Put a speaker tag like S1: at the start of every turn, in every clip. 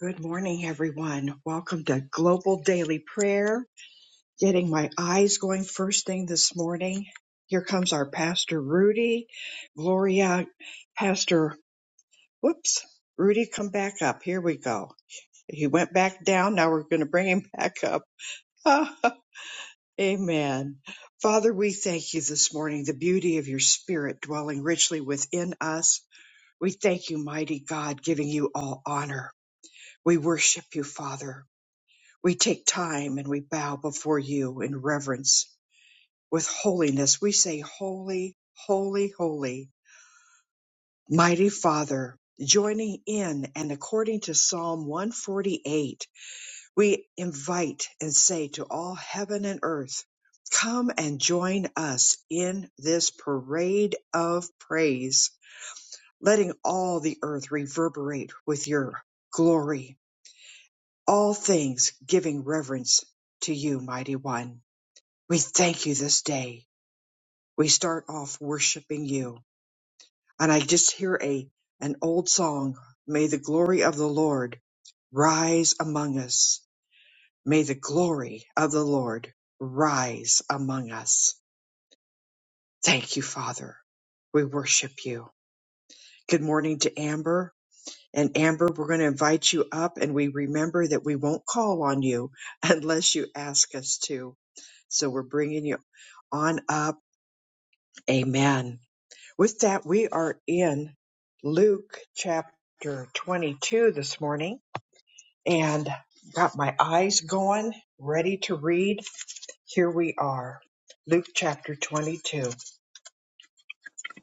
S1: Good morning, everyone. Welcome to Global Daily Prayer. Getting my eyes going first thing this morning. Here comes our Pastor Rudy. Gloria, Pastor, whoops, Rudy, come back up. Here we go. He went back down. Now we're going to bring him back up. Amen. Father, we thank you this morning, the beauty of your spirit dwelling richly within us. We thank you, mighty God, giving you all honor. We worship you, Father. We take time and we bow before you in reverence. With holiness, we say, Holy, holy, holy, mighty Father. Joining in and according to Psalm 148, we invite and say to all heaven and earth, Come and join us in this parade of praise, letting all the earth reverberate with your glory, all things giving reverence to you, Mighty One. We thank you this day. We start off worshiping you. And I just hear a an old song, May the glory of the Lord rise among us. May the glory of the Lord rise among us. Thank you, Father. We worship you. Good morning to Amber. And Amber, we're going to invite you up and we remember that we won't call on you unless you ask us to. So we're bringing you on up. Amen. With that, we are in Luke chapter 22 this morning and got my eyes going, ready to read. Here we are, Luke chapter 22.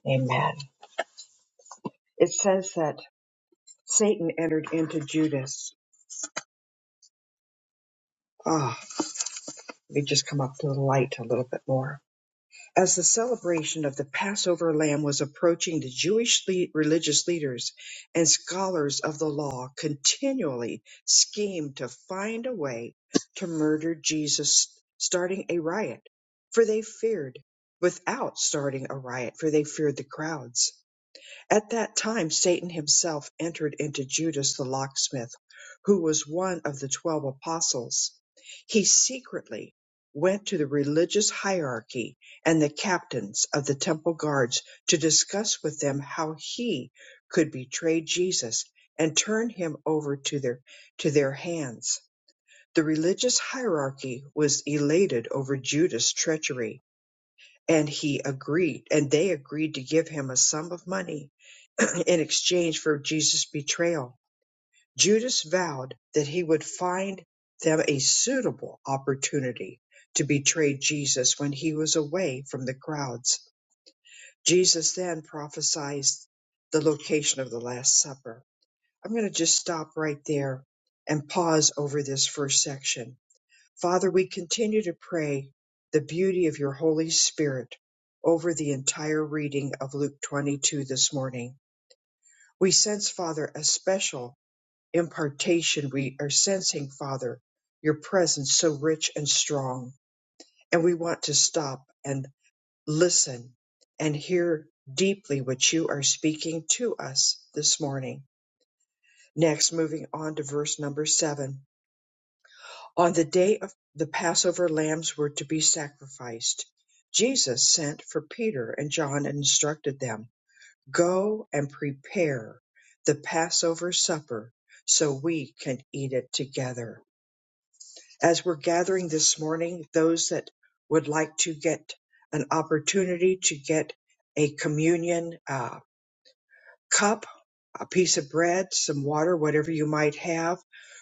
S1: Amen. It says that Satan entered into Judas. Ah, oh, let me just come up to the light a little bit more. As the celebration of the Passover lamb was approaching, the Jewish le- religious leaders and scholars of the law continually schemed to find a way to murder Jesus, starting a riot, for they feared, without starting a riot, for they feared the crowds. At that time Satan himself entered into Judas the locksmith, who was one of the twelve apostles. He secretly went to the religious hierarchy and the captains of the temple guards to discuss with them how he could betray Jesus and turn him over to their to their hands. The religious hierarchy was elated over Judas' treachery, and he agreed, and they agreed to give him a sum of money in exchange for Jesus' betrayal. Judas vowed that he would find them a suitable opportunity to betray Jesus when he was away from the crowds. Jesus then prophesied the location of the Last Supper. I'm going to just stop right there and pause over this first section. Father, we continue to pray the beauty of your Holy Spirit over the entire reading of Luke 22 this morning. We sense, Father, a special impartation we are sensing, Father, your presence so rich and strong. And we want to stop and listen and hear deeply what you are speaking to us this morning. Next, moving on to verse number seven. On the day of the Passover, lambs were to be sacrificed. Jesus sent for Peter and John and instructed them Go and prepare the Passover supper so we can eat it together as we're gathering this morning, those that would like to get an opportunity to get a communion uh, cup, a piece of bread, some water, whatever you might have,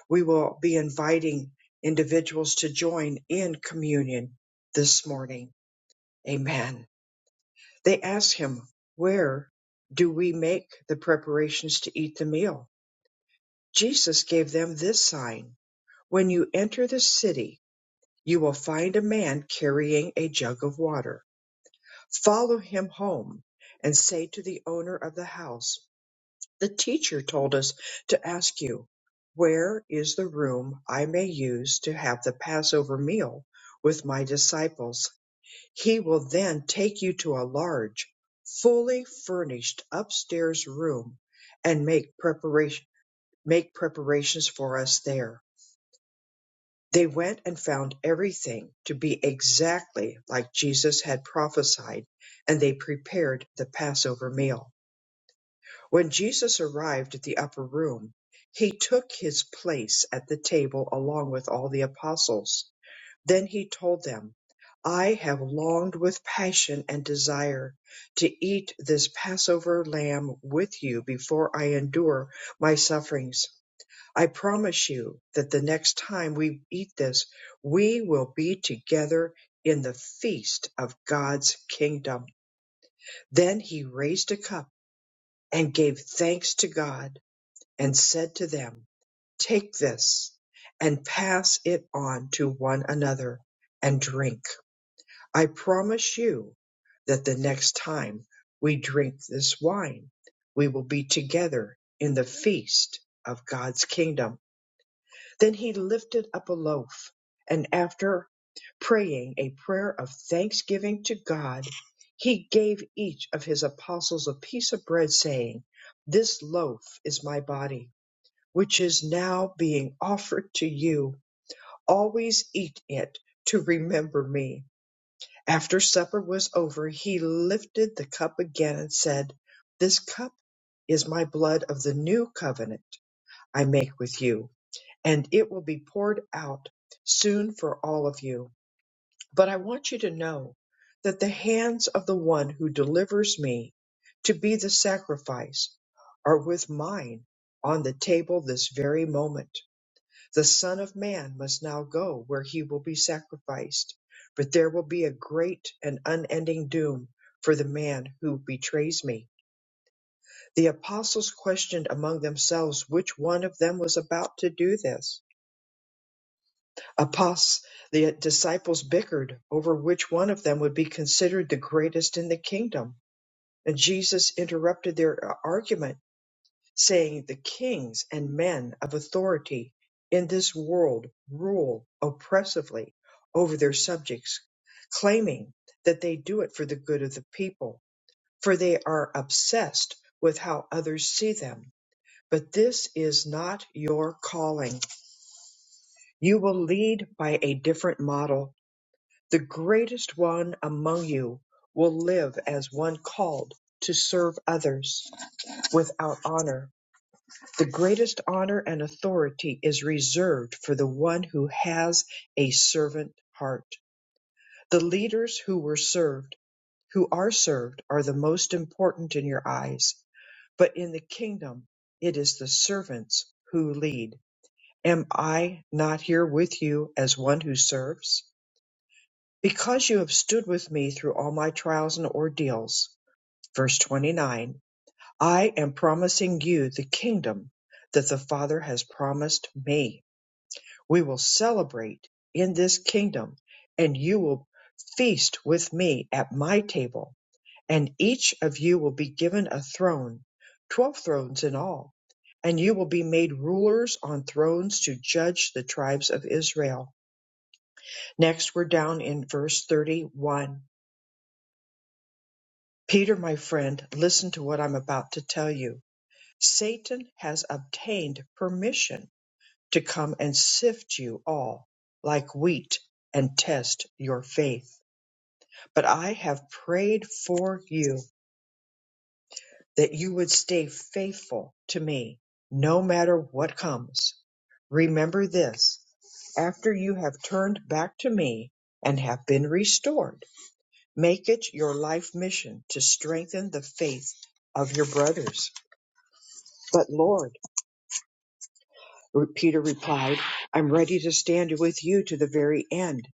S1: we will be inviting individuals to join in communion this morning. Amen. They asked him, Where do we make the preparations to eat the meal? Jesus gave them this sign When you enter the city, you will find a man carrying a jug of water. Follow him home and say to the owner of the house, The teacher told us to ask you, Where is the room I may use to have the Passover meal with my disciples? He will then take you to a large, fully furnished upstairs room and make preparation make preparations for us there. They went and found everything to be exactly like Jesus had prophesied, and they prepared the Passover meal. When Jesus arrived at the upper room, he took his place at the table along with all the apostles. Then he told them, I have longed with passion and desire to eat this Passover lamb with you before I endure my sufferings. I promise you that the next time we eat this, we will be together in the feast of God's kingdom. Then he raised a cup and gave thanks to God and said to them, Take this and pass it on to one another and drink. I promise you that the next time we drink this wine, we will be together in the feast of God's kingdom Then he lifted up a loaf, and after praying a prayer of thanksgiving to God, he gave each of his apostles a piece of bread, saying, This loaf is my body, which is now being offered to you. Always eat it to remember me. After supper was over, he lifted the cup again and said, This cup is my blood of the new covenant I make with you and it will be poured out soon for all of you. But I want you to know that the hands of the one who delivers me to be the sacrifice are with mine on the table this very moment. The Son of Man must now go where he will be sacrificed, but there will be a great and unending doom for the man who betrays me. The apostles questioned among themselves which one of them was about to do this Apos, the disciples bickered over which one of them would be considered the greatest in the kingdom. And Jesus interrupted their uh, argument, saying, The kings and men of authority in this world rule oppressively over their subjects, claiming that they do it for the good of the people, for they are obsessed with how others see them. But this is not your calling. You will lead by a different model The greatest one among you will live as one called to serve others without honor. The greatest honor and authority is reserved for the one who has a servant heart. The leaders who were served, who are served, are the most important in your eyes. But in the kingdom, it is the servants who lead. Am I not here with you as one who serves? Because you have stood with me through all my trials and ordeals. Verse 29 I am promising you the kingdom that the Father has promised me. We will celebrate in this kingdom, and you will feast with me at my table, and each of you will be given a throne, twelve thrones in all, and you will be made rulers on thrones to judge the tribes of Israel. Next, we're down in verse 31. Peter, my friend, listen to what I'm about to tell you. Satan has obtained permission to come and sift you all like wheat and test your faith. But I have prayed for you that you would stay faithful to me no matter what comes. Remember this after you have turned back to me and have been restored, make it your life mission to strengthen the faith of your brothers But Lord, Peter replied, I'm ready to stand with you to the very end,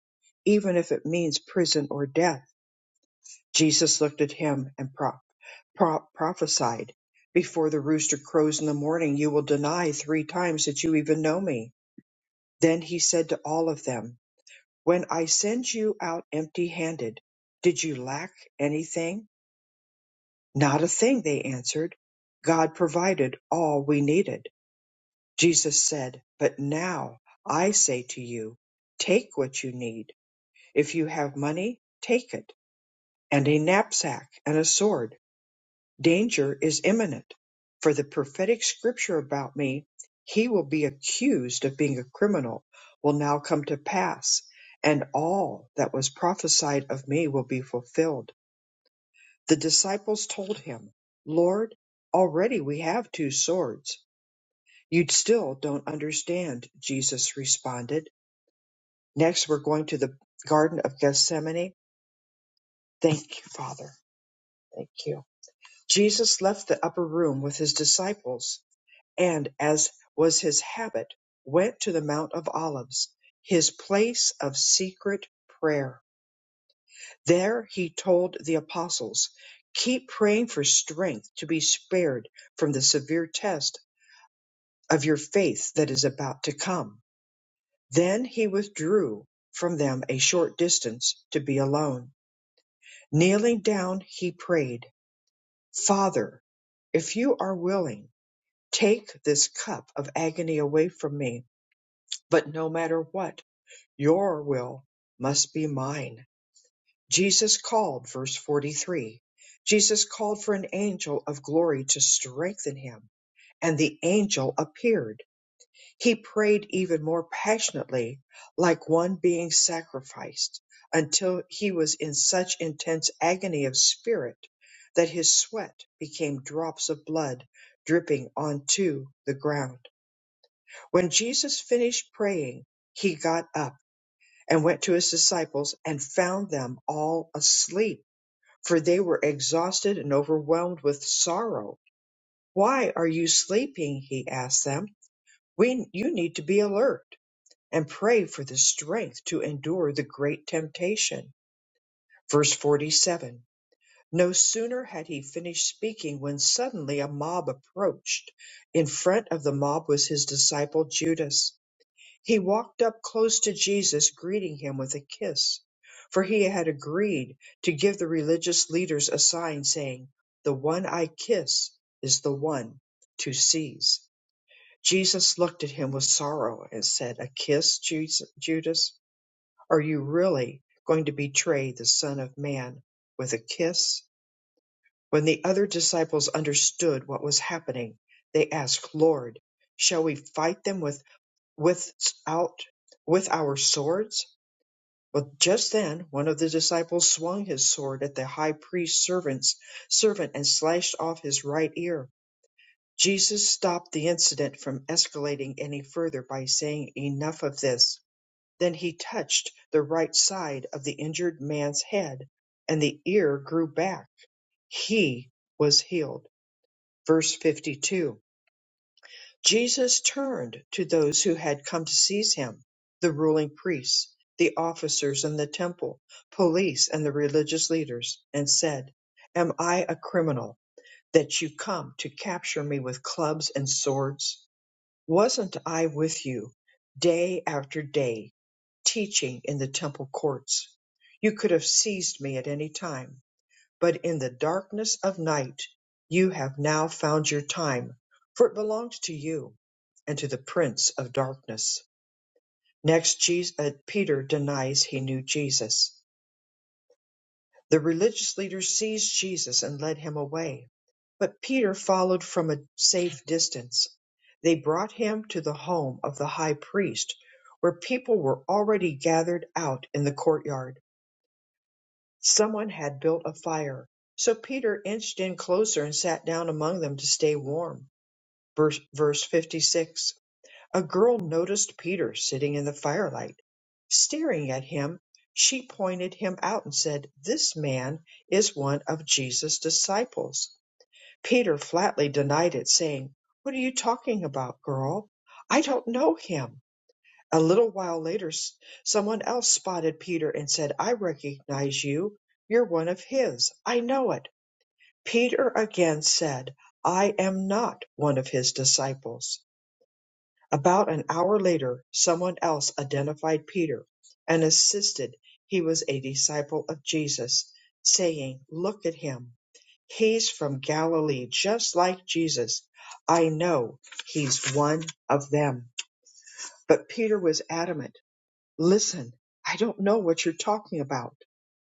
S1: even if it means prison or death. Jesus looked at him and pro- pro- prophesied, Before the rooster crows in the morning, you will deny three times that you even know me. Then he said to all of them, When I send you out empty handed, did you lack anything? Not a thing, they answered. God provided all we needed. Jesus said, But now I say to you, take what you need. If you have money, take it, and a knapsack and a sword. Danger is imminent. For the prophetic scripture about me, he will be accused of being a criminal, will now come to pass, and all that was prophesied of me will be fulfilled. The disciples told him, Lord, already we have two swords. You still don't understand, Jesus responded Next, we're going to the Garden of Gethsemane. Thank you, Father. Thank you. Jesus left the upper room with his disciples and, as was his habit, went to the Mount of Olives, his place of secret prayer. There he told the apostles, Keep praying for strength to be spared from the severe test of your faith that is about to come. Then he withdrew from them a short distance to be alone. Kneeling down, he prayed, Father, if you are willing, take this cup of agony away from me. But no matter what, your will must be mine. Jesus called, verse 43. Jesus called for an angel of glory to strengthen him, and the angel appeared. He prayed even more passionately, like one being sacrificed, until he was in such intense agony of spirit that his sweat became drops of blood dripping onto the ground. When Jesus finished praying, he got up and went to his disciples and found them all asleep, for they were exhausted and overwhelmed with sorrow. Why are you sleeping? He asked them. We, you need to be alert and pray for the strength to endure the great temptation. Verse 47 No sooner had he finished speaking when suddenly a mob approached. In front of the mob was his disciple Judas. He walked up close to Jesus, greeting him with a kiss, for he had agreed to give the religious leaders a sign saying, The one I kiss is the one to seize. Jesus looked at him with sorrow and said, A kiss, Jesus- Judas? Are you really going to betray the Son of Man with a kiss? When the other disciples understood what was happening, they asked, Lord, shall we fight them with, without, with our swords? Well, just then, one of the disciples swung his sword at the high priest's servants, servant and slashed off his right ear. Jesus stopped the incident from escalating any further by saying, Enough of this. Then he touched the right side of the injured man's head, and the ear grew back. He was healed. Verse 52 Jesus turned to those who had come to seize him the ruling priests, the officers in the temple, police, and the religious leaders and said, Am I a criminal that you come to capture me with clubs and swords? Wasn't I with you day after day, teaching in the temple courts? You could have seized me at any time, but in the darkness of night you have now found your time, for it belongs to you and to the prince of darkness. Next, Jesus, uh, Peter denies he knew Jesus. The religious leaders seized Jesus and led him away, but Peter followed from a safe distance. They brought him to the home of the high priest, where people were already gathered out in the courtyard. Someone had built a fire, so Peter inched in closer and sat down among them to stay warm. Verse, verse 56 a girl noticed Peter sitting in the firelight. Staring at him, she pointed him out and said, This man is one of Jesus' disciples. Peter flatly denied it, saying, What are you talking about, girl? I don't know him. A little while later, s- someone else spotted Peter and said, I recognize you. You're one of his. I know it. Peter again said, I am not one of his disciples. About an hour later someone else identified Peter and insisted he was a disciple of Jesus, saying, Look at him. He's from Galilee, just like Jesus. I know he's one of them. But Peter was adamant. Listen, I don't know what you're talking about.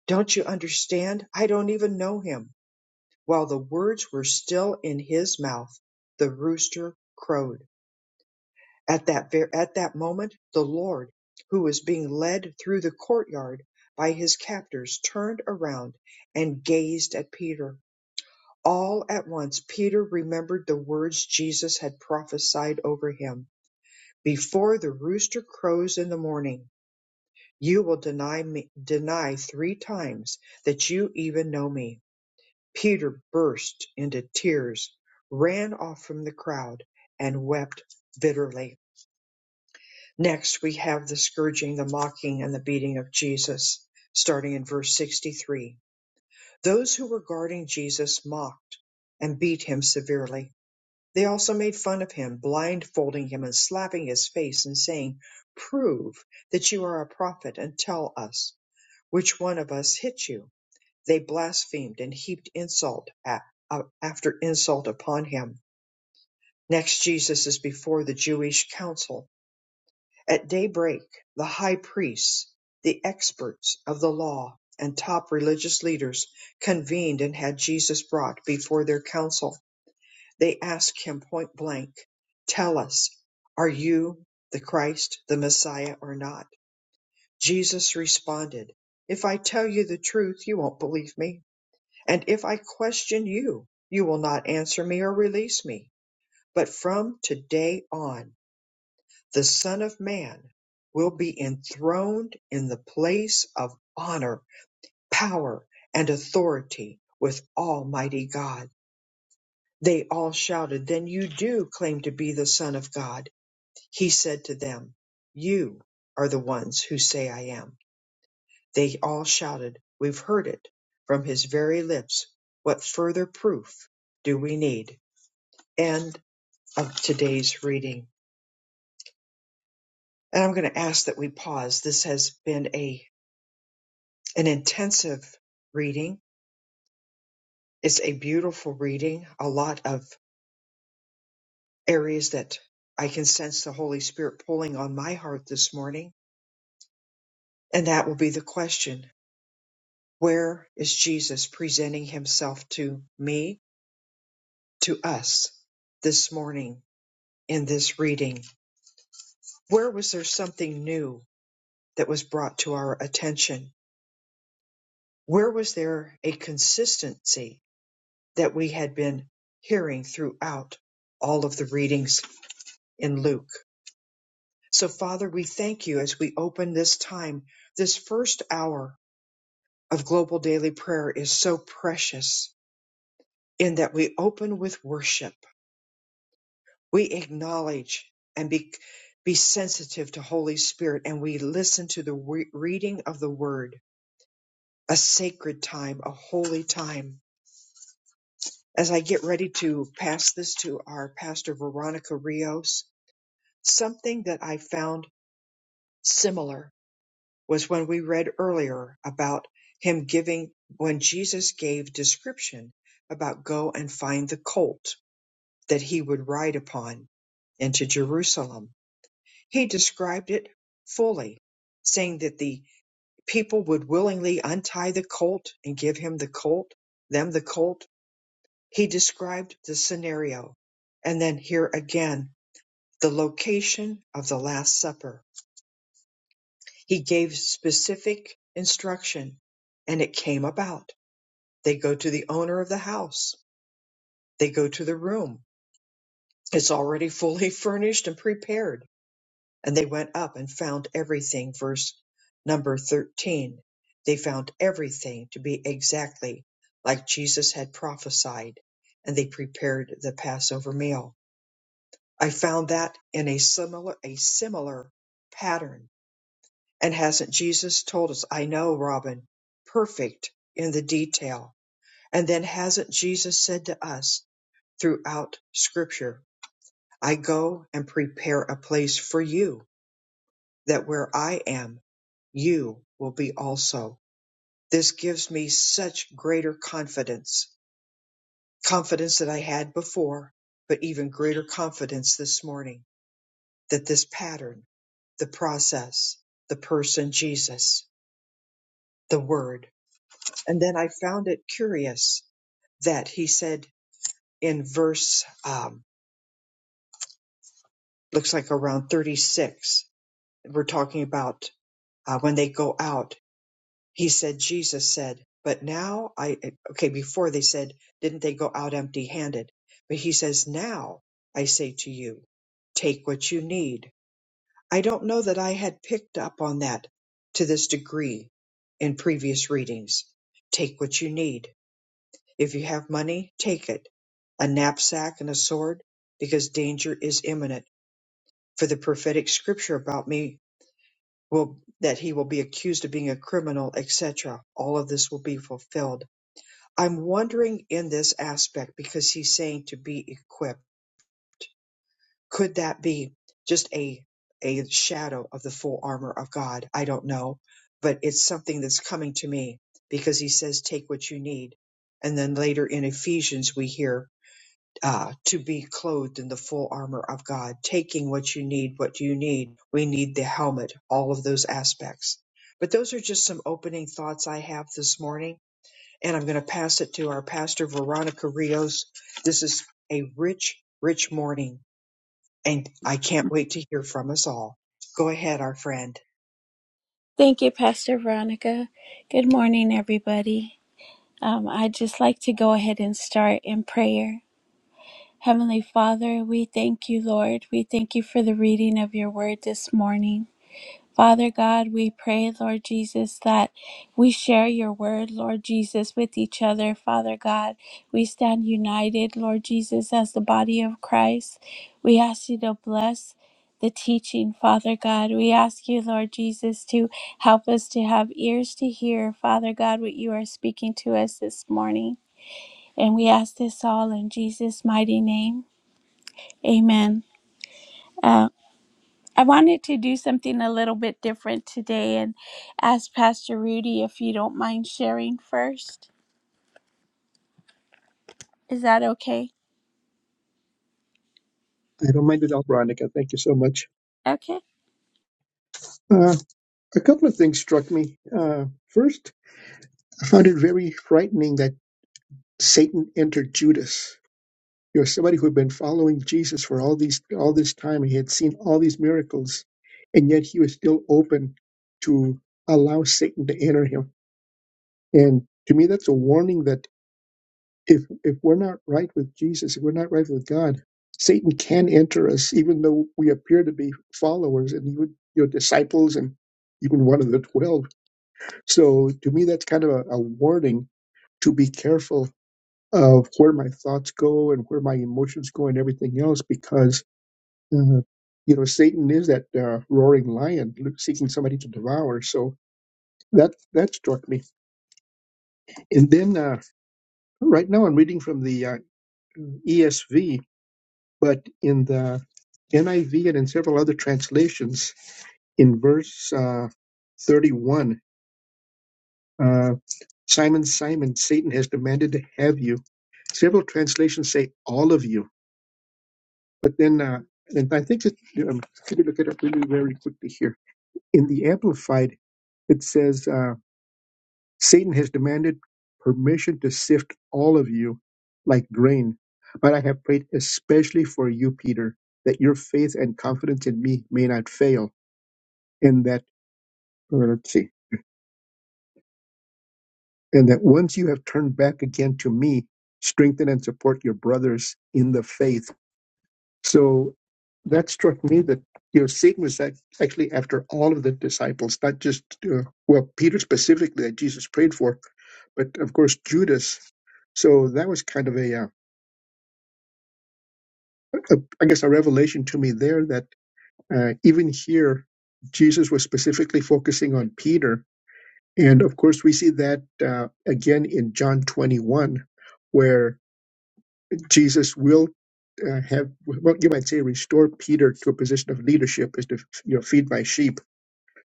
S1: Don't you understand? I don't even know him. While the words were still in his mouth, the rooster crowed. At that ver- at that moment, the Lord, who was being led through the courtyard by his captors, turned around and gazed at Peter. All at once, Peter remembered the words Jesus had prophesied over him: "Before the rooster crows in the morning, you will deny me, deny three times that you even know me." Peter burst into tears, ran off from the crowd, and wept bitterly. Next, we have the scourging, the mocking, and the beating of Jesus, starting in verse 63. Those who were guarding Jesus mocked and beat him severely. They also made fun of him, blindfolding him and slapping his face and saying, Prove that you are a prophet and tell us which one of us hit you. They blasphemed and heaped insult a- a- after insult upon him. Next, Jesus is before the Jewish council At daybreak, the high priests, the experts of the law, and top religious leaders convened and had Jesus brought before their council. They asked him point blank, Tell us, are you the Christ, the Messiah, or not? Jesus responded, If I tell you the truth, you won't believe me. And if I question you, you will not answer me or release me. But from today on, the Son of Man will be enthroned in the place of honor, power, and authority with Almighty God. They all shouted, Then you do claim to be the Son of God. He said to them, You are the ones who say I am. They all shouted, We've heard it from his very lips. What further proof do we need? End of today's reading. And I'm going to ask that we pause. This has been a an intensive reading. It's a beautiful reading, a lot of areas that I can sense the Holy Spirit pulling on my heart this morning. And that will be the question Where is Jesus presenting himself to me, to us, this morning in this reading? Where was there something new that was brought to our attention? Where was there a consistency that we had been hearing throughout all of the readings in Luke? So, Father, we thank you as we open this time. This first hour of global daily prayer is so precious in that we open with worship. We acknowledge and be, be sensitive to Holy Spirit and we listen to the re- reading of the word, a sacred time, a holy time. As I get ready to pass this to our pastor, Veronica Rios, something that I found similar was when we read earlier about him giving when Jesus gave description about go and find the colt that he would ride upon into Jerusalem. He described it fully, saying that the people would willingly untie the colt and give him the colt, them the colt. He described the scenario. And then here again, the location of the Last Supper. He gave specific instruction and it came about. They go to the owner of the house. They go to the room. It's already fully furnished and prepared. And they went up and found everything, verse number 13. They found everything to be exactly like Jesus had prophesied, and they prepared the Passover meal. I found that in a similar, a similar pattern. And hasn't Jesus told us, I know, Robin, perfect in the detail. And then hasn't Jesus said to us, throughout scripture. I go and prepare a place for you that where I am, you will be also. This gives me such greater confidence, confidence that I had before, but even greater confidence this morning that this pattern, the process, the person Jesus, the word. And then I found it curious that he said in verse, um, looks like around 36, we're talking about uh, when they go out, he said, Jesus said, but now I, okay, before they said, didn't they go out empty handed? But he says, now I say to you, take what you need. I don't know that I had picked up on that to this degree in previous readings. Take what you need. If you have money, take it. A knapsack and a sword, because danger is imminent. For the prophetic scripture about me will that he will be accused of being a criminal, etc. All of this will be fulfilled. I'm wondering in this aspect because he's saying to be equipped. Could that be just a a shadow of the full armor of God? I don't know, but it's something that's coming to me because he says take what you need. And then later in Ephesians we hear uh, to be clothed in the full armor of God, taking what you need, what do you need? We need the helmet, all of those aspects. But those are just some opening thoughts I have this morning. And I'm going to pass it to our pastor, Veronica Rios. This is a rich, rich morning. And I can't wait to hear from us all. Go ahead, our friend.
S2: Thank you, Pastor Veronica. Good morning, everybody. Um, I'd just like to go ahead and start in prayer. Heavenly Father, we thank you, Lord. We thank you for the reading of your word this morning. Father God, we pray, Lord Jesus, that we share your word, Lord Jesus, with each other. Father God, we stand united, Lord Jesus, as the body of Christ. We ask you to bless the teaching, Father God. We ask you, Lord Jesus, to help us to have ears to hear, Father God, what you are speaking to us this morning. And we ask this all in Jesus' mighty name. Amen. Um, I wanted to do something a little bit different today and ask Pastor Rudy if you don't mind sharing first. Is that okay?
S3: I don't mind at all, Veronica. Thank you so much.
S2: Okay.
S3: Uh, a couple of things struck me. Uh, first, I found it very frightening that Satan entered Judas. You know, somebody who had been following Jesus for all these all this time, he had seen all these miracles, and yet he was still open to allow Satan to enter him. And to me, that's a warning that. if if we're not right with Jesus, if we're not right with God, Satan can enter us, even though we appear to be followers and even your disciples and even one of the twelve. So to me, that's kind of a, a warning to be careful of where my thoughts go and where my emotions go and everything else, because uh, you know Satan is that uh, roaring lion seeking somebody to devour. So that that struck me. And then uh, right now, I'm reading from the uh, ESV But in the NIV and in several other translations, in verse uh, 31, uh, Simon, Simon, Satan has demanded to have you. Several translations say all of you, but then, uh, and I think that um, let me look it up really very quickly here. In the Amplified, it says. uh, Satan has demanded permission to sift all of you like grain, but I have prayed especially for you, Peter, that your faith and confidence in me may not fail, and that or let's see, and that once you have turned back again to me, strengthen and support your brothers in the faith. So that struck me that you know Satan was act- actually after all of the disciples, not just uh, well Peter specifically that Jesus prayed for, but of course Judas. So that was kind of a uh, a- I guess a revelation to me there that uh, even here Jesus was specifically focusing on Peter, and of course we see that uh, again in John 21, where Jesus will uh, have well you might say restore Peter to a position of leadership is to you know feed my sheep.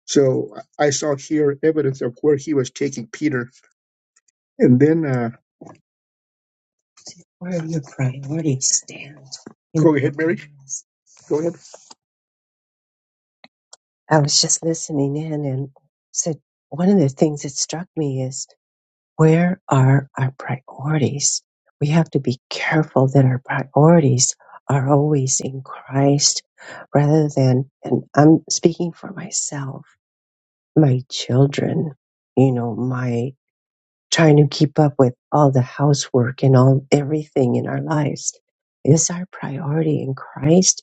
S3: So I saw here evidence of where he was taking Peter, and then uh, Where are your priorities stand in go ahead, Mary. Go ahead. I was just listening in and said, one of the things that struck me is where are our priorities? We have to be careful that our priorities are always in Christ rather than, and I'm speaking for myself, my children, you know, my trying to keep up with all the housework and all everything in our lives. Is our priority in Christ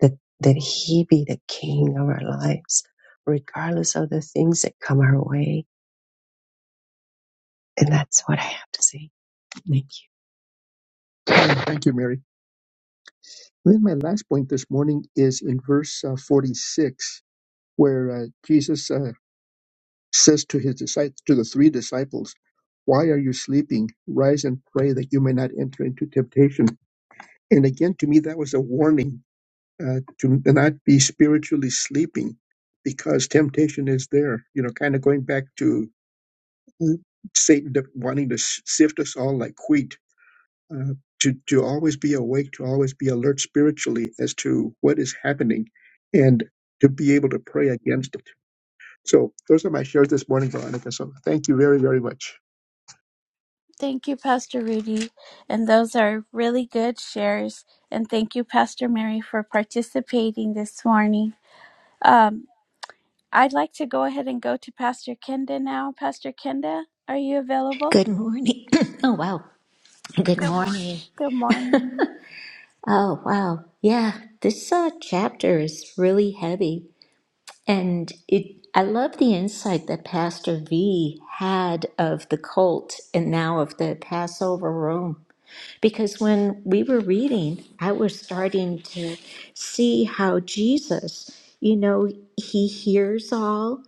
S3: that, that He be the King of our lives, regardless of the things that come our way. And that's what I have to say. Thank you. Thank you, Mary. And then my last point this morning is in verse uh, 46, where uh, Jesus uh, says to his disciples, to the three disciples, "Why are you sleeping? Rise and pray that you may not enter into temptation." And again, to me, that was a warning uh, to not be spiritually sleeping, because temptation is there. You know, kind of going back to Satan de- wanting to sh- sift us all like wheat, uh, to, to always be awake, to always be alert spiritually as to what is happening and to be able to pray against it. So those are my shares this morning, Veronica. So thank you very, very much.
S2: Thank you, Pastor Rudy. And those are really good shares. And thank you, Pastor Mary, for participating this morning. Um, I'd like to go ahead and go to Pastor Kenda now. Pastor Kenda, are you available?
S4: Good morning. oh wow. Good Good morning. morning.
S2: Good morning.
S4: Oh wow. Yeah, this uh, chapter is really heavy, and it. I love the insight that Pastor V had of the cult and now of the Passover room. Because when we were reading, I was starting to see how Jesus, you know, he hears all,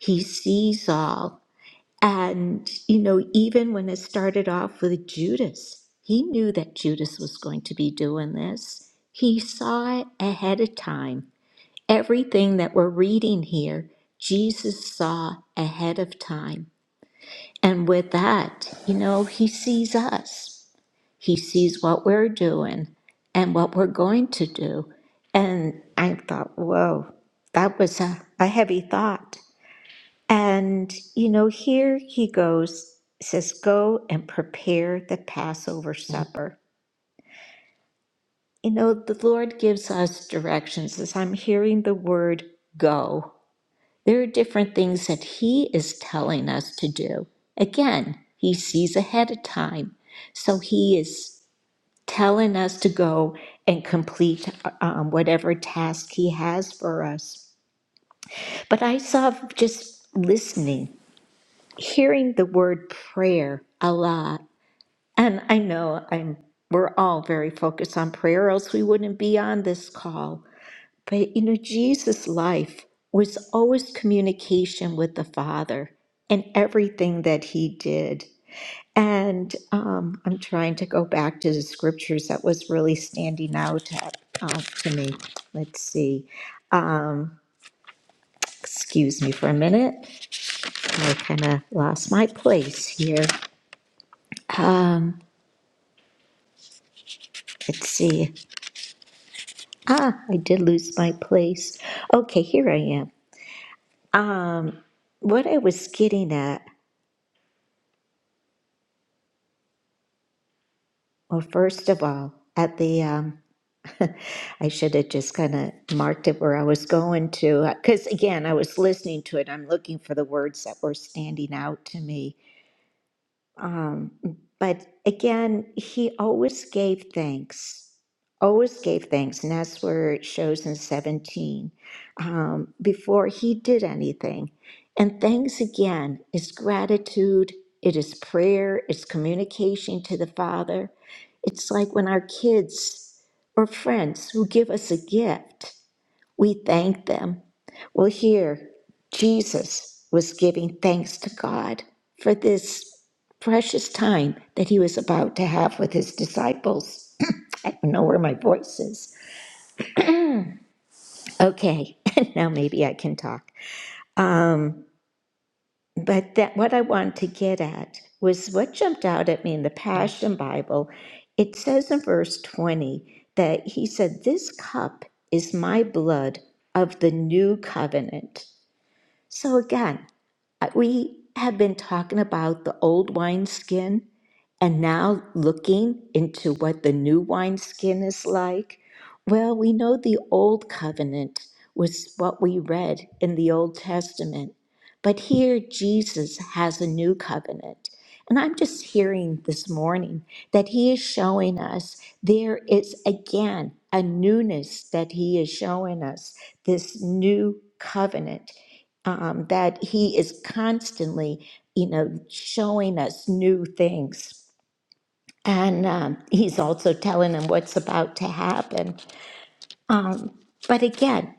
S4: he sees all, And, you know, even when it started off with Judas, he knew that Judas was going to be doing this. He saw it ahead of time. Everything that we're reading here, Jesus saw ahead of time. And with that, you know, he sees us, he sees what we're doing and what we're going to do. And I thought, whoa, that was a, a heavy thought. And, you know, here he goes, says, Go and prepare the Passover supper. You know, the Lord gives us directions as I'm hearing the word go. There are different things that he is telling us to do. Again, he sees ahead of time. So he is telling us to go and complete uh, um, whatever task he has for us. But I saw just listening hearing the word prayer a lot. And I know I'm we're all very focused on prayer, or else we wouldn't be on this call. But you know, Jesus' life was always communication with the Father in everything that he did. And um, I'm trying to go back to the scriptures that was really standing out at, uh, to me. Let's see. Excuse me for a minute. I kind of lost my place here. Let's see. Ah, I did lose my place. Okay, here I am. What I was getting at, well, first of all, at the, um, I should have just kind of marked it where I was going to, because again, I was listening to it. I'm looking for the words that were standing out to me Um, but again, he always gave thanks, always gave thanks. And that's where it shows in 17 um, before he did anything. And thanks again is gratitude, it is prayer, it's communication to the Father. It's like when our kids or friends who give us a gift. We thank them. Well, here, Jesus was giving thanks to God for this precious time that he was about to have with his disciples. I don't know where my voice is. Okay, now maybe I can talk. Um, but that what I wanted to get at was what jumped out at me in the Passion Bible. It says in verse 20 that he said, This cup is my blood of the new covenant So again, we have been talking about the old wineskin and now looking into what the new wineskin is like. Well, we know the old covenant was what we read in the Old Testament, but here Jesus has a new covenant. And I'm just hearing this morning that he is showing us there is again a newness that he is showing us, this new covenant um, that he is constantly, you know, showing us new things. And um, he's also telling them what's about to happen. Um, but again,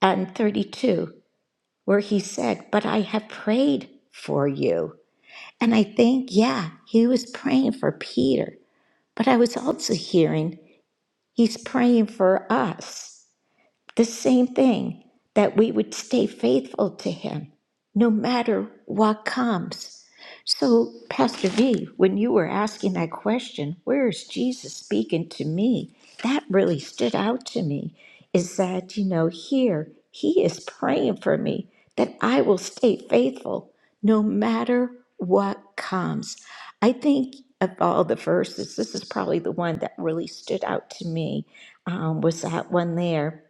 S4: on 32, where he said, But I have prayed for you. And I think, yeah, he was praying for Peter, but I was also hearing he's praying for us. The same thing, that we would stay faithful to Him no matter what comes. So, Pastor V, when you were asking that question, where is Jesus speaking to me? That really stood out to me is that, you know, here He is praying for me that I will stay faithful no matter what comes. I think of all the verses, this is probably the one that really stood out to me um, was that one there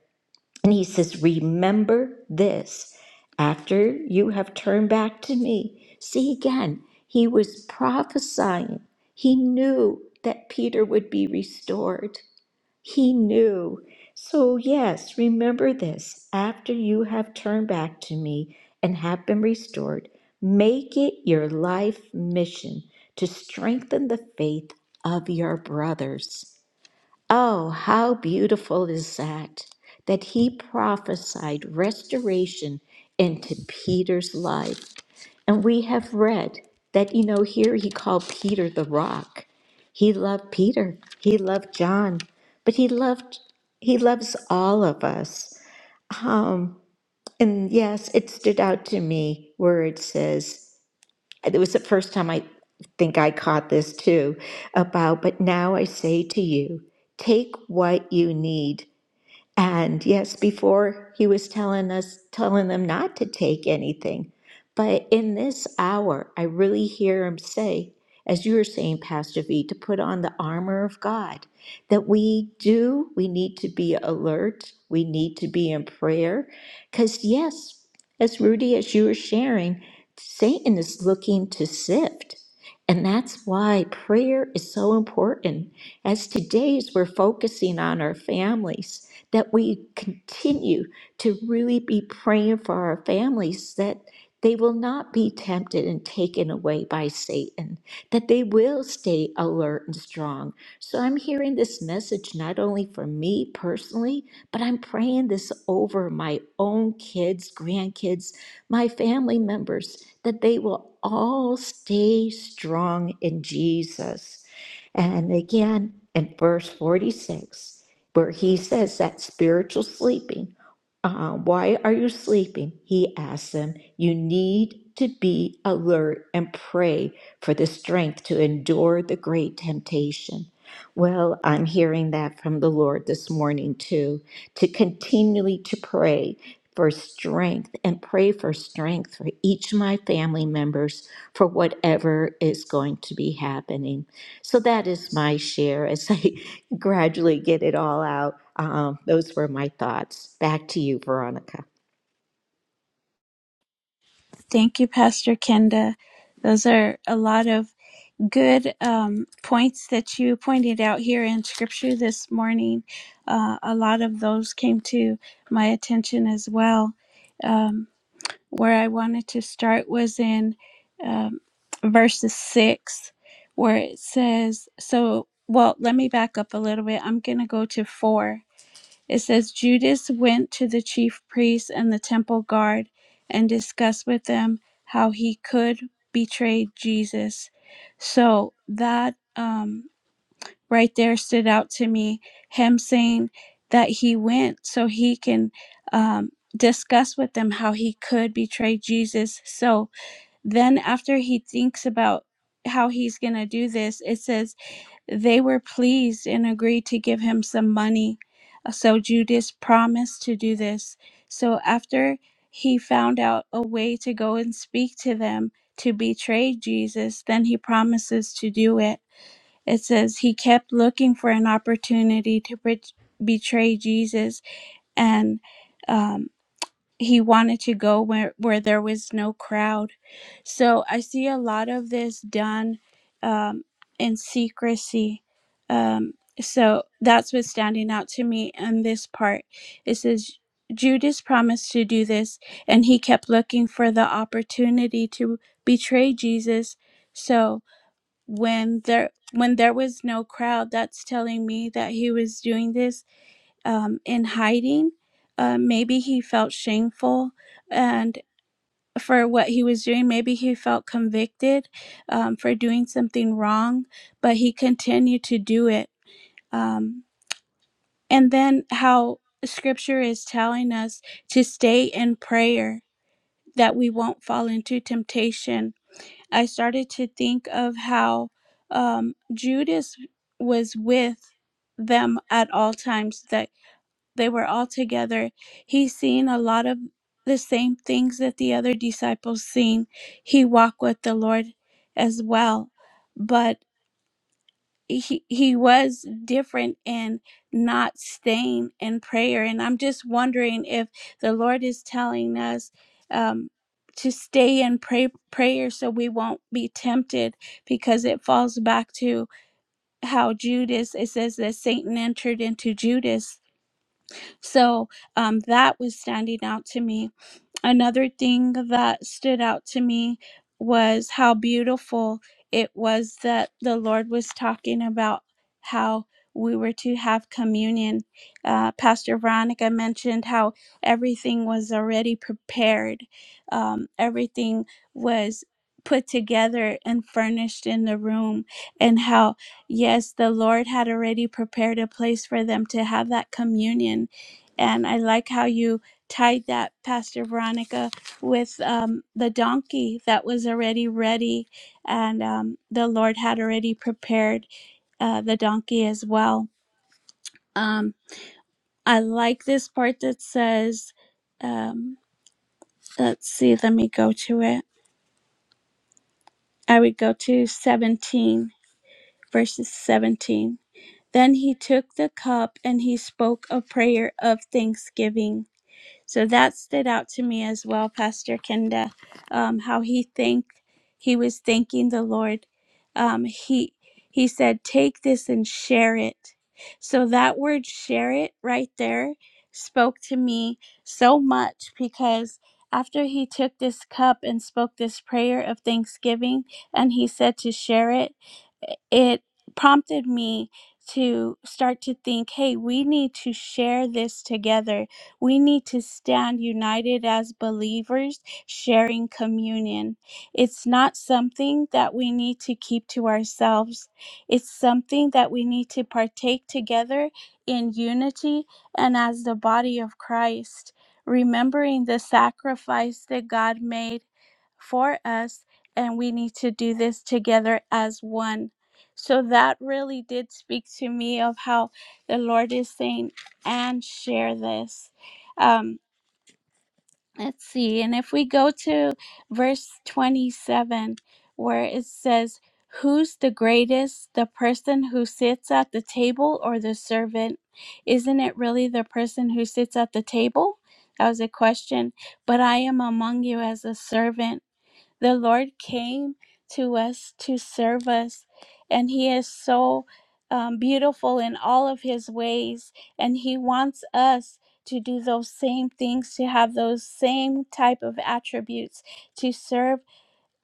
S4: and he says, Remember this after you have turned back to me. See again, he was prophesying. He knew that Peter would be restored. He knew. So, yes, remember this after you have turned back to me and have been restored, make it your life mission to strengthen the faith of your brothers. Oh, how beautiful is that, that he prophesied restoration into Peter's life. And we have read that, you know, here he called Peter the rock. He loved Peter, he loved John, but he loved, he loves all of us. Um, and yes, it stood out to me where it says, it was the first time I think I caught this too about, but now I say to you, take what you need and yes, before he was telling us, telling them not to take anything. But in this hour, I really hear him say, as you were saying, Pastor V, to put on the armor of God, that we do, we need to be alert, we need to be in prayer. Because, yes, as Rudy, as you were sharing, Satan is looking to sift. And that's why prayer is so important as today's we're focusing on our families, that we continue to really be praying for our families that they will not be tempted and taken away by Satan, that they will stay alert and strong. So I'm hearing this message not only for me personally, but I'm praying this over my own kids, grandkids, my family members, that they will all stay strong in Jesus. And again, in verse 46, where he says that spiritual sleeping, uh, why are you sleeping? He asks them, you need to be alert and pray for the strength to endure the great temptation. Well, I'm hearing that from the Lord this morning too, to continually to pray for strength and pray for strength for each of my family members for whatever is going to be happening. So that is my share as I gradually get it all out. Um, those were my thoughts. Back to you, Veronica.
S2: Thank you, Pastor Kenda. Those are a lot of good um, points that you pointed out here in scripture this morning. Uh, a lot of those came to my attention as well. Um, where I wanted to start was in um, verses six, where it says, So, well, let me back up a little bit. I'm going to go to four it says Judas went to the chief priests and the temple guard and discussed with them how he could betray Jesus. So that um, right there stood out to me. Him saying that he went so he can um, discuss with them how he could betray Jesus. So then, after he thinks about how he's going to do this, it says they were pleased and agreed to give him some money. Uh, So Judas promised to do this. So after he found out a way to go and speak to them to betray Jesus, then he promises to do it. It says he kept looking for an opportunity to bet- betray Jesus and. um he wanted to go where where there was no crowd so i see a lot of this done um in secrecy um so that's what's standing out to me in this part it says judas promised to do this and he kept looking for the opportunity to betray jesus so when there when there was no crowd that's telling me that he was doing this um, in hiding. Uh, maybe he felt shameful and for what he was doing. Maybe he felt convicted um, for doing something wrong, but he continued to do it. Um, and then how scripture is telling us to stay in prayer that we won't fall into temptation. I started to think of how um, Judas was with them at all times, that they were all together, he seen a lot of the same things that the other disciples seen. He walked with the Lord as well, but he he was different in not staying in prayer. And I'm just wondering if the Lord is telling us um, to stay in pray, prayer so we won't be tempted, because it falls back to how Judas. It says that Satan entered into Judas so um, that was standing out to me another thing that stood out to me was how beautiful it was that the Lord was talking about how we were to have communion. Uh, Pastor Veronica mentioned how everything was already prepared, um, everything was put together and furnished in the room, and how, yes, the Lord had already prepared a place for them to have that communion. And I like how you tied that pastor veronica with um, the donkey that was already ready and um, the lord had already prepared uh, the donkey as well um, i like this part that says um, let's see let me go to it i would go to 17 verses 17 then he took the cup and he spoke a prayer of thanksgiving So that stood out to me as well, Pastor Kenda, um, how he thanked, he was thanking the Lord. Um, he he said, "Take this and share it." So that word "share it" right there spoke to me so much because after he took this cup and spoke this prayer of thanksgiving, and he said to share it, it prompted me to start to think hey we need to share this together we need to stand united as believers, sharing communion. It's not something that we need to keep to ourselves, it's something that we need to partake together in unity and as the body of Christ, remembering the sacrifice that God made for us. And we need to do this together as one. So that really did speak to me of how the Lord is saying, and share this. Um, let's see. And if we go to verse 27, where it says, Who's the greatest, the person who sits at the table or the servant? Isn't it really the person who sits at the table? That was a question. But I am among you as a servant. The Lord came to us to serve us, and He is so um, beautiful in all of His ways, and He wants us to do those same things, to have those same type of attributes, to serve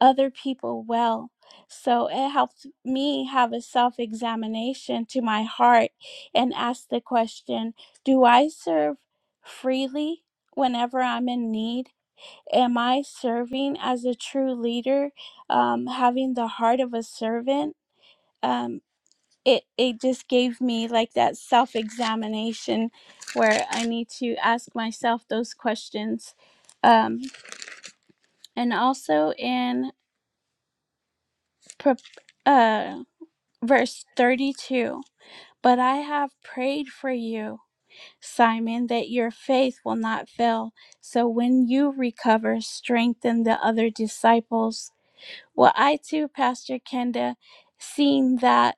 S2: other people well. So it helped me have a self examination to my heart and ask the question Do I serve freely whenever I'm in need? Am I serving as a true leader, um, having the heart of a servant? Um, it, it just gave me like that self examination where I need to ask myself those questions. Um, and also in pro- uh, verse 32 But I have prayed for you, Simon, that your faith will not fail. So when you recover, strengthen the other disciples Well, I too, Pastor Kenda, seen that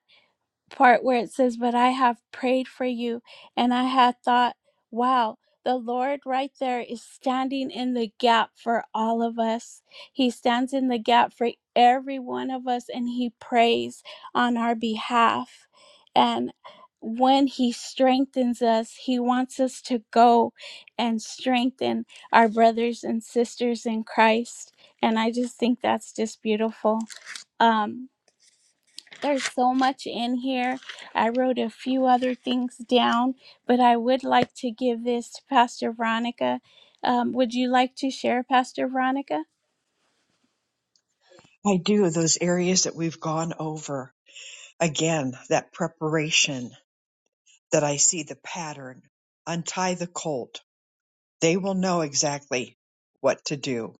S2: part where it says, But I have prayed for you. And I had thought, wow, the Lord right there is standing in the gap for all of us. He stands in the gap for every one of us and He prays on our behalf. And when He strengthens us, He wants us to go and strengthen our brothers and sisters in Christ. And I just think that's just beautiful. Um, there's so much in here. I wrote a few other things down, but I would like to give this to Pastor Veronica. Um, would you like to share, Pastor Veronica?
S1: I do those areas that we've gone over. Again, that preparation that I see the pattern. Untie the colt. they will know exactly what to do.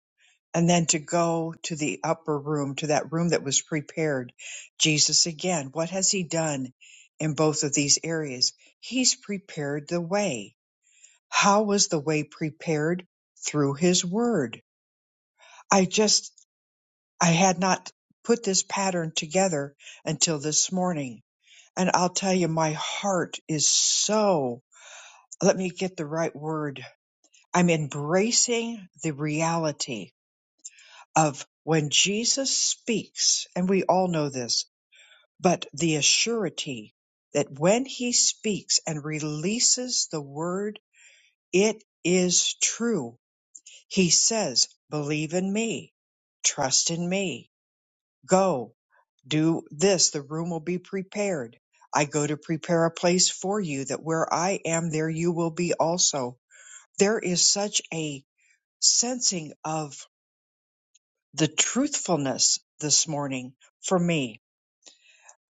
S1: And then to go to the upper room, to that room that was prepared. Jesus again, what has he done in both of these areas? He's prepared the way. How was the way prepared? Through his word. I just, I had not put this pattern together until this morning. And I'll tell you, my heart is so, let me get the right word. I'm embracing the reality of when Jesus speaks, and we all know this, but the assurity that when he speaks and releases the word, it is true. He says, believe in me, trust in me, go, do this, the room will be prepared. I go to prepare a place for you that where I am, there you will be also. There is such a sensing of the truthfulness this morning for me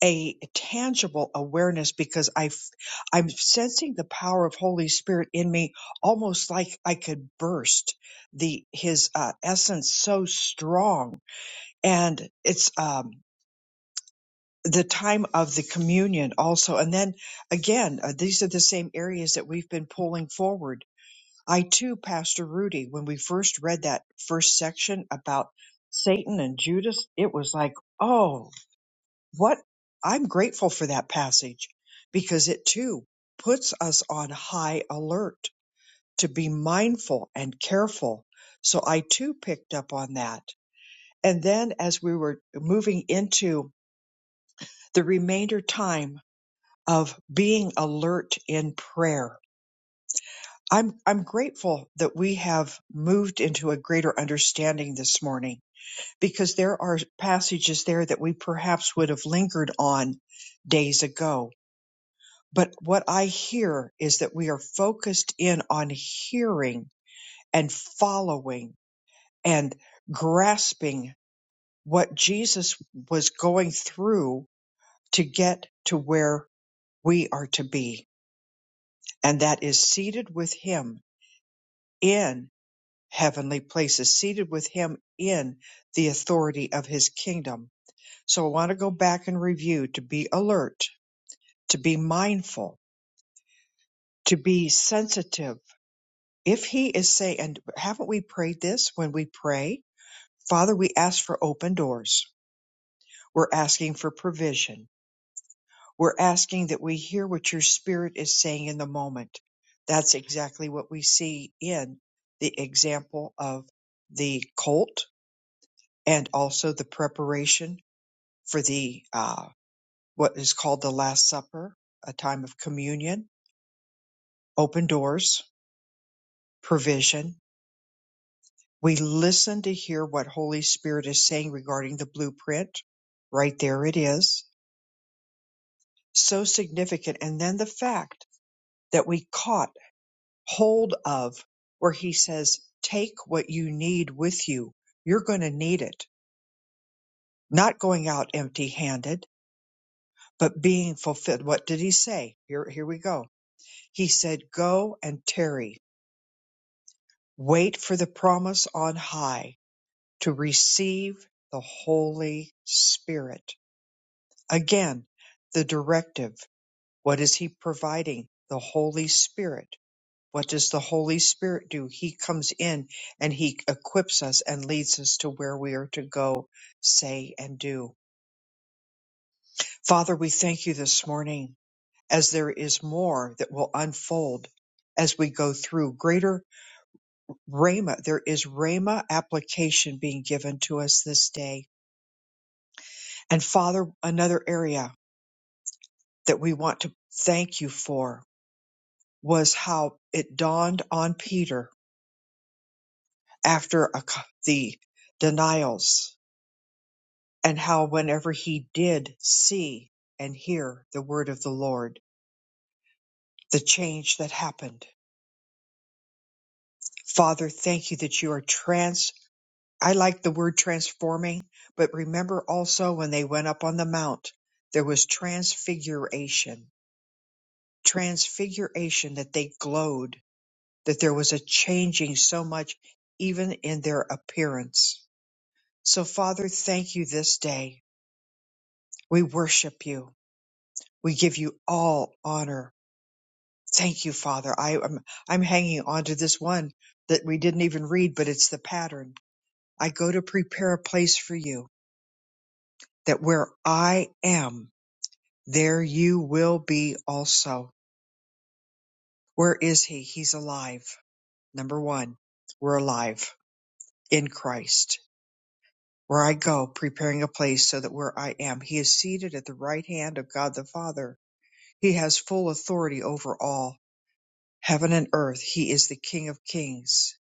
S1: a tangible awareness because I, f- I'm sensing the power of Holy Spirit in me, almost like I could burst the His uh, essence so strong. And it's um, the time of the communion also, and then again, uh, these are the same areas that we've been pulling forward. I too, Pastor Rudy, when we first read that first section about Satan and Judas, it was like, oh what I'm grateful for that passage because it too puts us on high alert to be mindful and careful. So I too picked up on that. And then as we were moving into the remainder time of being alert in prayer, I'm, I'm grateful that we have moved into a greater understanding this morning because there are passages there that we perhaps would have lingered on days ago But what I hear is that we are focused in on hearing and following and grasping what Jesus was going through to get to where we are to be. And that is seated with him in heavenly places, seated with him in the authority of his kingdom. So I want to go back and review to be alert, to be mindful, to be sensitive if he is saying, and haven't we prayed this when we pray? Father, we ask for open doors. We're asking for provision. We're asking that we hear what your spirit is saying in the moment. That's exactly what we see in the example of the colt and also the preparation for the, uh, what is called the Last Supper, a time of communion, open doors, provision, We listen to hear what Holy Spirit is saying regarding the blueprint. Right there it is. So significant. And then the fact that we caught hold of where he says, take what you need with you. You're going to need it. Not going out empty handed, but being fulfilled. What did he say? Here, here we go. He said, go and tarry. Wait for the promise on high to receive the Holy Spirit Again, the directive. What is he providing? The Holy Spirit. What does the Holy Spirit do? He comes in and he equips us and leads us to where we are to go, say, and do. Father, we thank you this morning as there is more that will unfold as we go through greater Rhema. There is Rhema application being given to us this day. And Father, another area that we want to thank you for. was how it dawned on Peter after a c the denials, and how whenever he did see and hear the word of the Lord, the change that happened. Father, thank you that you are trans. I like the word transforming, but remember also when they went up on the mount, there was transfiguration. Transfiguration that they glowed, that there was a changing so much even in their appearance. So, Father, thank you this day. We worship you. We give you all honor. Thank you, Father. I am I'm hanging on to this one that we didn't even read, but it's the pattern. I go to prepare a place for you, that where I am, there you will be also. Where is he? He's alive. Number one, we're alive in Christ. Where I go, preparing a place so that where I am, he is seated at the right hand of God the Father He has full authority over all. Heaven and earth, he is the King of kings.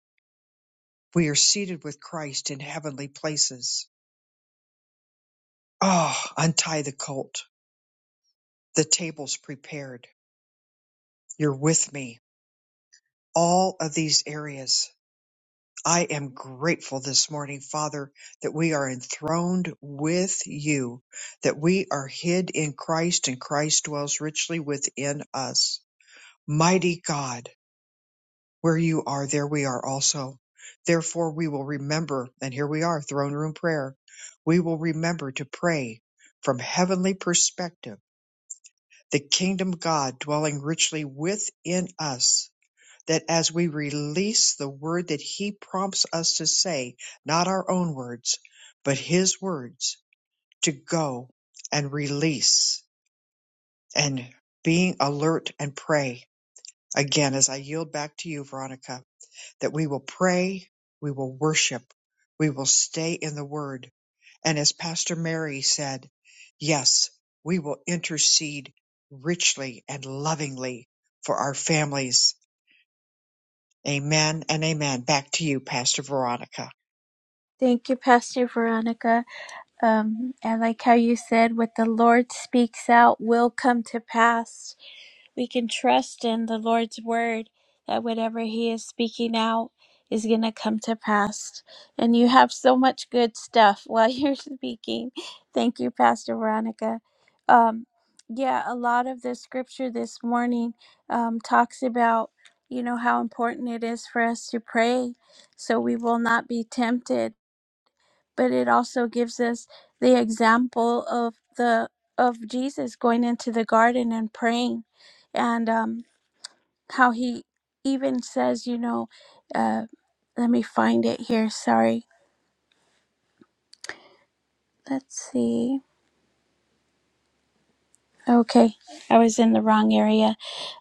S1: We are seated with Christ in heavenly places. Ah, oh, untie the colt. The table's prepared. You're with me. All of these areas. I am grateful this morning, Father, that we are enthroned with you, that we are hid in Christ and Christ dwells richly within us. Mighty God, Where you are, there we are also. Therefore, we will remember, and here we are, throne room prayer. We will remember to pray from heavenly perspective, the kingdom God dwelling richly within us, that as we release the word that He prompts us to say, not our own words, but His words, to go and release and being alert and pray. Again, as I yield back to you, Veronica. that we will pray, we will worship, we will stay in the Word. And as Pastor Mary said, yes, we will intercede richly and lovingly for our families. Amen and amen. Back to you, Pastor Veronica.
S2: Thank you, Pastor Veronica. Um, I like how you said, "What the Lord speaks out will come to pass." We can trust in the Lord's word that whatever He is speaking out is going to come to pass. And you have so much good stuff while you're speaking. Thank you, Pastor Veronica. Um, yeah, a lot of the scripture this morning um, talks about, you know, how important it is for us to pray so we will not be tempted but it also gives us the example of the of Jesus going into the garden and praying, and um, how he even says, you know, uh, let me find it here. Sorry, let's see. Okay, I was in the wrong area.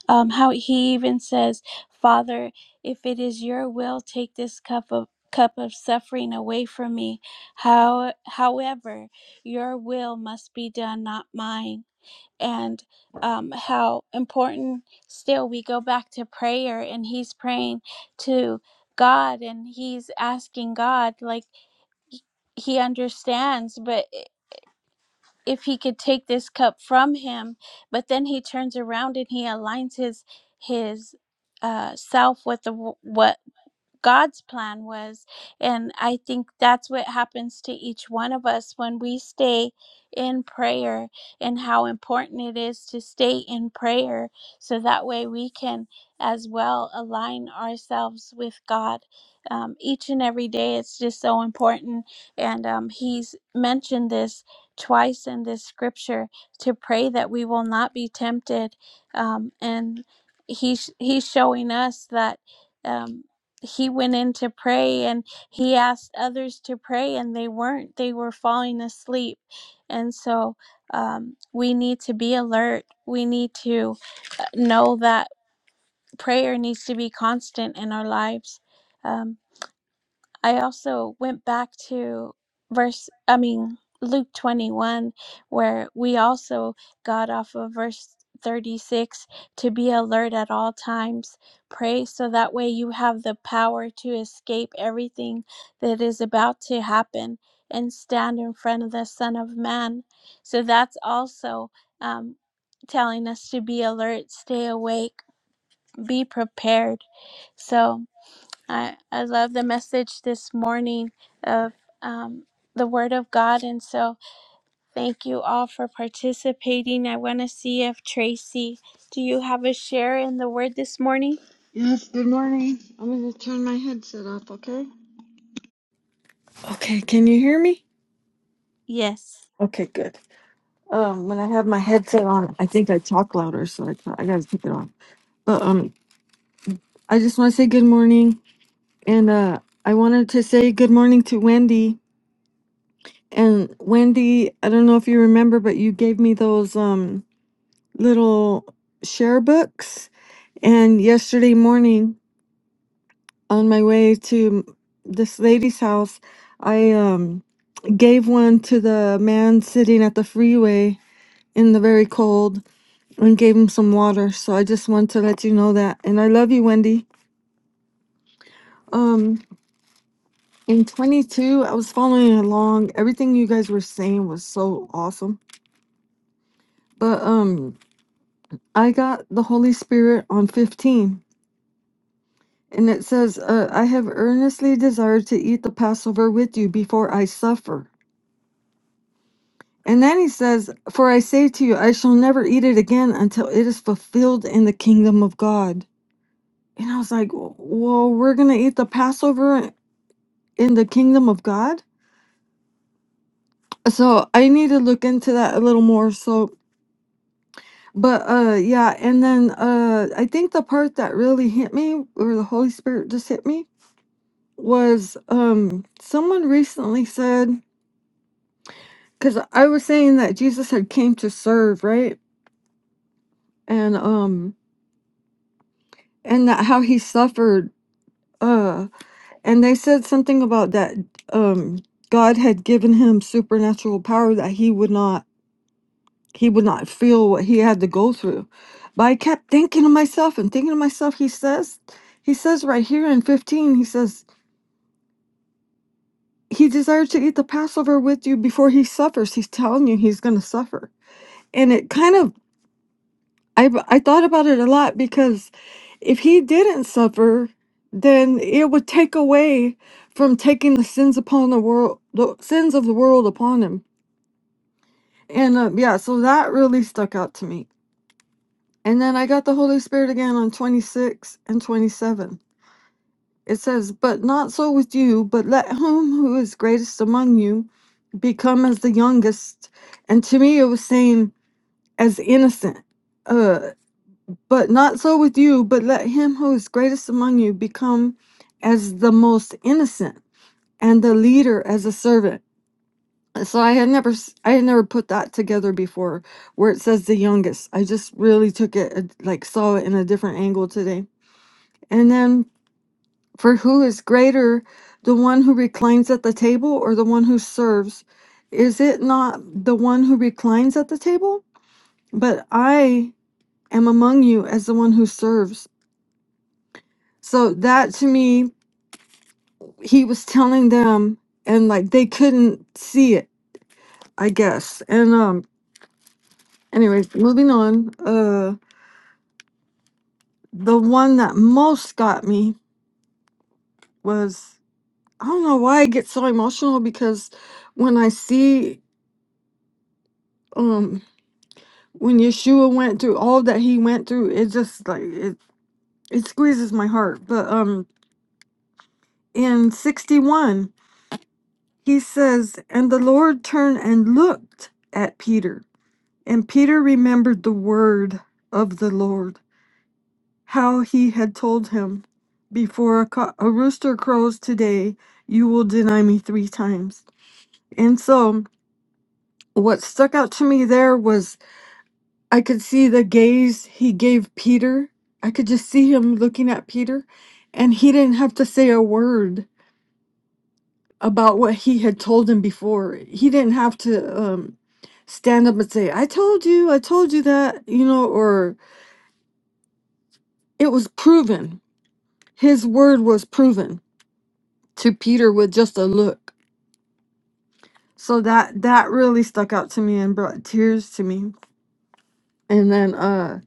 S2: Um, how he even says, Father, if it is your will, take this cup of cup of suffering away from me. How, however, your will must be done, not mine and um, how important still we go back to prayer and he's praying to God and he's asking God, like he understands, but if he could take this cup from him, but then he turns around and he aligns his his uh, self with the what God's plan was. And I think that's what happens to each one of us when we stay in prayer and how important it is to stay in prayer. So that way we can as well align ourselves with God. Um, each and every day, it's just so important. And um, he's mentioned this twice in this scripture to pray that we will not be tempted. Um, and he's, he's showing us that. Um, he went in to pray and he asked others to pray and they weren't they were falling asleep and so um, we need to be alert we need to uh, know that prayer needs to be constant in our lives Um, I also went back to verse, I mean, Luke 21, where we also got off of verse 36 to be alert at all times. Pray so that way you have the power to escape everything that is about to happen and stand in front of the Son of Man. So that's also um, telling us to be alert, stay awake, be prepared. So. I, I love the message this morning of um, the Word of God. And so thank you all for participating. I want to see if Tracy, do you have a share in the Word this morning?
S5: Yes, good morning. I'm going to turn my headset off, okay? Okay, can you hear me?
S2: Yes.
S5: Okay, good. Um, when I have my headset on, I think I talk louder, so I, I gotta take it off. But um, I just want to say good morning, and uh, I wanted to say good morning to Wendy. And Wendy, I don't know if you remember, but you gave me those um little share books, and yesterday morning on my way to this lady's house, I um gave one to the man sitting at the freeway in the very cold and gave him some water. So I just want to let you know that. And I love you, Wendy. Um in 22, I was following along. Everything you guys were saying was so awesome. But um I got the Holy Spirit on 15. And it says, uh, I have earnestly desired to eat the Passover with you before I suffer. And then he says, For I say to you, I shall never eat it again until it is fulfilled in the kingdom of God. And I was like, Well, we're going to eat the Passover in the kingdom of God? So I need to look into that a little more. So, but uh, yeah. And then uh, I think the part that really hit me, or the Holy Spirit just hit me, was um, someone recently said, because I was saying that Jesus had came to serve, right? And um, and that how he suffered uh and they said something about that um god had given him supernatural power that he would not he would not feel what he had to go through but i kept thinking to myself and thinking to myself he says he says right here in 15 he says he desired to eat the passover with you before he suffers he's telling you he's going to suffer and it kind of I I thought about it a lot because if he didn't suffer, then it would take away from taking the sins upon the world, the sins of the world upon him. And uh, yeah, so that really stuck out to me. And then I got the Holy Spirit again on 26 and 27. It says, "But not so with you, but let him who is greatest among you become as the youngest." And to me, it was saying as innocent. uh, But not so with you, but let him who is greatest among you become as the most innocent and the leader as a servant. So I had never s- I had never put that together before where it says the youngest. I just really took it uh, like saw it in a different angle today. And then for who is greater, the one who reclines at the table or the one who serves? Is it not the one who reclines at the table? But I am among you as the one who serves. So that to me he was telling them and like they couldn't see it i guess and um anyways moving on uh the one that most got me was i don't know why i get so emotional because when i see um when yeshua went through all that he went through it just like it it squeezes my heart but um in 61 he says and the lord turned and looked at peter and peter remembered the word of the lord how he had told him, Before a, co- a rooster crows today, you will deny me three times. And so, what stuck out to me there was I could see the gaze he gave Peter. I could just see him looking at Peter, and he didn't have to say a word about what he had told him before. He didn't have to um, stand up and say, I told you, I told you that, you know, or it was proven. His word was proven to Peter with just a look. So that that really stuck out to me and brought tears to me. And then uh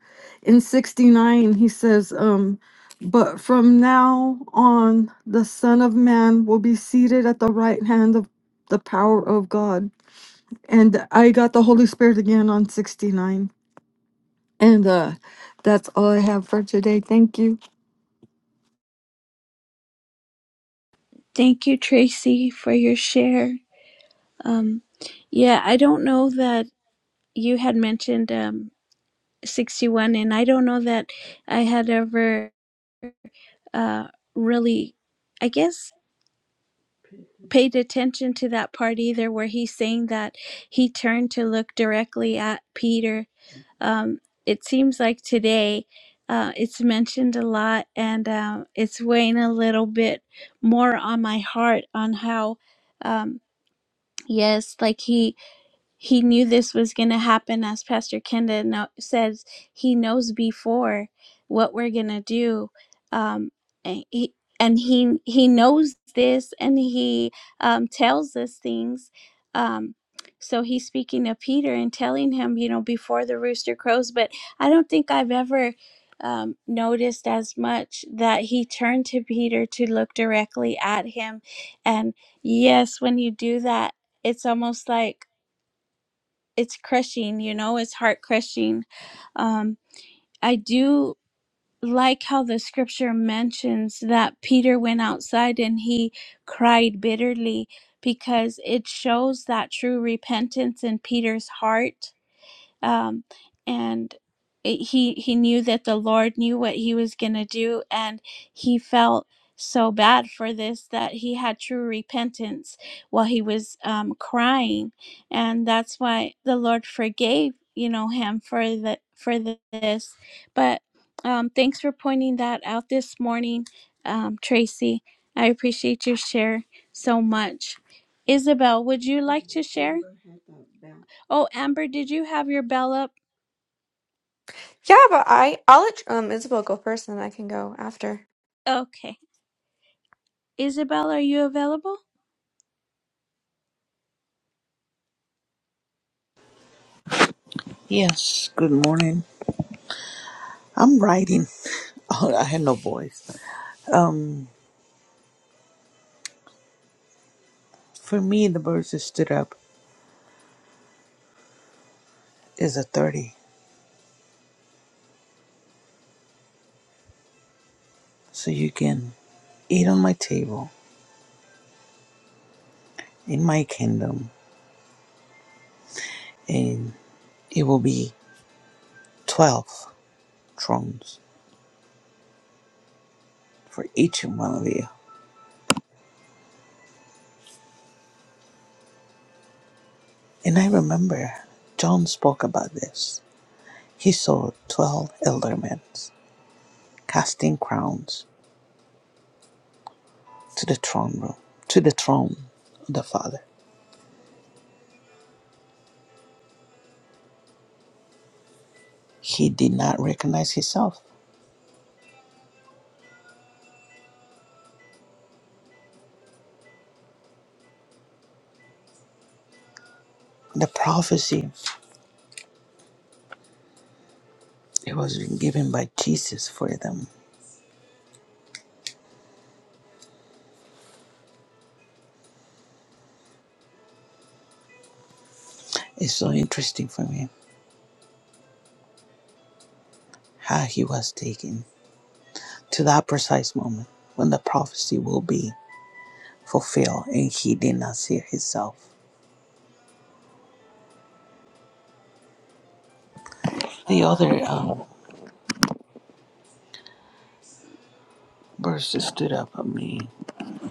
S5: in 69 he says um but from now on the son of man will be seated at the right hand of the power of God. And I got the Holy Spirit again on 69. And uh that's all I have for today. Thank you.
S2: Thank you, Tracy, for your share. Um, yeah, I don't know that you had mentioned um, 61, and I don't know that I had ever uh, really, I guess. paid attention to that part either where he's saying that he turned to look directly at peter um, it seems like today uh, it's mentioned a lot and um, it's weighing a little bit more on my heart on how um, yes like he he knew this was going to happen as pastor kenda no- says he knows before what we're going to do um, and he and he he knows this and he um, tells us things um, so he's speaking to peter and telling him you know before the rooster crows but i don't think i've ever um, noticed as much that he turned to peter to look directly at him and yes when you do that it's almost like it's crushing you know it's heart crushing um i do like how the scripture mentions that peter went outside and he cried bitterly because it shows that true repentance in peter's heart um, and it- he he knew that the Lord knew what he was gonna do, and he felt so bad for this that he had true repentance while he was um, crying, and that's why the Lord forgave you know him for the for the- this. But um, thanks for pointing that out this morning, um, Tracy. I appreciate your share so much. Isabel, would you like to share? Oh, Amber, did you have your bell up?
S6: Yeah, but I I'll let um Isabel go first, and then I can go after.
S2: Okay. Isabel, are you available?
S7: Yes, good morning. I'm writing. Oh, I had no voice. Um, for me, the birds that stood up is a 30. So you can eat on my table in my kingdom, and it will be 12 thrones for each and one of you. And I remember John spoke about this. He saw 12 elder men casting crowns to the throne room, to the throne of the Father. He did not recognize himself The prophecy it was given by Jesus for them is so interesting for me. How he was taken to that precise moment when the prophecy will be fulfilled, and he did not see it himself. The other um, verse that stood up at me.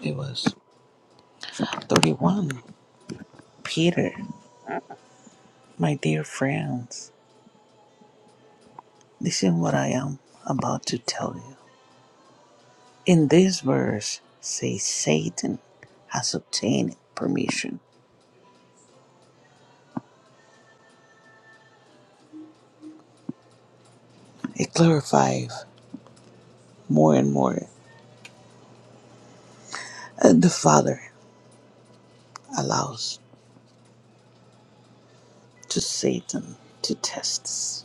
S7: It was 31. Peter, my dear friends, this is what I am about to tell you. In this verse, say Satan has obtained permission. It clarifies more and more uh, the Father allows to Satan to test us,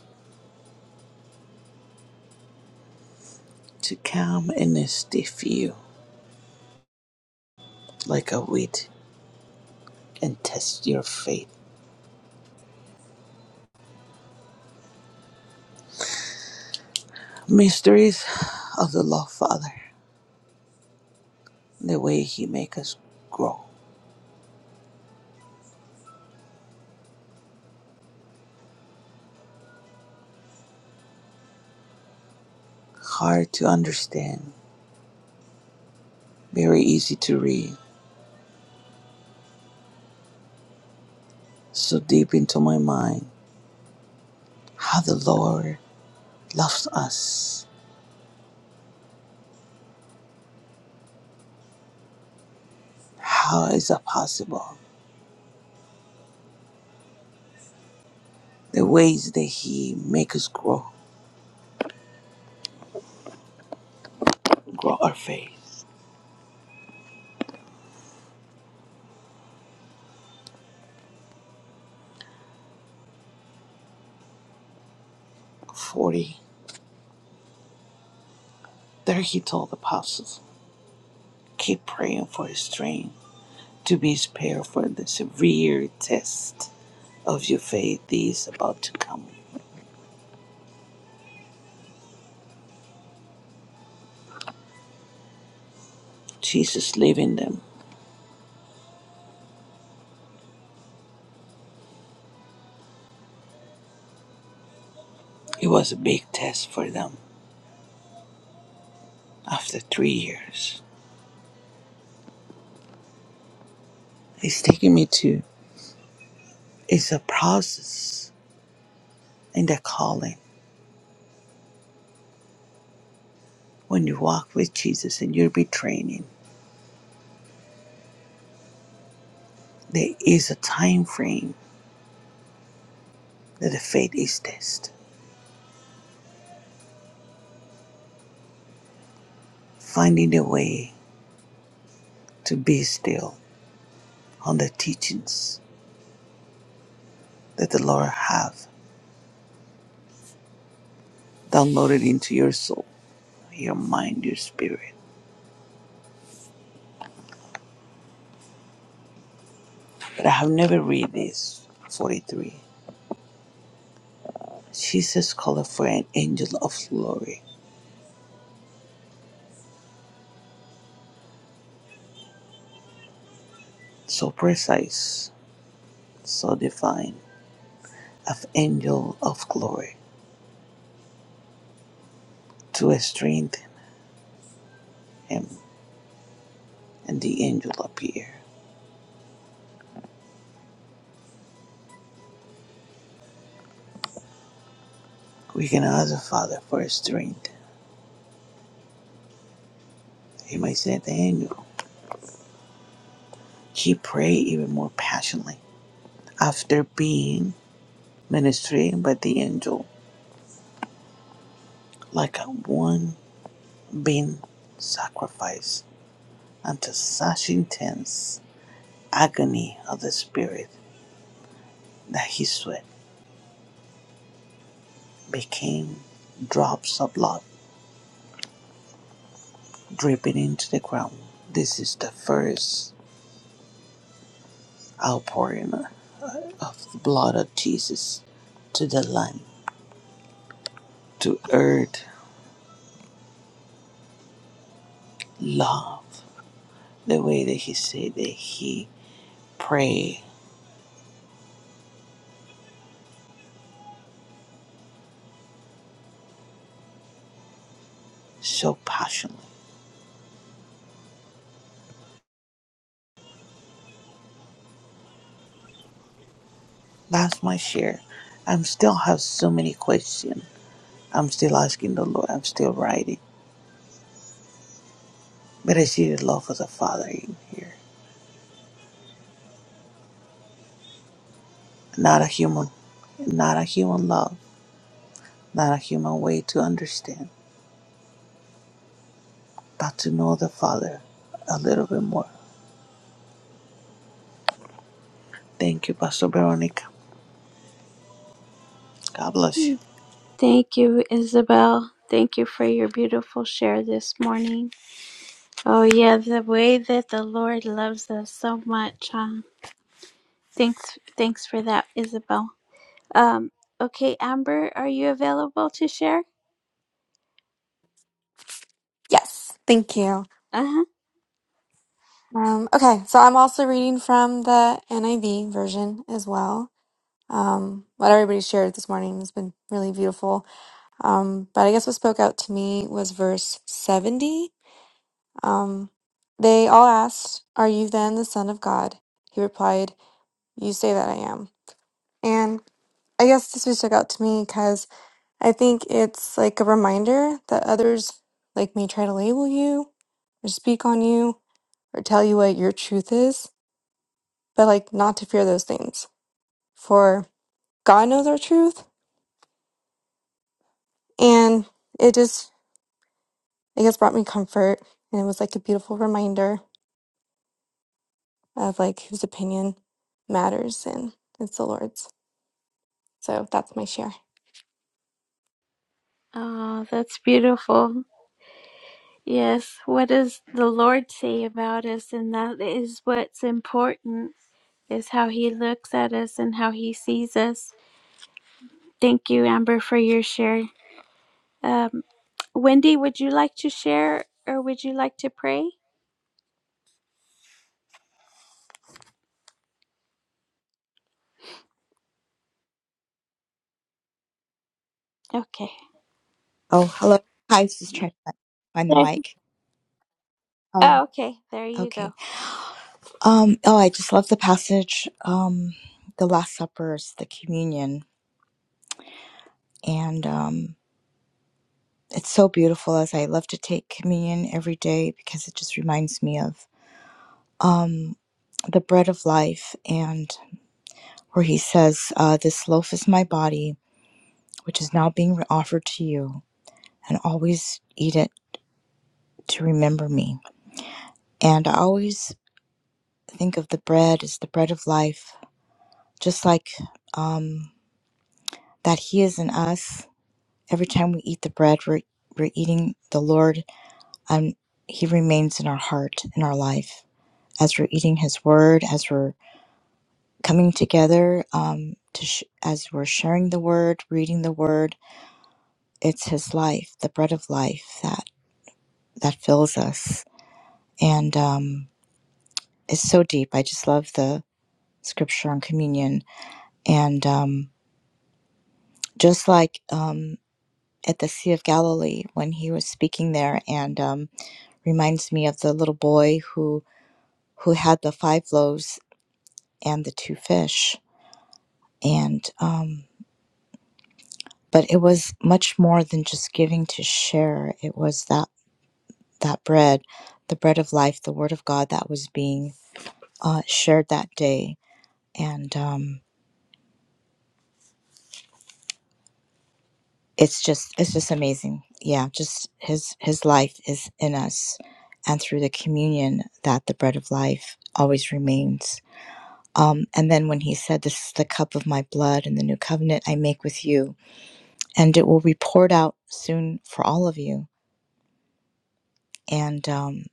S7: to come and stiff you like a wheat and test your faith. Mysteries of the Love Father, the way He makes us grow. Hard to understand, very easy to read, so deep into my mind. How the Lord loves us. How is that possible? The ways that He makes us grow, grow our faith. 40. There he told the apostles, keep praying for strength to be spared for the severe test of your faith that is about to come. Jesus leaving them. It was a big test for them after three years. It's taking me to it's a process in the calling. When you walk with Jesus and you're be training, there is a time frame that the faith is tested. Finding a way to be still on the teachings that the Lord have downloaded into your soul, your mind, your spirit. But I have never read this. 43. Jesus called for an angel of glory, so precise, so divine, of angel of glory, to strengthen him, and the angel appeared. We can ask the Father for strength. He might send the angel. He prayed even more passionately after being ministered by the angel, like a one being sacrificed Until such intense agony of the spirit that his sweat became drops of blood dripping into the ground. This is the first outpouring of the blood of Jesus to the Lamb to earth love the way that he said that he prayed so passionately. That's my share. I'm still have so many questions. I'm still asking the Lord. I'm still writing. But I see the love of the Father in here. Not a human, not a human love, not a human way to understand, but to know the Father a little bit more. Thank you, Pastor Veronica. God bless you.
S2: Mm. Thank you, Isabel. Thank you for your beautiful share this morning. Oh yeah, the way that the Lord loves us so much, huh? Thanks thanks for that, Isabel. Um, okay, Amber, are you available to share?
S6: Yes, thank you.
S2: Uh-huh.
S6: Um, okay, so I'm also reading from the NIV version as well. Um, what everybody shared this morning has been really beautiful. Um, but I guess what spoke out to me was verse 70. Um, they all asked, Are you then the Son of God? He replied, You say that I am. And I guess this really stuck out to me I think it's like a reminder that others like may try to label you or speak on you or tell you what your truth is, but like not to fear those things. For God knows our truth and it just I guess brought me comfort and it was like a beautiful reminder of like whose opinion matters and it's the Lord's. So that's my share.
S2: Oh, that's beautiful. Yes, what does the Lord say about us? And that is what's important is how he looks at us and how he sees us. Thank you, Amber, for your share. Um, Wendy, would you like to share or would you like to pray? Okay.
S8: Oh, hello. Hi, this is trying to find the
S2: There-
S8: mic. Oh,
S2: Oh, okay. There you
S8: okay.
S2: go.
S8: Um, oh, I just love the passage. Um, the Last Supper is the communion, and um, it's so beautiful. As I love to take communion every day because it just reminds me of um the bread of life, and where he says, uh, "This loaf is my body, which is now being offered to you, and always eat it to remember me." And I always think of the bread as the bread of life just like um, that He is in us. Every time we eat the bread, we're, we're eating the Lord, and He remains in our heart, in our life. As we're eating His Word, as we're coming together, um, to sh- as we're sharing the Word, reading the Word, it's His life, the bread of life that that fills us, and um, it's so deep. I just love the scripture on communion, and um, just like um, at the Sea of Galilee when he was speaking there, and um, reminds me of the little boy who who had the five loaves and the two fish. And um, but it was much more than just giving to share. It was that that bread, the bread of life, the Word of God that was being uh, shared that day, and um, it's just it's just amazing. Yeah, just his his life is in us, and through the communion that the bread of life always remains Um, and then when he said, This is the cup of my blood and the new covenant I make with you, and it will be poured out soon for all of you. And um,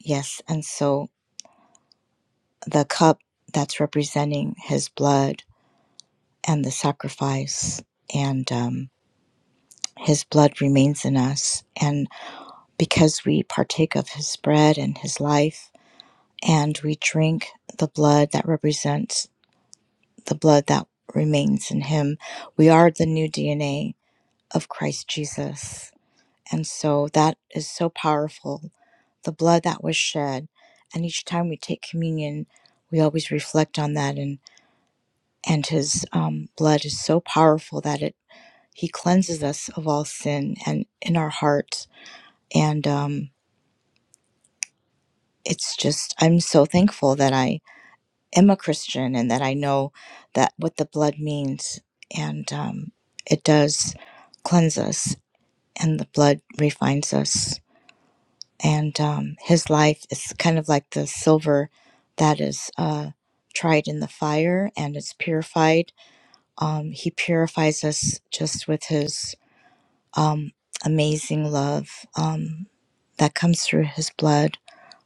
S8: yes, and so the cup that's representing his blood and the sacrifice, and um, his blood remains in us. And because we partake of his bread and his life, and we drink the blood that represents the blood that remains in him, we are the new DNA of Christ Jesus. And so that is so powerful. The blood that was shed. And each time we take communion, we always reflect on that. And, and his um, blood is so powerful that it he cleanses us of all sin and in our hearts. And um, it's just, I'm so thankful that I am a Christian and that I know that what the blood means. And um, it does cleanse us, and the blood refines us. and um, his life is kind of like the silver that is uh, tried in the fire and it's purified. Um, he purifies us just with his um, amazing love um, that comes through his blood,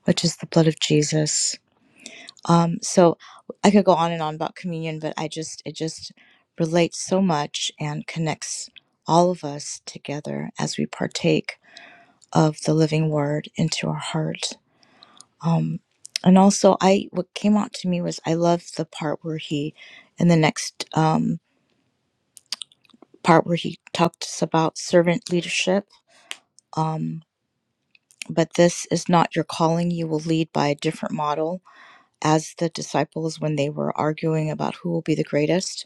S8: which is the blood of Jesus. Um, so I could go on and on about communion, but I just it just relates so much and connects all of us together as we partake of the living word into our heart. um and also i what came out to me was i love the part where he in the next um part where he talks about servant leadership um but this is not your calling you will lead by a different model as the disciples when they were arguing about who will be the greatest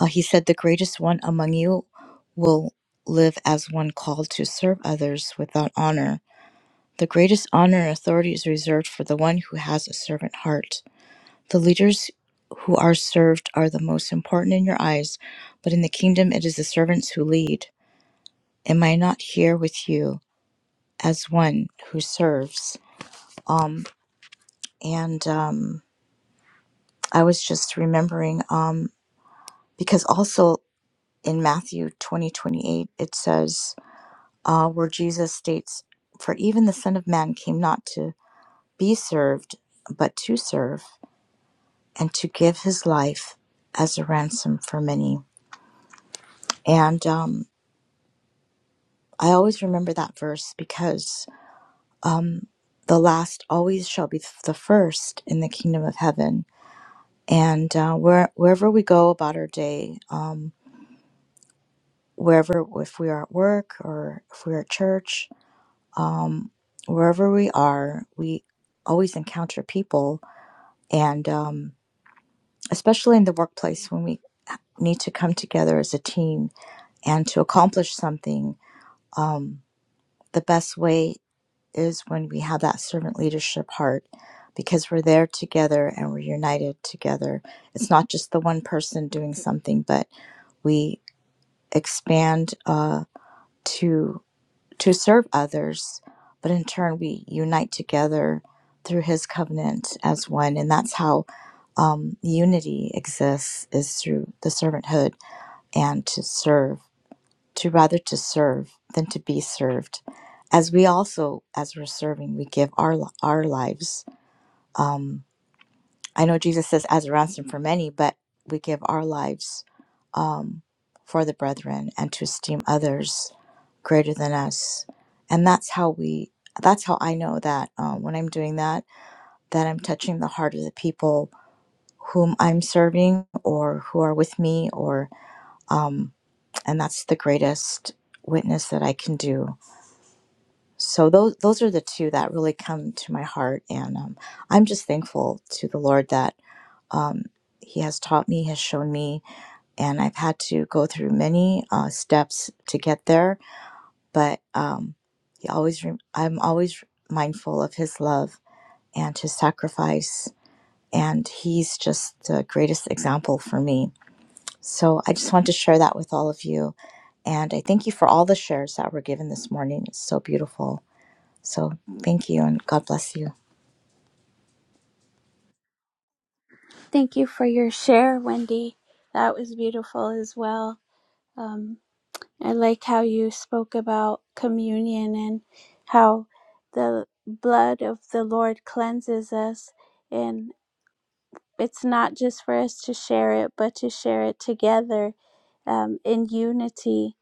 S8: uh, he said the greatest one among you will live as one called to serve others without honor the greatest honor and authority is reserved for the one who has a servant heart The leaders who are served are the most important in your eyes, but in the kingdom it is the servants who lead. Am I not here with you as one who serves? Um, and um, I was just remembering um, because also in Matthew twenty twenty eight it says uh, where Jesus states, "For even the Son of Man came not to be served, but to serve, and to give his life as a ransom for many." And um, I always remember that verse because the last always shall be the first in the kingdom of heaven. And uh, where, wherever we go about our day, um, wherever, if we are at work or if we're at church, um, wherever we are, we always encounter people. And um, especially in the workplace when we need to come together as a team and to accomplish something, um, the best way is when we have that servant leadership heart because we're there together and we're united together. It's not just the one person doing something, but we expand uh, to to serve others, but in turn we unite together through His covenant as one, and that's how um, unity exists is through the servanthood and to serve to rather to serve than to be served as we also as we're serving we give our our lives um i know jesus says as a ransom for many but we give our lives um for the brethren and to esteem others greater than us and that's how we that's how i know that um, when i'm doing that that i'm touching the heart of the people whom i'm serving or who are with me or um and that's the greatest witness that i can do so those those are the two that really come to my heart and um, i'm just thankful to the lord that um, he has taught me has shown me and i've had to go through many uh, steps to get there but um, he always rem i'm always mindful of his love and his sacrifice and he's just the greatest example for me so i just want to share that with all of you and i thank you for all the shares that were given this morning it's so beautiful so thank you and god bless you
S2: Thank you for your share, Wendy. That was beautiful as well. Um, I like how you spoke about communion and how the blood of the Lord cleanses us. And it's not just for us to share it, but to share it together um, in unity.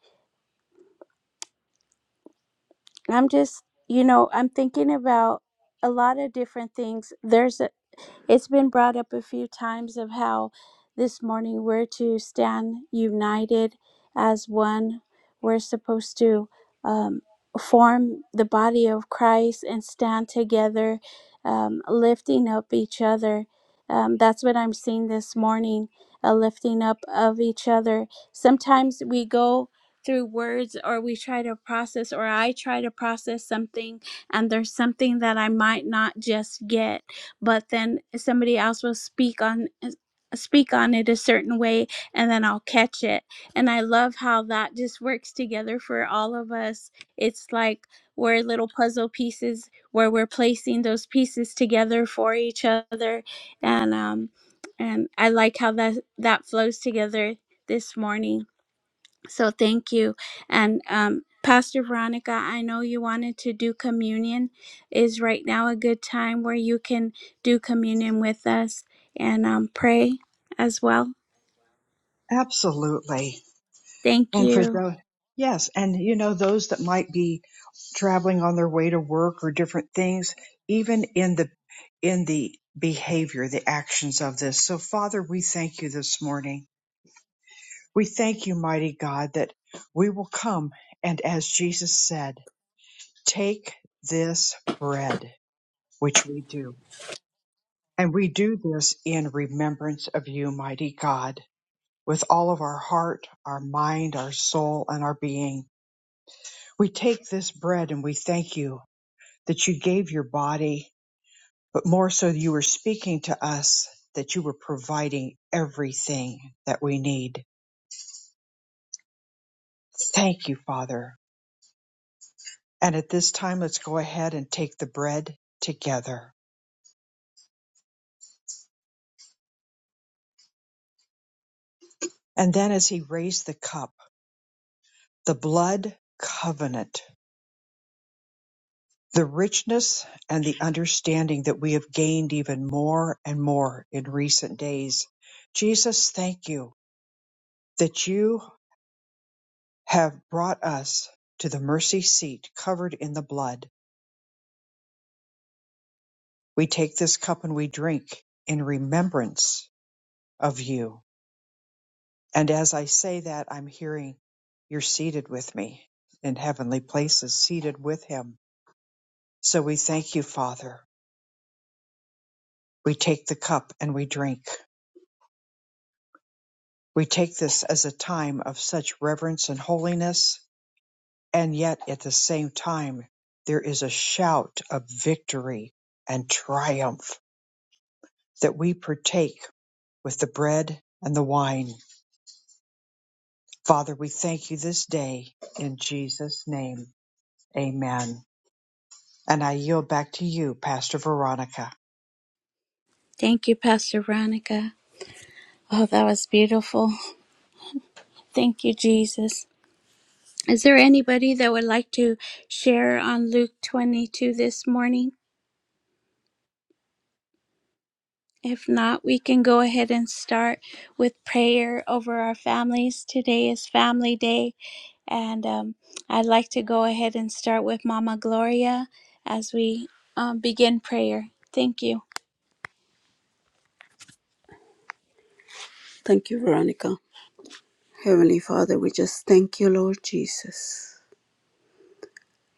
S2: I'm just, you know, I'm thinking about a lot of different things. There's a It's been brought up a few times of how this morning we're to stand united as one. We're supposed to um, form the body of Christ and stand together, um, lifting up each other. Um, that's what I'm seeing this morning a lifting up of each other. Sometimes we go through words or we try to process, or I try to process something, and there's something that I might not just get but then somebody else will speak on uh, speak on it a certain way and then I'll catch it. And I love how that just works together for all of us. It's like we're little puzzle pieces where we're placing those pieces together for each other and um and I like how that that flows together this morning. So thank you. And um, Pastor Veronica, I know you wanted to do communion. Is right now a good time where you can do communion with us and um, pray as well?
S1: Absolutely.
S2: Thank
S1: And for
S2: you.
S1: those, yes, and you know, those that might be traveling on their way to work or different things, even in the, in the behavior, the actions of this. So Father, we thank you this morning. We thank you, mighty God, that we will come and, as Jesus said, take this bread, which we do. And we do this in remembrance of you, mighty God, with all of our heart, our mind, our soul, and our being. We take this bread and we thank you that you gave your body, but more so, you were speaking to us that you were providing everything that we need. Thank you, Father, And at this time, let's go ahead and take the bread together. And then as he raised the cup, the blood covenant, the richness and the understanding that we have gained even more and more in recent days. Jesus, thank you that you have brought us to the mercy seat covered in the blood. We take this cup and we drink in remembrance of you. And as I say that, I'm hearing you're seated with me in heavenly places, seated with him. So we thank you, Father. We take the cup and we drink. We take this as a time of such reverence and holiness. And yet at the same time, there is a shout of victory and triumph that we partake with the bread and the wine. Father, we thank you this day in Jesus' name. Amen. And I yield back to you, Pastor Veronica.
S2: Thank you, Pastor Veronica. Oh, that was beautiful. Thank you, Jesus. Is there anybody that would like to share on Luke 22 this morning? If not, we can go ahead and start with prayer over our families. Today is family day And um, I'd like to go ahead and start with Mama Gloria as we um, begin prayer. Thank you. Thank you, Veronica. Heavenly Father, we just thank you, Lord Jesus.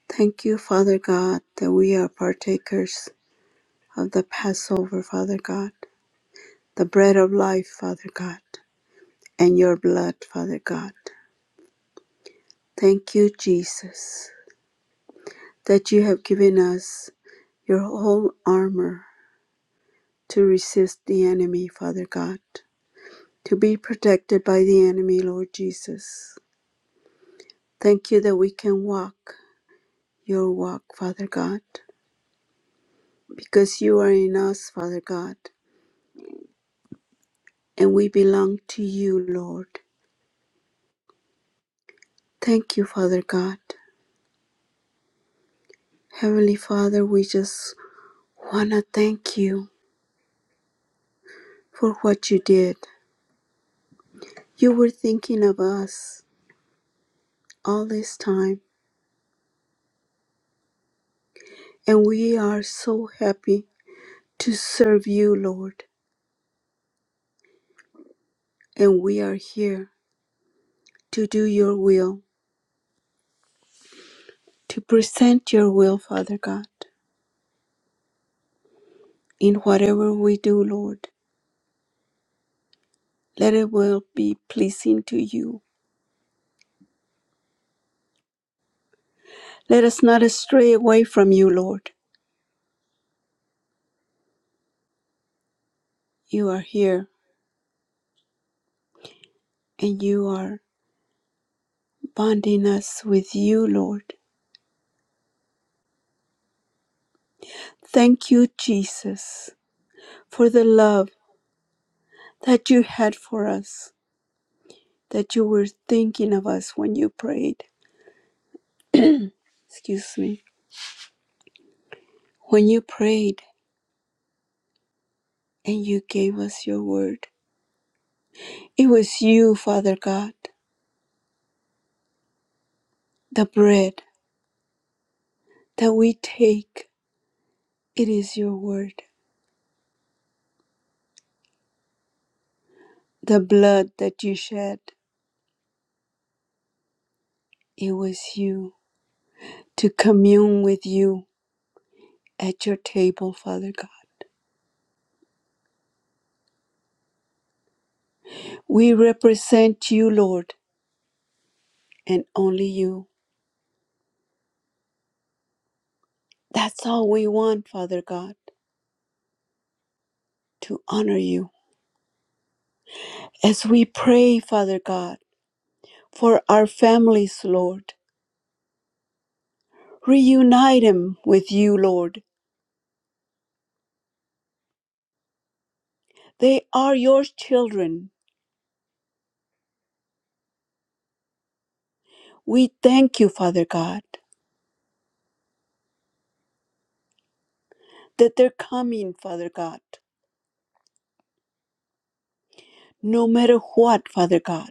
S2: Thank you, Father God, that we are partakers of the Passover, Father God, the bread of life, Father God, and your blood, Father God. Thank you, Jesus, that you have given us your whole armor to resist the enemy, Father God. to be protected by the enemy, Lord Jesus. Thank you that we can walk your walk, Father God, because you are in us, Father God, and we belong to you, Lord. Thank you, Father God. Heavenly Father, we just want to thank you for what you did. You were thinking of us all this time, and we are so happy to serve you, Lord, and we are here to do your will. to present your will, Father God. In whatever we do, Lord, let it will be pleasing to you. Let us not stray away from you, Lord. You are here and you are bonding us with you, Lord. Thank you, Jesus, for the love that you had for us, that you were thinking of us when you prayed. Excuse me. When you prayed and you gave us your word, it was you, Father God, the bread that we take. It is your word. The blood that you shed, it was you to commune with you at your table, Father God. We represent you, Lord, and only you. That's all we want, Father God, to honor you. As we pray, Father God, for our families, Lord, reunite them with you, Lord. They are your children. We thank you, Father God, that they're coming, Father God. no matter what, Father God.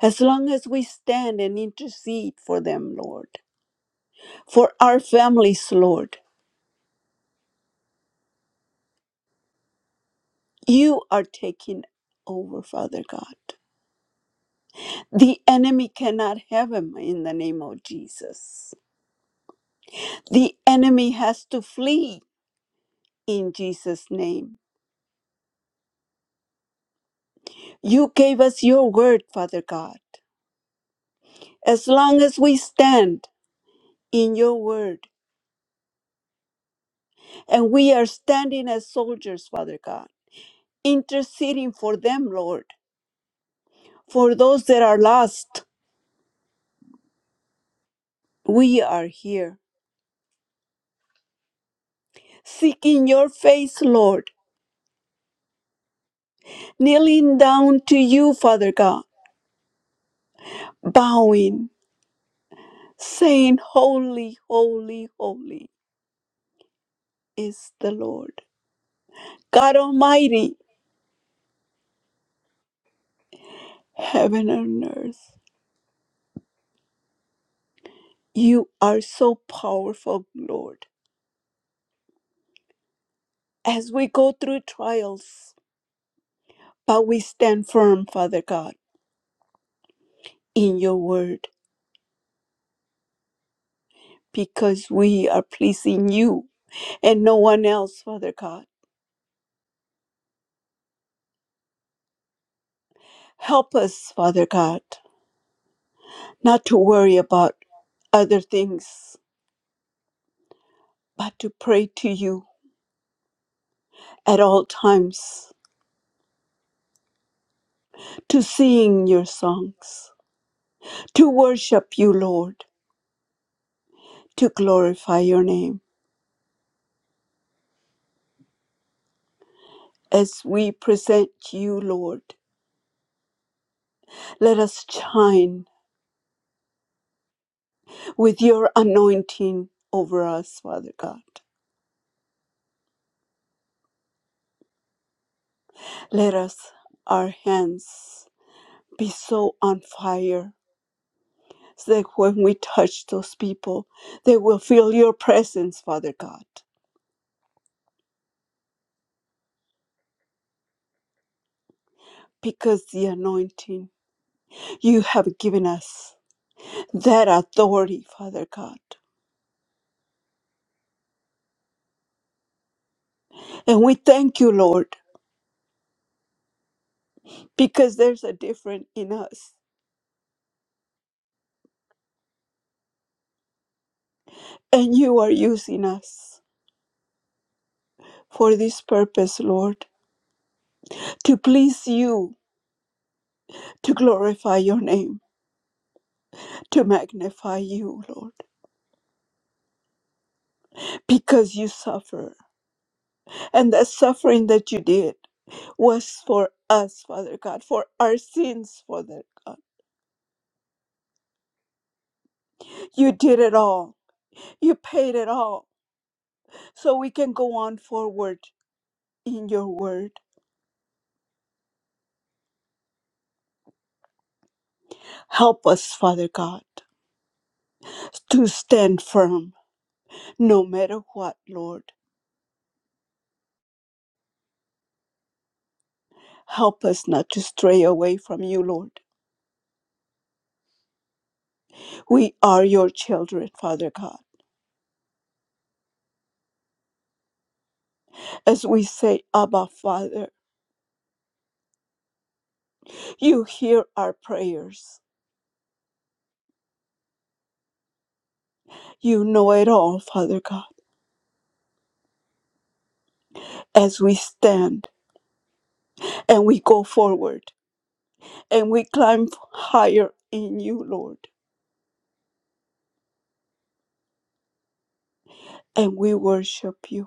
S2: As long as we stand and intercede for them, Lord, for our families, Lord, you are taking over, Father God. The enemy cannot have him in the name of Jesus. The enemy has to flee in Jesus' name. You gave us your word, Father God. As long as we stand in your word, and we are standing as soldiers, Father God. interceding for them, Lord. For those that are lost, we are here, seeking your face, Lord, kneeling down to you, Father God, bowing, saying, Holy, holy, holy is the Lord. God Almighty, heaven and earth, you are so powerful, Lord. As we go through trials, but we stand firm, Father God, in your word, because we are pleasing you and no one else, Father God. Help us, Father God, not to worry about other things, but to pray to you at all times, to sing your songs, to worship you, Lord, to glorify your name. As we present you, Lord, let us shine with your anointing over us, Father God. Let us, our hands, be so on fire so that when we touch those people, they will feel your presence, Father God, because the anointing you have given us, that authority, Father God. And we thank you, Lord, because there's a difference in us, and you are using us for this purpose, Lord, to please you, to glorify your name, to magnify you, Lord, because you suffer And the suffering that you did was for us, Father God, for our sins, Father God. You did it all. You paid it all. So we can go on forward in your word. Help us, Father God, to stand firm no matter what, Lord. Help us not to stray away from you, Lord. We are your children, Father God. As we say, Abba, Father, you hear our prayers. You know it all, Father God. as we stand and we go forward and we climb higher in you, Lord. And we worship you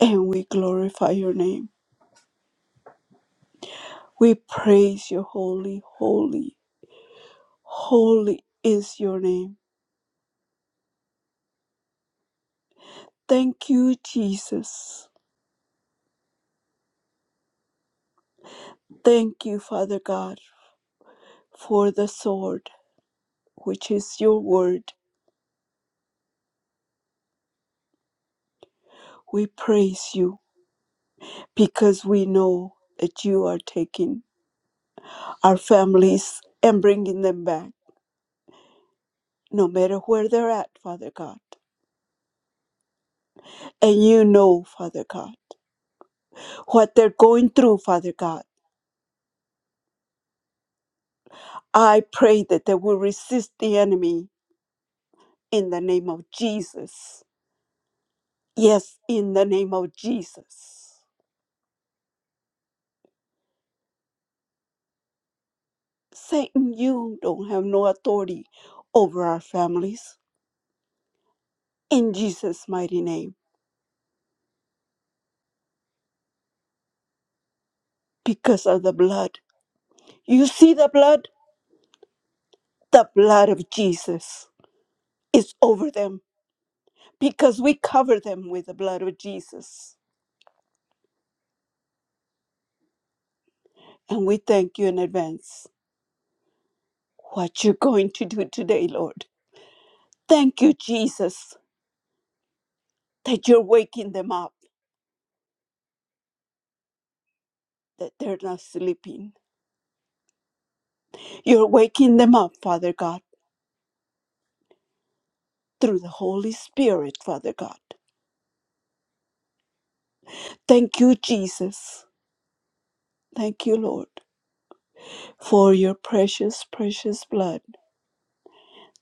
S2: and we glorify your name. We praise your holy, holy, holy is your name. Thank you, Jesus. Thank you, Father God, for the sword, which is your word. We praise you because we know that you are taking our families and bringing them back no matter where they're at, Father God. And you know, Father God, what they're going through, Father God. I pray that they will resist the enemy in the name of Jesus. Yes, in the name of Jesus. Satan, you don't have no authority over our families in Jesus' mighty name because of the blood. You see the blood? The blood of Jesus is over them because we cover them with the blood of Jesus. And we thank you in advance what you're going to do today, Lord. Thank you, Jesus, that you're waking them up, that they're not sleeping. You're waking them up, Father God, through the Holy Spirit, Father God. Thank you, Jesus. Thank you, Lord, for your precious, precious blood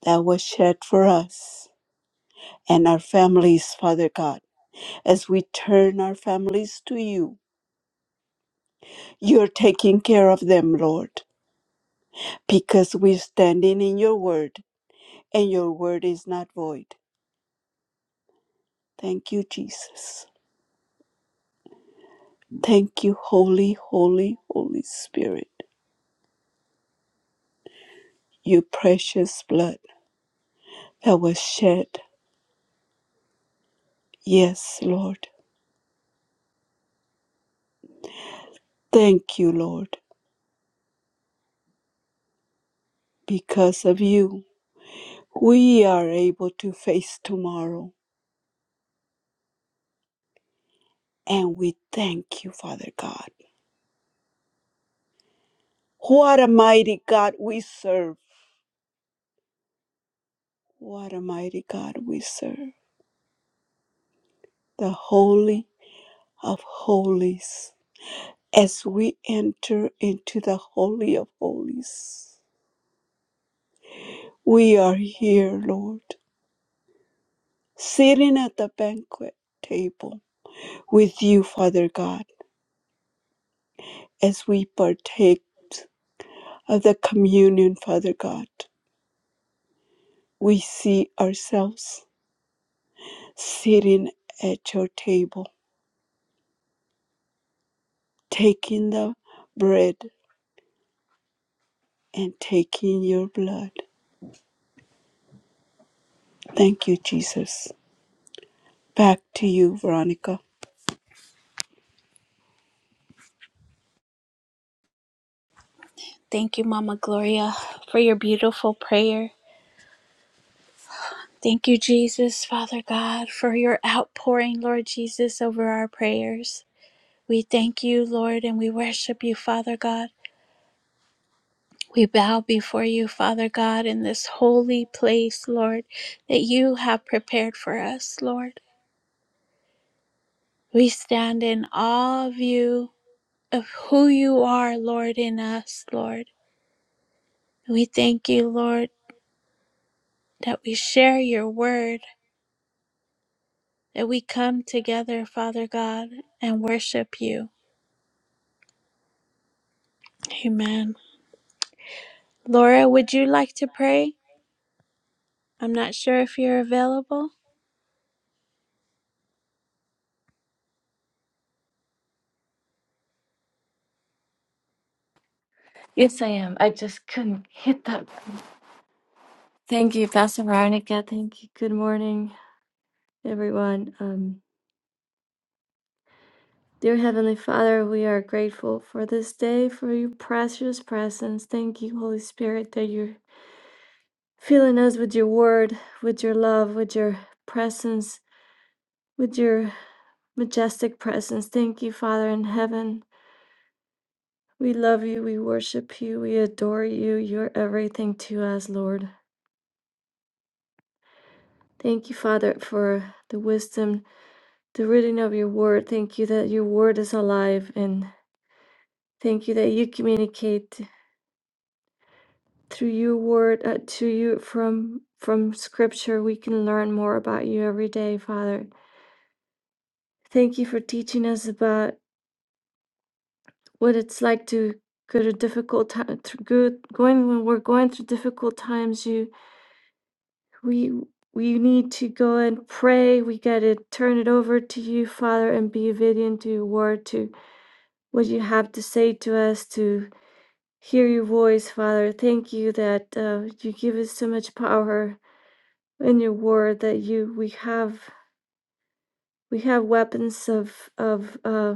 S2: that was shed for us and our families, Father God. As we turn our families to you, you're taking care of them, Lord. because we're standing in your word and your word is not void. Thank you, Jesus. Thank you, Holy, Holy, Holy Spirit, your precious blood that was shed. Yes, Lord. Thank you, Lord. Because of you, we are able to face tomorrow. And we thank you, Father God. What a mighty God we serve. What a mighty God we serve. The Holy of Holies As we enter into the Holy of Holies, we are here, Lord, sitting at the banquet table with you, Father God. As we partake of the communion, Father God, we see ourselves sitting at your table, taking the bread and taking your blood. Thank you, Jesus. Back to you, Veronica. Thank you, Mama Gloria, for your beautiful prayer. Thank you, Jesus, Father God, for your outpouring, Lord Jesus, over our prayers. We thank you, Lord, and we worship you, Father God. We bow before you, Father God, in this holy place, Lord, that you have prepared for us, Lord. We stand in awe of you, of who you are, Lord, in us, Lord. We thank you, Lord, that we share your word, that we come together, Father God, and worship you. Amen. Laura, would you like to pray? I'm not sure if you're available.
S9: Yes, I am. I just couldn't hit that. Thank you, Pastor Veronica. Thank you. Good morning, everyone. Um, dear Heavenly Father, we are grateful for this day, for your precious presence. Thank you, Holy Spirit, that you're filling us with your word, with your love, with your presence, with your majestic presence. Thank you, Father in heaven. We love you. We worship you. We adore you. You're everything to us, Lord. Thank you, Father, for the wisdom the reading of your word. Thank you that your word is alive and thank you that you communicate through your word uh, to you from from scripture we can learn more about you every day, Father. Thank you for teaching us about what it's like to go to difficult time through good going when we're going through difficult times you we we need to go and pray we got to turn it over to you father and be obedient to your word to what you have to say to us to hear your voice, Father. Thank you that uh, you give us so much power in your word that you we have we have weapons of of uh,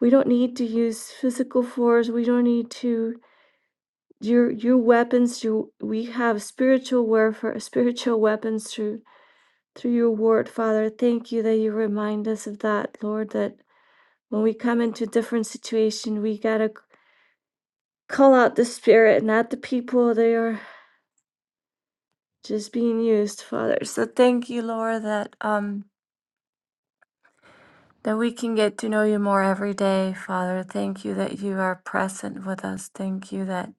S9: we don't need to use physical force. We don't need to your your weapons. You we have spiritual warfare, spiritual weapons through through your word, Father. Thank you that you remind us of that, Lord. That when we come into different situation, we gotta call out the spirit, not the people They are. just being used, Father. So thank you, Lord, that um that we can get to know you more every day, Father. Thank you that you are present with us. Thank you that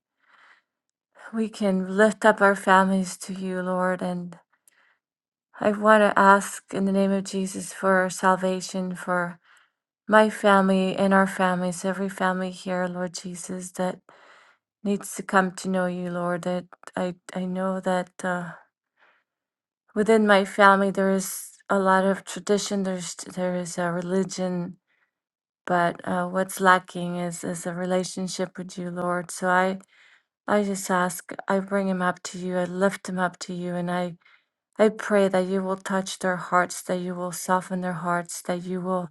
S9: we can lift up our families to you, Lord. And I want to ask in the name of Jesus for salvation for my family and our families, every family here, Lord Jesus, that needs to come to know you, Lord. That I I know that. Uh, within my family there is a lot of tradition there's there is a religion but uh, what's lacking is is a relationship with you lord so i i just ask i bring him up to you i lift him up to you and i i pray that you will touch their hearts that you will soften their hearts that you will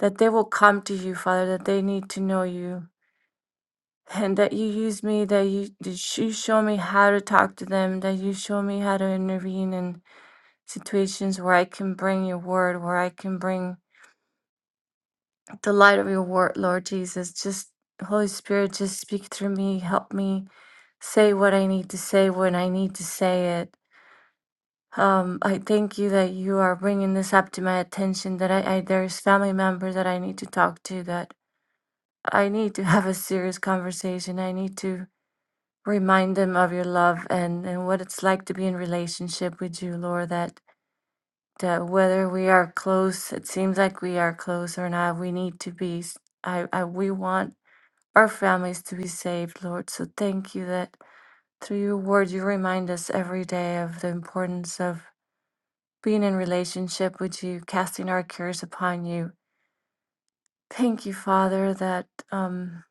S9: that they will come to you father that they need to know you and that you use me that you that you show me how to talk to them that you show me how to intervene and. situations where I can bring your word, where I can bring the light of your word, Lord Jesus. Just Holy Spirit, just speak through me. Help me say what I need to say when I need to say it. Um, I thank you that you are bringing this up to my attention. That I, I there's family members that I need to talk to. That I need to have a serious conversation. I need to remind them of your love and and what it's like to be in relationship with you, Lord. That that whether we are close, it seems like we are close or not, we need to be. s- I, I we want our families to be saved, Lord. So thank you that through your word you remind us every day of the importance of being in relationship with you, casting our cares upon you. Thank you, Father, that um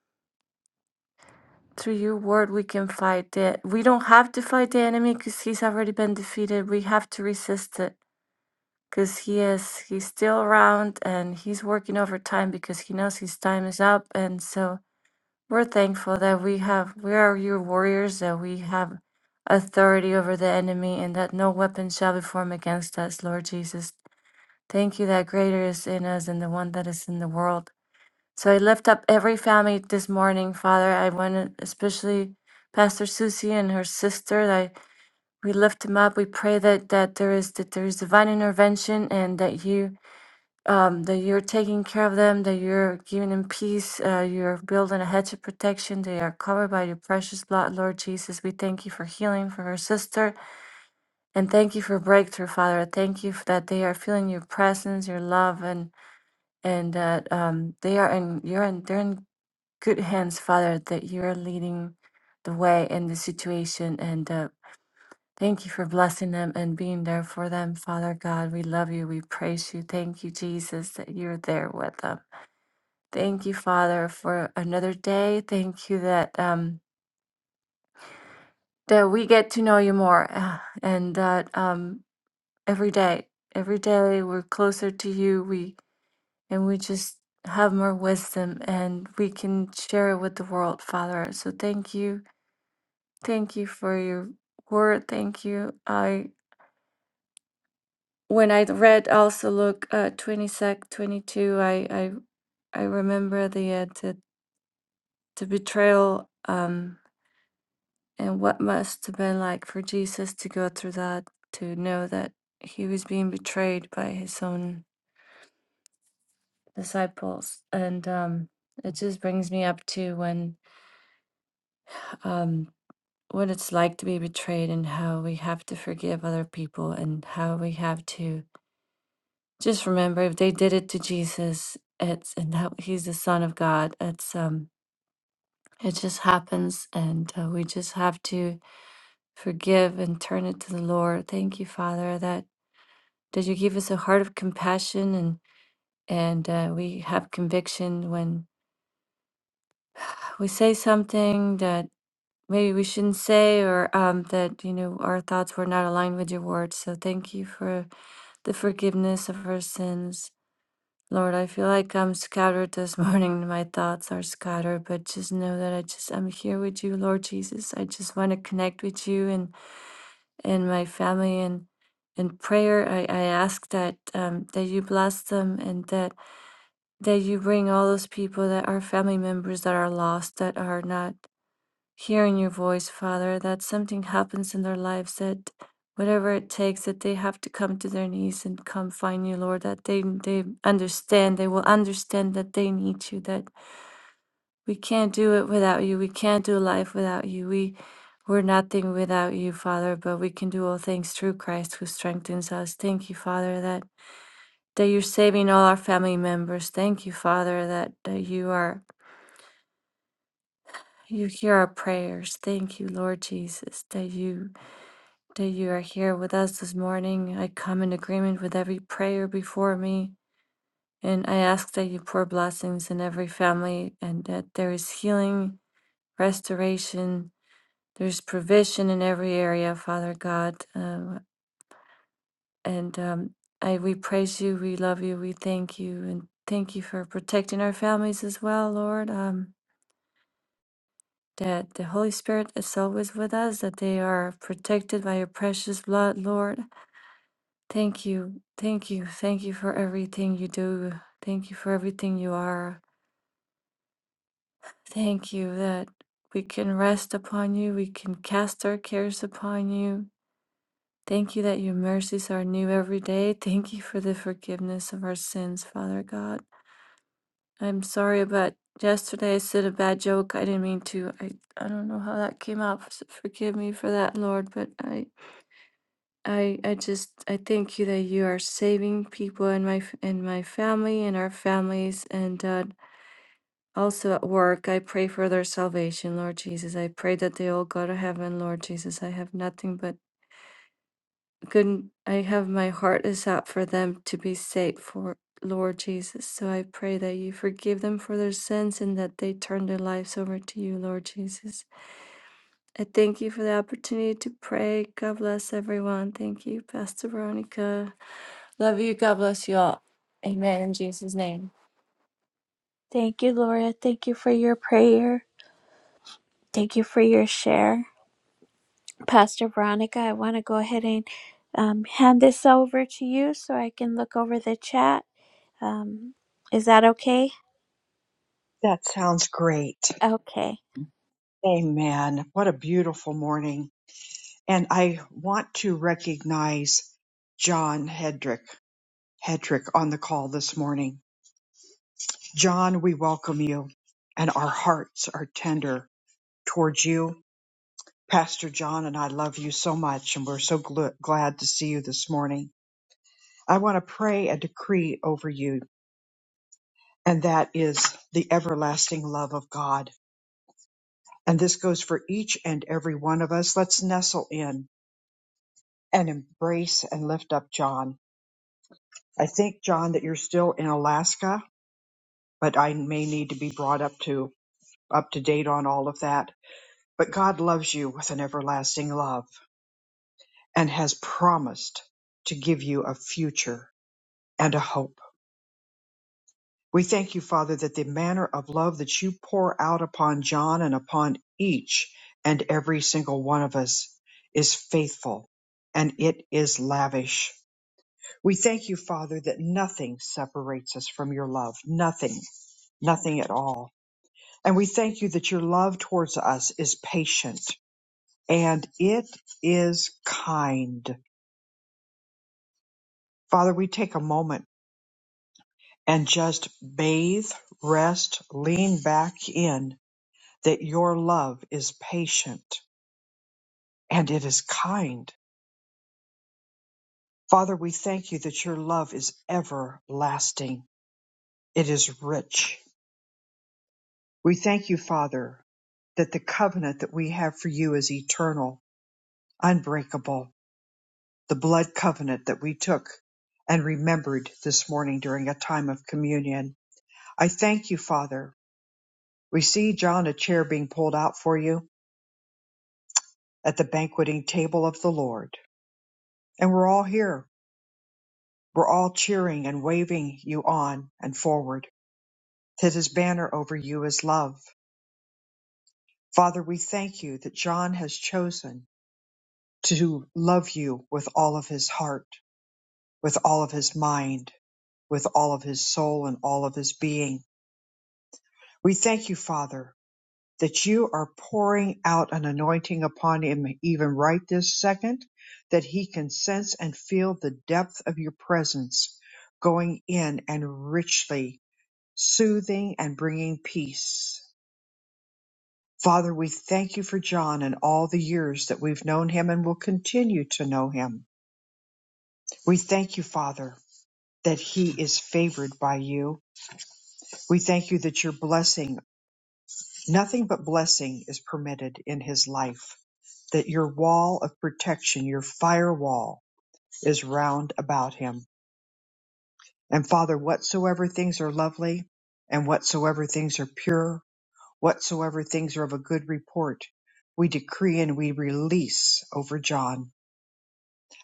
S9: through your word we can fight it. We don't have to fight the enemy because he's already been defeated. We have to resist it. because he is he's still around and he's working overtime because he knows his time is up and so we're thankful that we have we are your warriors that we have authority over the enemy and that no weapon shall be formed against us lord jesus thank you that greater is in us than the one that is in the world so i lift up every family this morning father i want to especially pastor susie and her sister i we lift them up we pray that that there is that there is divine intervention and that you um, that you're taking care of them, that you're giving them peace, uh, you're building a hedge of protection. They are covered by your precious blood, Lord Jesus. We thank you for healing for her sister and thank you for breakthrough, Father. I Thank you f- that they are feeling your presence, your love, and and that um, they are in you're in they're in good hands, Father. That you're leading the way in this situation and. Uh, Thank you for blessing them and being there for them, Father God. We love you. We praise you. Thank you, Jesus, that you're there with them. Thank you, Father, for another day. Thank you that um, that we get to know you more, uh, and that um, every day, every day we're closer to you. We and we just have more wisdom, and we can share it with the world, Father. So thank you, thank you for your word. Thank you. I when I read also Luke uh, twenty sec twenty two, I I I remember the uh, the, the betrayal. Um, And what must have been like for Jesus to go through that, to know that he was being betrayed by his own disciples. And um, it just brings me up to when um, what it's like to be betrayed and how we have to forgive other people and how we have to just remember if they did it to Jesus, it's and how he's the Son of God. It's um, it just happens, and uh, we just have to forgive and turn it to the Lord. Thank you, Father, that that you give us a heart of compassion and and uh, we have conviction when we say something that maybe we shouldn't say or um, that you know our thoughts were not aligned with your words so thank you for the forgiveness of our sins lord i feel like i'm scattered this morning my thoughts are scattered but just know that i just i'm here with you lord jesus i just want to connect with you and and my family and in prayer I, I ask that um, that you bless them and that that you bring all those people that are family members that are lost, that are not hearing your voice, Father, that something happens in their lives that whatever it takes that they have to come to their knees and come find you lord that they they understand they will understand that they need you that we can't do it without you we can't do life without you we we're nothing without you father but we can do all things through christ who strengthens us thank you father that that you're saving all our family members. Thank you, Father, that, that you are you hear our prayers. Thank you, Lord Jesus, that you that you are here with us this morning. I come in agreement with every prayer before me, and I ask that you pour blessings in every family and that there is healing, restoration, there's provision in every area, Father God. Um, and um, I we praise you, we love you, we thank you, and thank you for protecting our families as well, Lord. Um, that the Holy Spirit is always with us, that they are protected by your precious blood, Lord. Thank you, thank you, thank you for everything you do. Thank you for everything you are. Thank you that we can rest upon you, we can cast our cares upon you. Thank you that your mercies are new every day. Thank you for the forgiveness of our sins, Father God. I'm sorry about yesterday. I said a bad joke. I didn't mean to. I, I don't know how that came out. so Forgive me for that, Lord, but I I I just I thank you that you are saving people in my f- in my family and our families and uh, also at work. I pray for their salvation, Lord Jesus. I pray that they all go to heaven, Lord Jesus. I have nothing but good. I have my heart is out for them to be saved, for Lord Jesus. So I pray that you forgive them for their sins and that they turn their lives over to you, Lord Jesus. I thank you for the opportunity to pray. God bless everyone. Thank you, Pastor Veronica. Love you. God bless you all.
S2: Thank you, Laura. Thank you for your prayer. Thank you for your share. Pastor Veronica, I want to go ahead and um, hand this over to you so I can look over the chat. Um, is that okay?
S1: That sounds great.
S2: Okay.
S1: Amen. What a beautiful morning. And I want to recognize John Hedrick, Hedrick on the call this morning. John, we welcome you and our hearts are tender towards you. Pastor John and I love you so much and we're so gl- glad to see you this morning. I want to pray a decree over you and that is the everlasting love of God. And this goes for each and every one of us. Let's nestle in and embrace and lift up John. I think, John, that you're still in Alaska, but I may need to be brought up to up to date on all of that. But God loves you with an everlasting love and has promised to give you a future and a hope. We thank you, Father, that the manner of love that you pour out upon John and upon each and every single one of us is faithful and it is lavish. We thank you, Father, that nothing separates us from your love. Nothing, nothing at all. And we thank you that your love towards us is patient and it is kind. Father, we take a moment and just bathe, rest, lean back in that your love is patient and it is kind. Father, we thank you that your love is everlasting. It is rich. We thank you, Father, that the covenant that we have for you is eternal, unbreakable, the blood covenant that we took and remembered this morning during a time of communion. I thank you, Father. We see, John, a chair being pulled out for you at the banqueting table of the Lord. And we're all here We're all cheering and waving you on and forward, that his banner over you is love. Father, we thank you that John has chosen to love you with all of his heart, with all of his mind, with all of his soul, and all of his being. We thank you, Father, that you are pouring out an anointing upon him even right this second, that he can sense and feel the depth of your presence going in and richly soothing and bringing peace. Father, we thank you for John and all the years that we've known him and will continue to know him. We thank you, Father, that he is favored by you. We thank you that your blessing, nothing but blessing is permitted in his life, that your wall of protection, your firewall is round about him. And Father, whatsoever things are lovely and whatsoever things are pure whatsoever things are of a good report, we decree and we release over John.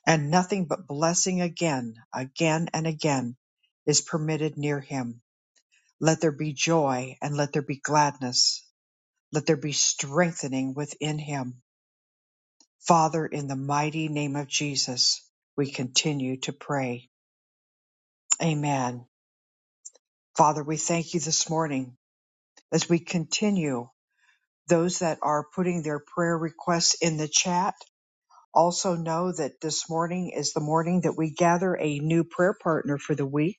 S1: And nothing but blessing again, again and again is permitted near him. Let there be joy and let there be gladness. Let there be strengthening within him. Father, in the mighty name of Jesus, we continue to pray. Amen. Father, we thank you this morning as we continue those that are putting their prayer requests in the chat Also know that this morning is the morning that we gather a new prayer partner for the week.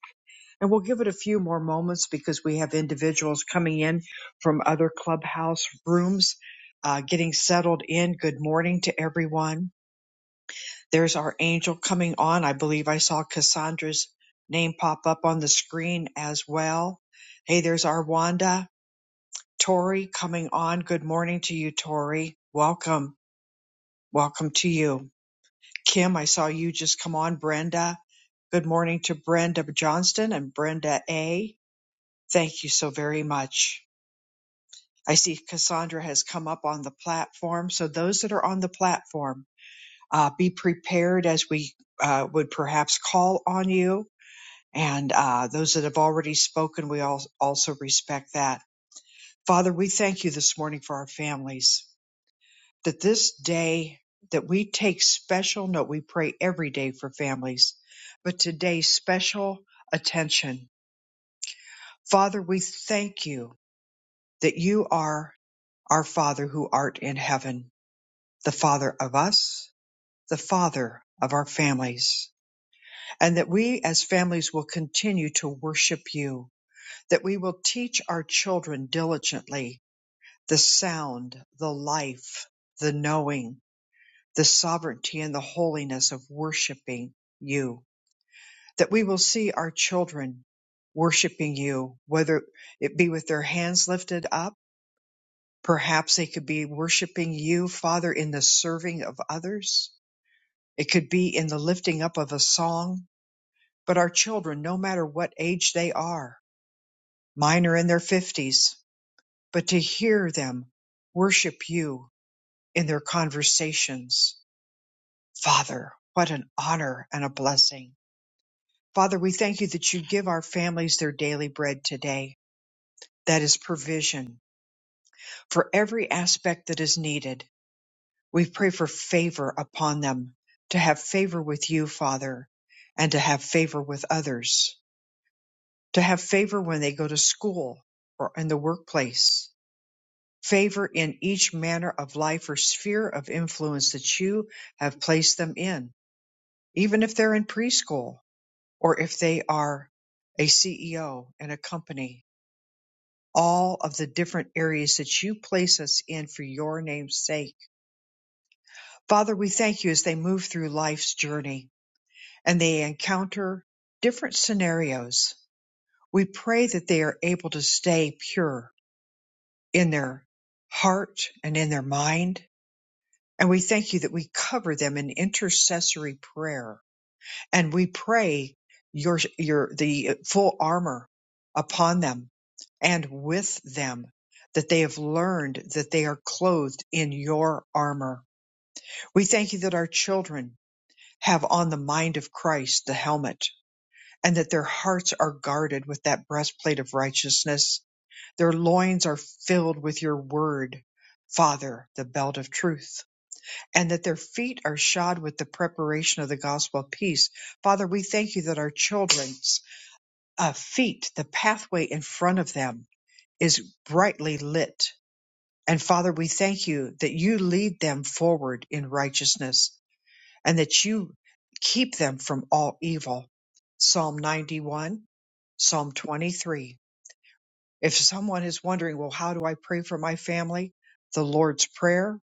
S1: And we'll give it a few more moments because we have individuals coming in from other clubhouse rooms, uh, getting settled in. Good morning to everyone. There's our angel coming on. I believe I saw Cassandra's name pop up on the screen as well. Hey, there's our Wanda. Tori coming on. Good morning to you, Tori. Welcome. Welcome to you. Kim, I saw you just come on. Brenda, good morning to Brenda Johnston and Brenda A. Thank you so very much. I see Cassandra has come up on the platform. So those that are on the platform, uh, be prepared as we uh, would perhaps call on you. And uh, those that have already spoken, we all also respect that. Father, we thank you this morning for our families. that this day that we take special note we pray every day for families but today special attention father we thank you that you are our father who art in heaven the father of us the father of our families and that we as families will continue to worship you that we will teach our children diligently the sound the life the knowing the sovereignty and the holiness of worshiping you, that we will see our children worshiping you, whether it be with their hands lifted up. Perhaps they could be worshiping you, Father, in the serving of others. It could be in the lifting up of a song. But our children, no matter what age they are, mine are in their fifties, but to hear them worship you in their conversations. Father, what an honor and a blessing. Father, we thank you that you give our families their daily bread today. That is provision for every aspect that is needed. We pray for favor upon them, to have favor with you, Father, and to have favor with others, to have favor when they go to school or in the workplace, favor in each manner of life or sphere of influence that you have placed them in, even if they're in preschool or if they are a CEO in a company all of the different areas that you place us in for your name's sake. Father, we thank you as they move through life's journey and they encounter different scenarios. We pray that they are able to stay pure in their heart and in their mind. And we thank you that we cover them in intercessory prayer and we pray your your the full armor upon them and with them that they have learned that they are clothed in your armor. We thank you that our children have on the mind of Christ the helmet and that their hearts are guarded with that breastplate of righteousness. Their loins are filled with your word, Father, the belt of truth and that their feet are shod with the preparation of the gospel of peace. Father, we thank you that our children's uh, feet, the pathway in front of them, is brightly lit. And Father, we thank you that you lead them forward in righteousness and that you keep them from all evil. Psalm 91, Psalm 23. If someone is wondering, well, how do I pray for my family? The Lord's Prayer,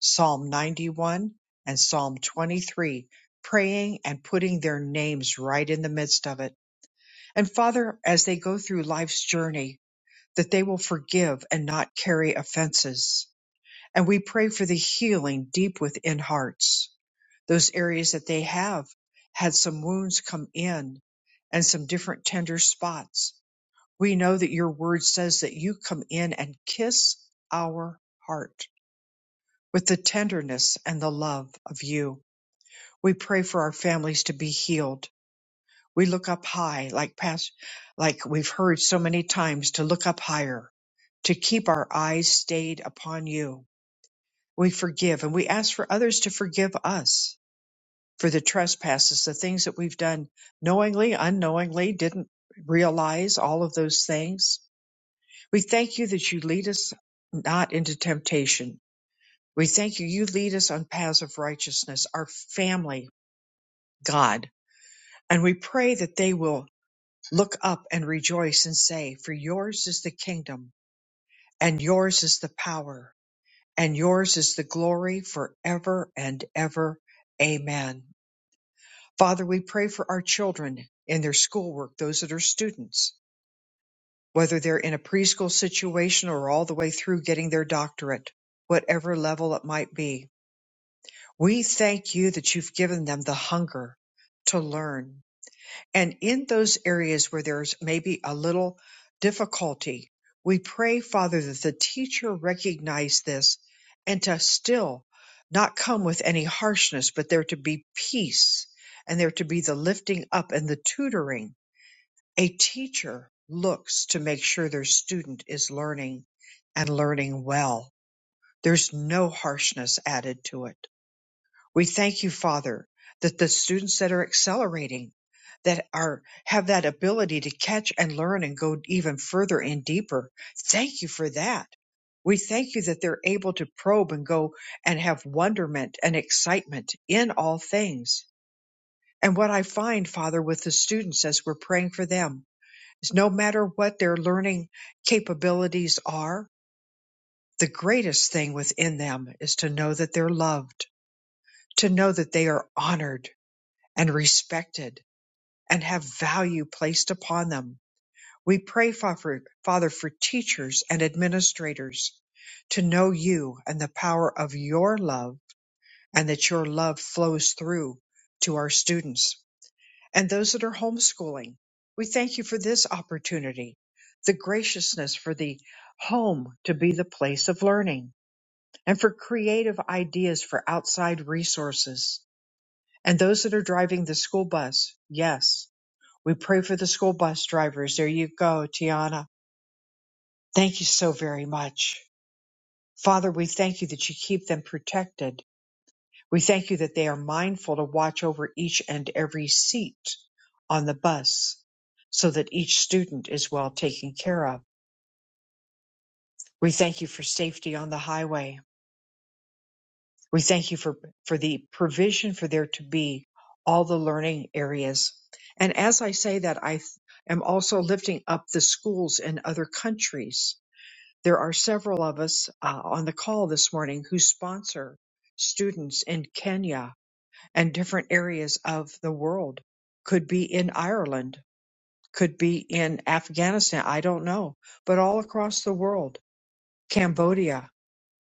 S1: Psalm 91, and Psalm 23, praying and putting their names right in the midst of it. And Father, as they go through life's journey, that they will forgive and not carry offenses. And we pray for the healing deep within hearts, those areas that they have had some wounds come in and some different tender spots we know that your word says that you come in and kiss our heart with the tenderness and the love of you. We pray for our families to be healed. We look up high, like past, like we've heard so many times, to look up higher, to keep our eyes stayed upon you. We forgive and we ask for others to forgive us for the trespasses, the things that we've done knowingly, unknowingly, didn't realize all of those things We thank you that you lead us not into temptation. We thank you, you lead us on paths of righteousness, our family, God. And we pray that they will look up and rejoice and say, For yours is the kingdom, and yours is the power, and yours is the glory forever and ever. Amen. Father, we pray for our children in their schoolwork, those that are students. whether they're in a preschool situation or all the way through getting their doctorate, whatever level it might be. We thank you that you've given them the hunger to learn. And in those areas where there's maybe a little difficulty, we pray, Father, that the teacher recognize this and to still not come with any harshness, but there to be peace and there to be the lifting up and the tutoring a teacher looks to make sure their student is learning and learning well. There's no harshness added to it. We thank you, Father, that the students that are accelerating, that are have that ability to catch and learn and go even further and deeper. Thank you for that. We thank you that they're able to probe and go and have wonderment and excitement in all things. And what I find, Father, with the students as we're praying for them is no matter what their learning capabilities are, the greatest thing within them is to know that they're loved, to know that they are honored and respected and have value placed upon them. We pray, Fa- Father, for teachers and administrators to know you and the power of your love and that your love flows through to our students. and those that are homeschooling. We thank you for this opportunity, the graciousness for the home to be the place of learning, and for creative ideas for outside resources. And those that are driving the school bus, yes, we pray for the school bus drivers. There you go, Tiana. Thank you so very much. Father, we thank you that you keep them protected We thank you that they are mindful to watch over each and every seat on the bus so that each student is well taken care of. We thank you for safety on the highway. We thank you for, for the provision for there to be all the learning areas. And as I say that, I th- am also lifting up the schools in other countries. There are several of us uh, on the call this morning who sponsor students in Kenya and different areas of the world. Could be in Ireland, could be in Afghanistan, I don't know, but all across the world, Cambodia,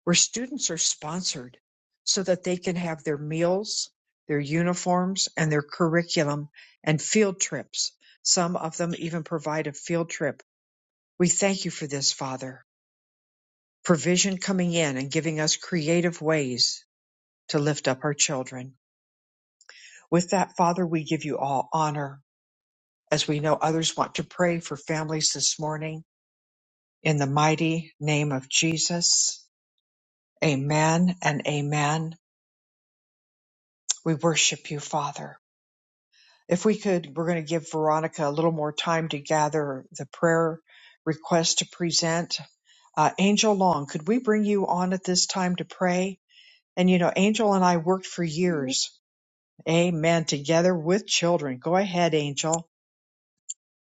S1: where students are sponsored so that they can have their meals, their uniforms, and their curriculum and field trips. Some of them even provide a field trip. We thank you for this, Father. Provision coming in and giving us creative ways to lift up our children. With that, Father, we give you all honor as we know others want to pray for families this morning. In the mighty name of Jesus, amen and amen. We worship you, Father. If we could, we're going to give Veronica a little more time to gather the prayer request to present. Uh, Angel Long, could we bring you on at this time to pray? And you know, Angel and I worked for years, amen, together with children. Go ahead, Angel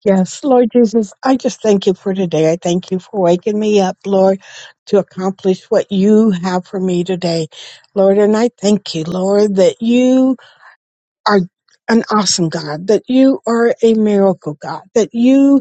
S10: Yes, Lord Jesus, I just thank you for today. I thank you for waking me up, Lord, to accomplish what you have for me today, Lord. And I thank you, Lord, that you are an awesome God, that you are a miracle God, that you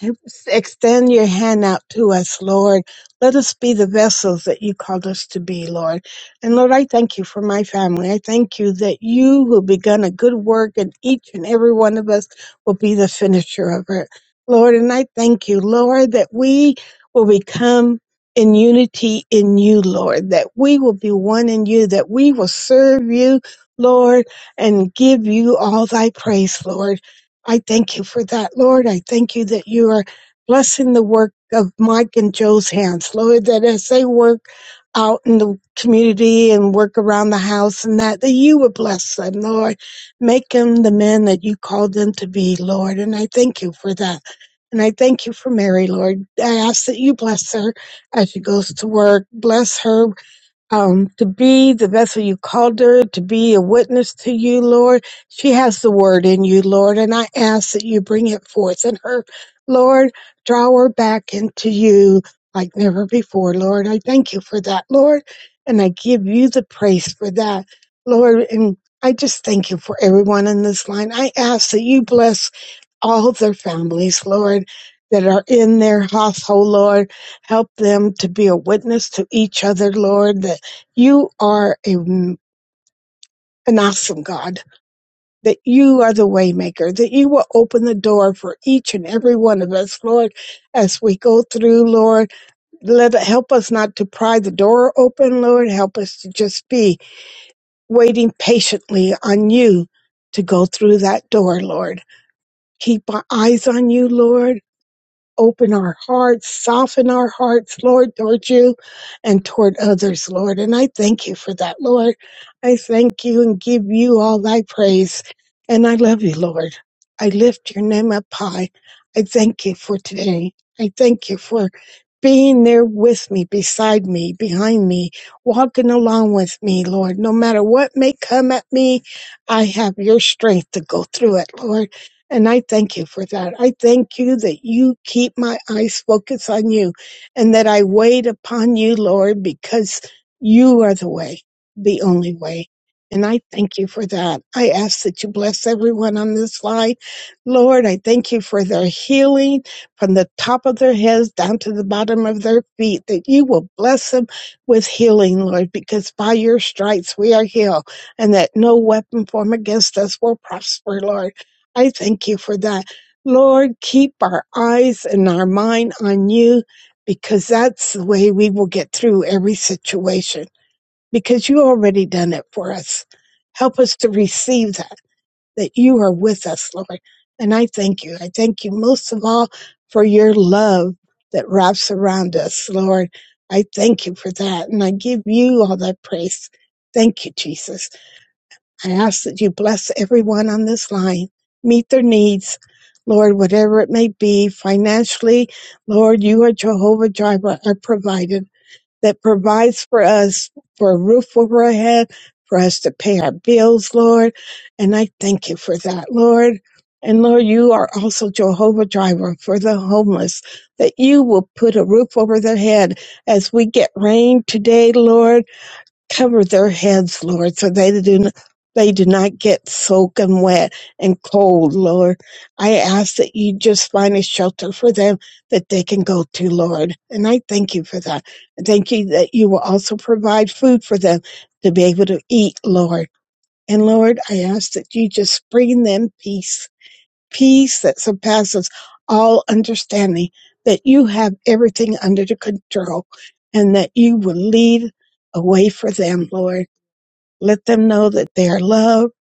S10: Help us Extend your hand out to us, Lord. Let us be the vessels that you called us to be, Lord. And Lord, I thank you for my family. I thank you that you who begun a good work and each and every one of us will be the finisher of it, Lord. And I thank you, Lord, that we will become in unity in you, Lord, that we will be one in you, that we will serve you, Lord, and give you all thy praise, Lord. I thank you for that, Lord. I thank you that you are blessing the work of Mike and Joe's hands, Lord, that as they work out in the community and work around the house and that, that you would bless them, Lord. Make them the men that you called them to be, Lord. And I thank you for that. And I thank you for Mary, Lord. I ask that you bless her as she goes to work. Bless her um, to be the vessel you called her to be a witness to you, Lord. She has the word in you, Lord, and I ask that you bring it forth in her, Lord. Draw her back into you like never before, Lord. I thank you for that, Lord, and I give you the praise for that, Lord. And I just thank you for everyone in this line. I ask that you bless all their families, Lord, that are in their household, Lord. Help them to be a witness to each other, Lord, that you are a, an awesome God, that you are the waymaker, that you will open the door for each and every one of us, Lord, as we go through, Lord. Let help us not to pry the door open, Lord. Help us to just be waiting patiently on you to go through that door, Lord. Keep our eyes on you, Lord open our hearts, soften our hearts, Lord, toward you and toward others, Lord. And I thank you for that, Lord. I thank you and give you all thy praise. And I love you, Lord. I lift your name up high. I thank you for today. I thank you for being there with me, beside me, behind me, walking along with me, Lord. No matter what may come at me, I have your strength to go through it, Lord. And I thank you for that. I thank you that you keep my eyes focused on you and that I wait upon you, Lord, because you are the way, the only way. And I thank you for that. I ask that you bless everyone on this line. Lord, I thank you for their healing from the top of their heads down to the bottom of their feet, that you will bless them with healing, Lord, because by your stripes we are healed and that no weapon formed against us will prosper, Lord. I thank you for that. Lord, keep our eyes and our mind on you because that's the way we will get through every situation because you already done it for us. Help us to receive that, that you are with us, Lord. And I thank you. I thank you most of all for your love that wraps around us, Lord. I thank you for that. And I give you all that praise. Thank you, Jesus. I ask that you bless everyone on this line, meet their needs, Lord, whatever it may be financially. Lord, you are Jehovah Jireh, our provider that provides for us for a roof over our head, for us to pay our bills, Lord. And I thank you for that, Lord. And Lord, you are also Jehovah Jireh for the homeless, that you will put a roof over their head as we get rain today, Lord cover their heads, Lord, so they do not, they do not get soaking wet and cold, Lord. I ask that you just find a shelter for them that they can go to, Lord. And I thank you for that. And thank you that you will also provide food for them to be able to eat, Lord. And Lord, I ask that you just bring them peace, peace that surpasses all understanding, that you have everything under the control and that you will lead a way for them, Lord. Let them know that they are loved,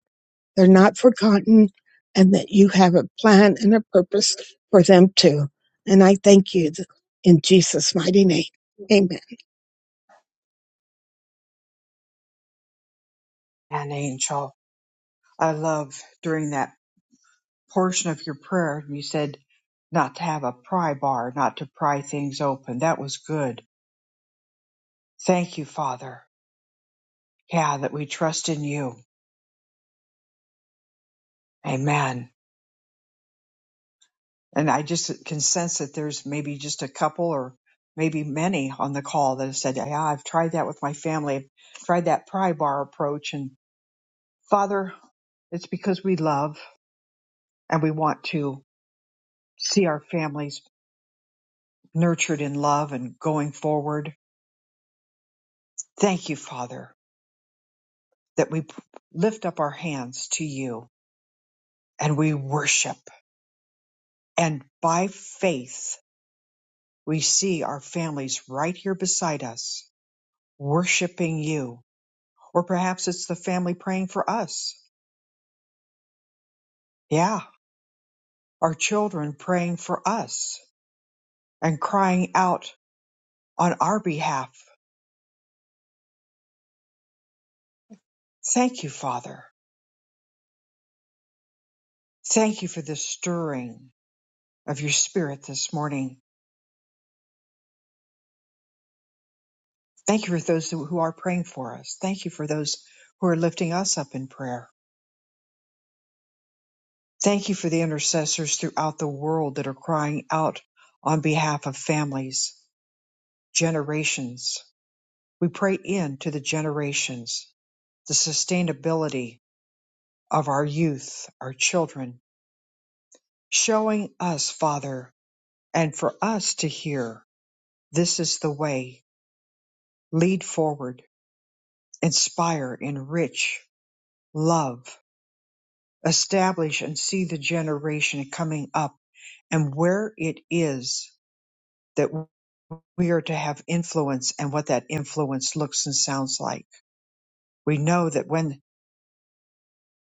S10: they're not forgotten, and that you have a plan and a purpose for them too. And I thank you in Jesus' mighty name. Amen.
S1: and Angel. I love during that. portion of your prayer and you said not to have a pry bar, not to pry things open. That was good. Thank you, Father. Yeah, that we trust in you. Amen. And I just can sense that there's maybe just a couple or maybe many on the call that have said, Yeah, I've tried that with my family. I've tried that pry bar approach. And Father, it's because we love and we want to see our families nurtured in love and going forward. Thank you, Father that we p- lift up our hands to you and we worship. And by faith, we see our families right here beside us worshiping you. Or perhaps it's the family praying for us. Yeah, our children praying for us and crying out on our behalf. Thank you, Father. Thank you for this stirring of your spirit this morning. Thank you for those who who are praying for us. Thank you for those who are lifting us up in prayer. Thank you for the intercessors throughout the world that are crying out on behalf of families, generations. We pray into the generations, the sustainability of our youth, our children, showing us, Father, and for us to hear this is the way, lead forward, inspire, enrich, love, establish, and see the generation coming up and where it is that. we are to have influence and what that influence looks and sounds like. We know that when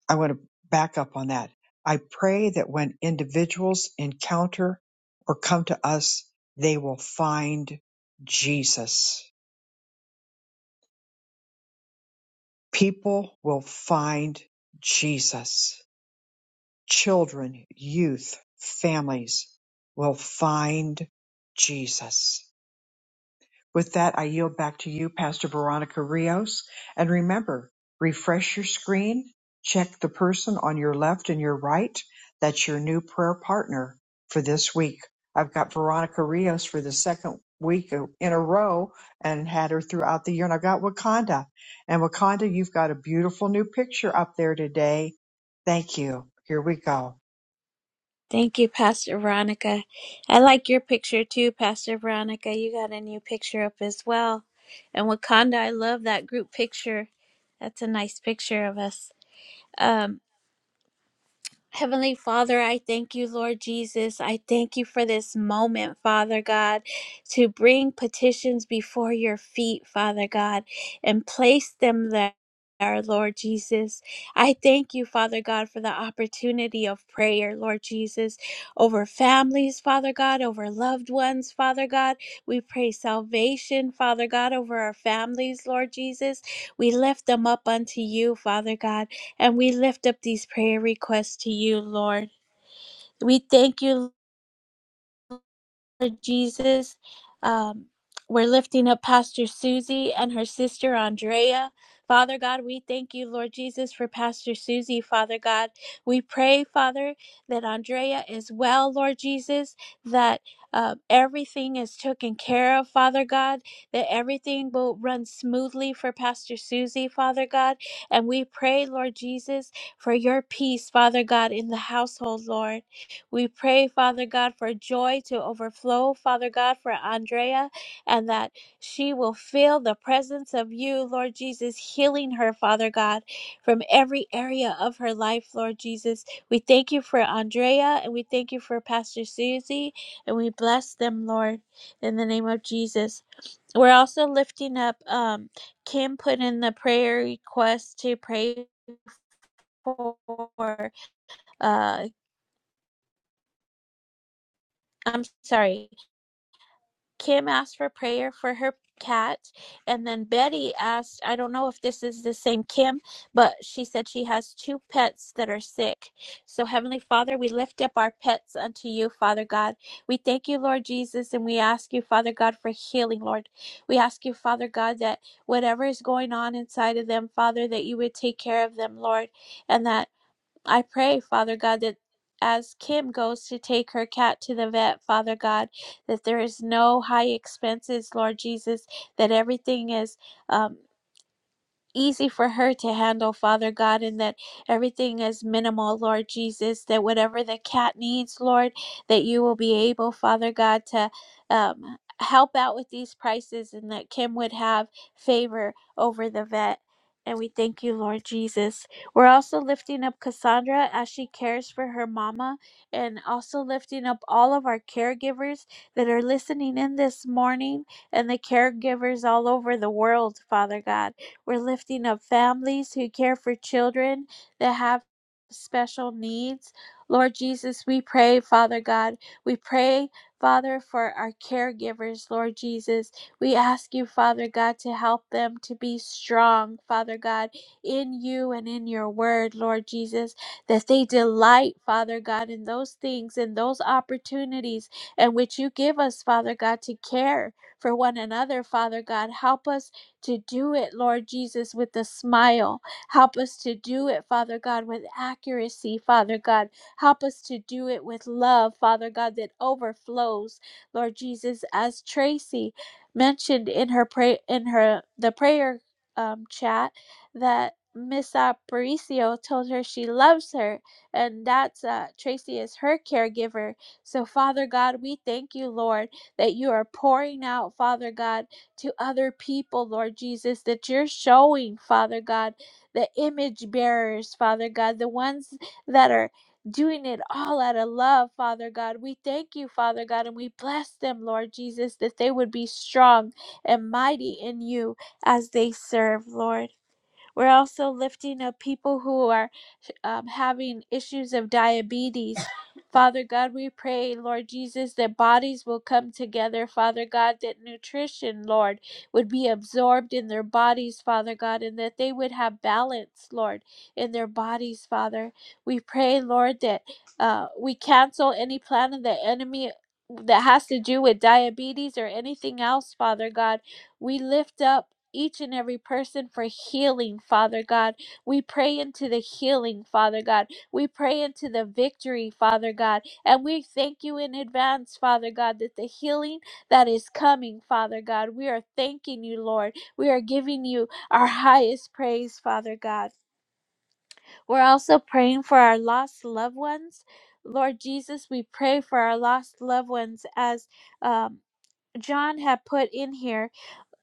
S1: I want to back up on that, I pray that when individuals encounter or come to us, they will find Jesus. People will find Jesus. Children, youth, families will find Jesus. With that, I yield back to you, Pastor Veronica Rios. And remember, refresh your screen, check the person on your left and your right. That's your new prayer partner for this week. I've got Veronica Rios for the second week in a row and had her throughout the year. And I've got Wakanda. And Wakanda, you've got a beautiful new picture up there today. Thank you. Here we go.
S2: Thank you, Pastor Veronica. I like your picture too, Pastor Veronica. You got a new picture up as well. And Wakanda, I love that group picture. That's a nice picture of us. Um, Heavenly Father, I thank you, Lord Jesus. I thank you for this moment, Father God, to bring petitions before your feet, Father God, and place them there. Lord Jesus, I thank you, Father God, for the opportunity of prayer, Lord Jesus, over families, Father God, over loved ones, Father God. We pray salvation, Father God, over our families, Lord Jesus. We lift them up unto you, Father God. And we lift up these prayer requests to you, Lord. We thank you, Lord Jesus. Um, we're lifting up Pastor Susie and her sister Andrea. Father God, we thank you, Lord Jesus, for Pastor Susie, Father God. We pray, Father, that Andrea is well, Lord Jesus, that uh, everything is taken care of, Father God, that everything will run smoothly for Pastor Susie, Father God. And we pray, Lord Jesus, for your peace, Father God, in the household, Lord. We pray, Father God, for joy to overflow, Father God, for Andrea, and that she will feel the presence of you, Lord Jesus, healing her, Father God, from every area of her life, Lord Jesus. We thank you for Andrea, and we thank you for Pastor Susie, and we bless them, Lord, in the name of Jesus. We're also lifting up, um, Kim put in the prayer request to pray for, uh, I'm sorry. Kim asked for prayer for her cat. And then Betty asked, I don't know if this is the same Kim, but she said she has two pets that are sick. So, Heavenly Father, we lift up our pets unto you, Father God. We thank you, Lord Jesus, and we ask you, Father God, for healing, Lord. We ask you, Father God, that whatever is going on inside of them, Father, that you would take care of them, Lord, and that I pray, Father God, that as Kim goes to take her cat to the vet, Father God, that there is no high expenses, Lord Jesus, that everything is. um, easy for her to handle, Father God, and that everything is minimal, Lord Jesus. That whatever the cat needs, Lord, that you will be able, Father God, to um, help out with these prices and that Kim would have favor over the vet. And we thank you, Lord Jesus. We're also lifting up Cassandra as she cares for her mama and also lifting up all of our caregivers that are listening in this morning and the caregivers all over the world, Father God. We're lifting up families who care for children that have special needs. Lord Jesus, we pray, Father God, we pray. Father, for our caregivers, Lord Jesus, we ask you, Father God, to help them to be strong, Father God, in you and in your word, Lord Jesus, that they delight, Father God, in those things and those opportunities and which you give us, Father God, to care for one another, Father God. Help us to do it, Lord Jesus, with a smile. Help us to do it, Father God, with accuracy, Father God. Help us to do it with love, Father God, that overflows, Lord Jesus, as Tracy mentioned in her pray in her the prayer um, chat that Miss Aparicio told her she loves her, and that's uh, Tracy is her caregiver. So, Father God, we thank you, Lord, that you are pouring out, Father God to other people, Lord Jesus, that you're showing, Father God, the image bearers, Father God, the ones that are doing it all out of love, Father God. We thank you, Father God, and we bless them, Lord Jesus, that they would be strong and mighty in you as they serve, Lord. We're also lifting up people who are um, having issues of diabetes. Father God, we pray, Lord Jesus, that bodies will come together. Father God, that nutrition, Lord, would be absorbed in their bodies, Father God, and that they would have balance, Lord, in their bodies, Father. We pray, Lord, that uh, we cancel any plan of the enemy that has to do with diabetes or anything else, Father God. We lift up each and every person for healing, Father God. We pray into the healing, Father God. We pray into the victory, Father God. And we thank you in advance, Father God, that the healing that is coming, Father God, we are thanking you, Lord. We are giving you our highest praise, Father God. We're also praying for our lost loved ones. Lord Jesus, we pray for our lost loved ones as um, John had put in here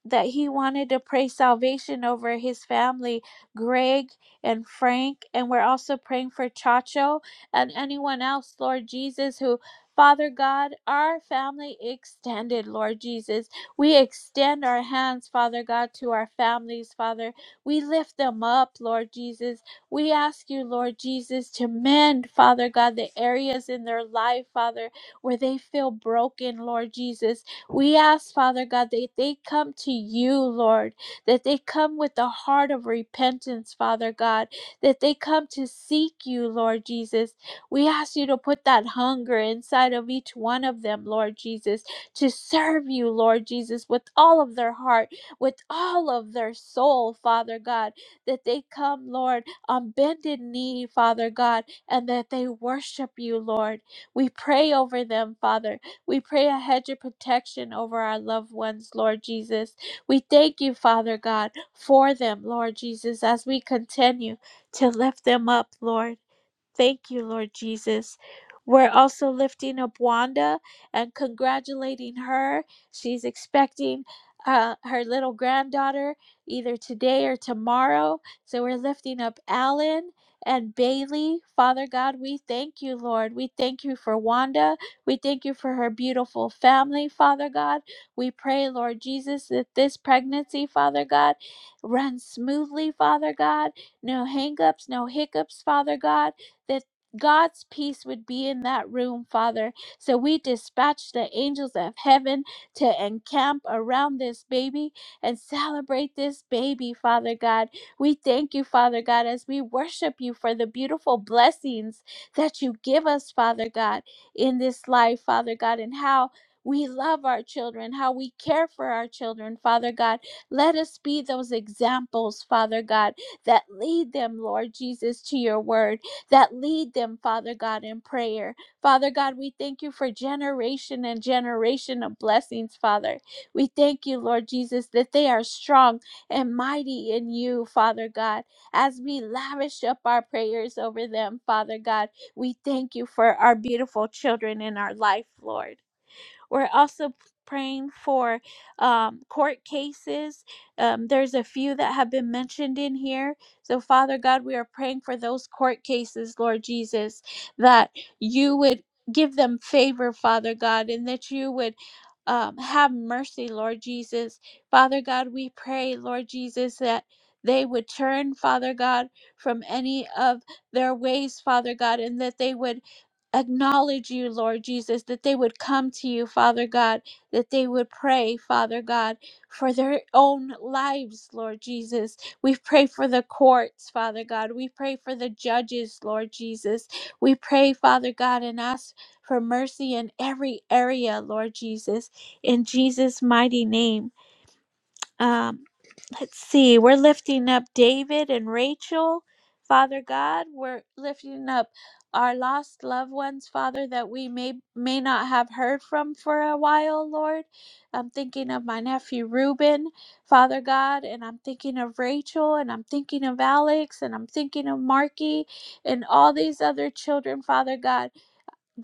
S2: that he wanted to pray salvation over his family, Greg and Frank. And we're also praying for Chacho and anyone else, Lord Jesus, who, Father God, our family extended, Lord Jesus. We extend our hands, Father God, to our families, Father. We lift them up, Lord Jesus. We ask you, Lord Jesus, to mend, Father God, the areas in their life, Father, where they feel broken, Lord Jesus. We ask, Father God, that they come to you, Lord, that they come with the heart of repentance, Father God, that they come to seek you, Lord Jesus. We ask you to put that hunger inside of each one of them, Lord Jesus, to serve you, Lord Jesus, with all of their heart, with all of their soul, Father God, that they come, Lord, on bended knee, Father God, and that they worship you, Lord. We pray over them, Father, we pray a hedge of protection over our loved ones, Lord Jesus. We thank you, Father God, for them, Lord Jesus, as we continue to lift them up, Lord. Thank you, Lord Jesus. We're also lifting up Wanda and congratulating her. She's expecting uh, her little granddaughter either today or tomorrow. So we're lifting up Alan and Bailey. Father God, we thank you, Lord. We thank you for Wanda. We thank you for her beautiful family, Father God. We pray, Lord Jesus, that this pregnancy, Father God, runs smoothly, Father God. No hangups, no hiccups, Father God that God's peace would be in that room, Father. So we dispatch the angels of heaven to encamp around this baby and celebrate this baby, Father God. We thank you, Father God, as we worship you for the beautiful blessings that you give us, Father God, in this life, Father God, and how. We love our children, how we care for our children, Father God. Let us be those examples, Father God, that lead them, Lord Jesus, to your word that lead them, Father God, in prayer. Father God, we thank you for generation and generation of blessings, Father. We thank you, Lord Jesus, that they are strong and mighty in you, Father God. As we lavish up our prayers over them, Father God, we thank you for our beautiful children in our life, Lord. We're also p- praying for um, court cases. Um, there's a few that have been mentioned in here. So, Father God, we are praying for those court cases, Lord Jesus, that you would give them favor, Father God, and that you would. Um, have mercy, Lord Jesus. Father God, we pray, Lord Jesus, that they would turn, Father God, from any of their ways, Father God, and that they would acknowledge you, Lord Jesus, that they would come to you, Father God, that they would pray, Father God, for their own lives, Lord Jesus. We pray for the courts, Father God. We pray for the judges, Lord Jesus. We pray, Father God, and ask for mercy in every area, Lord Jesus, in Jesus' mighty name. Um. Let's see. We're lifting up David and Rachel, Father God. We're lifting up our lost loved ones, Father, that we may may not have heard from for a while, Lord. I'm thinking of my nephew Reuben, Father God, and I'm thinking of Rachel, and I'm thinking of Alex, and I'm thinking of Marky, and all these other children, Father God.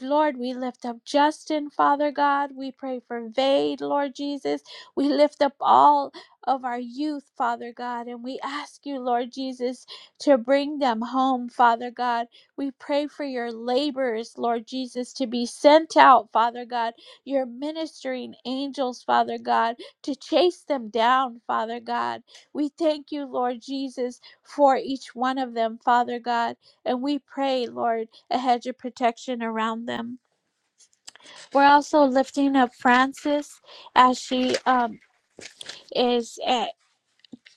S2: Lord, we lift up Justin, Father God. We pray for Vade, Lord Jesus. We lift up all of our youth, Father God, and we ask you, Lord Jesus, to bring them home, Father God. We pray for your laborers, Lord Jesus, to be sent out, Father God, your ministering angels, Father God, to chase them down, Father God. We thank you, Lord Jesus, for each one of them, Father God. And we pray, Lord, a hedge of protection around them. We're also lifting up Frances as she um, is. eh,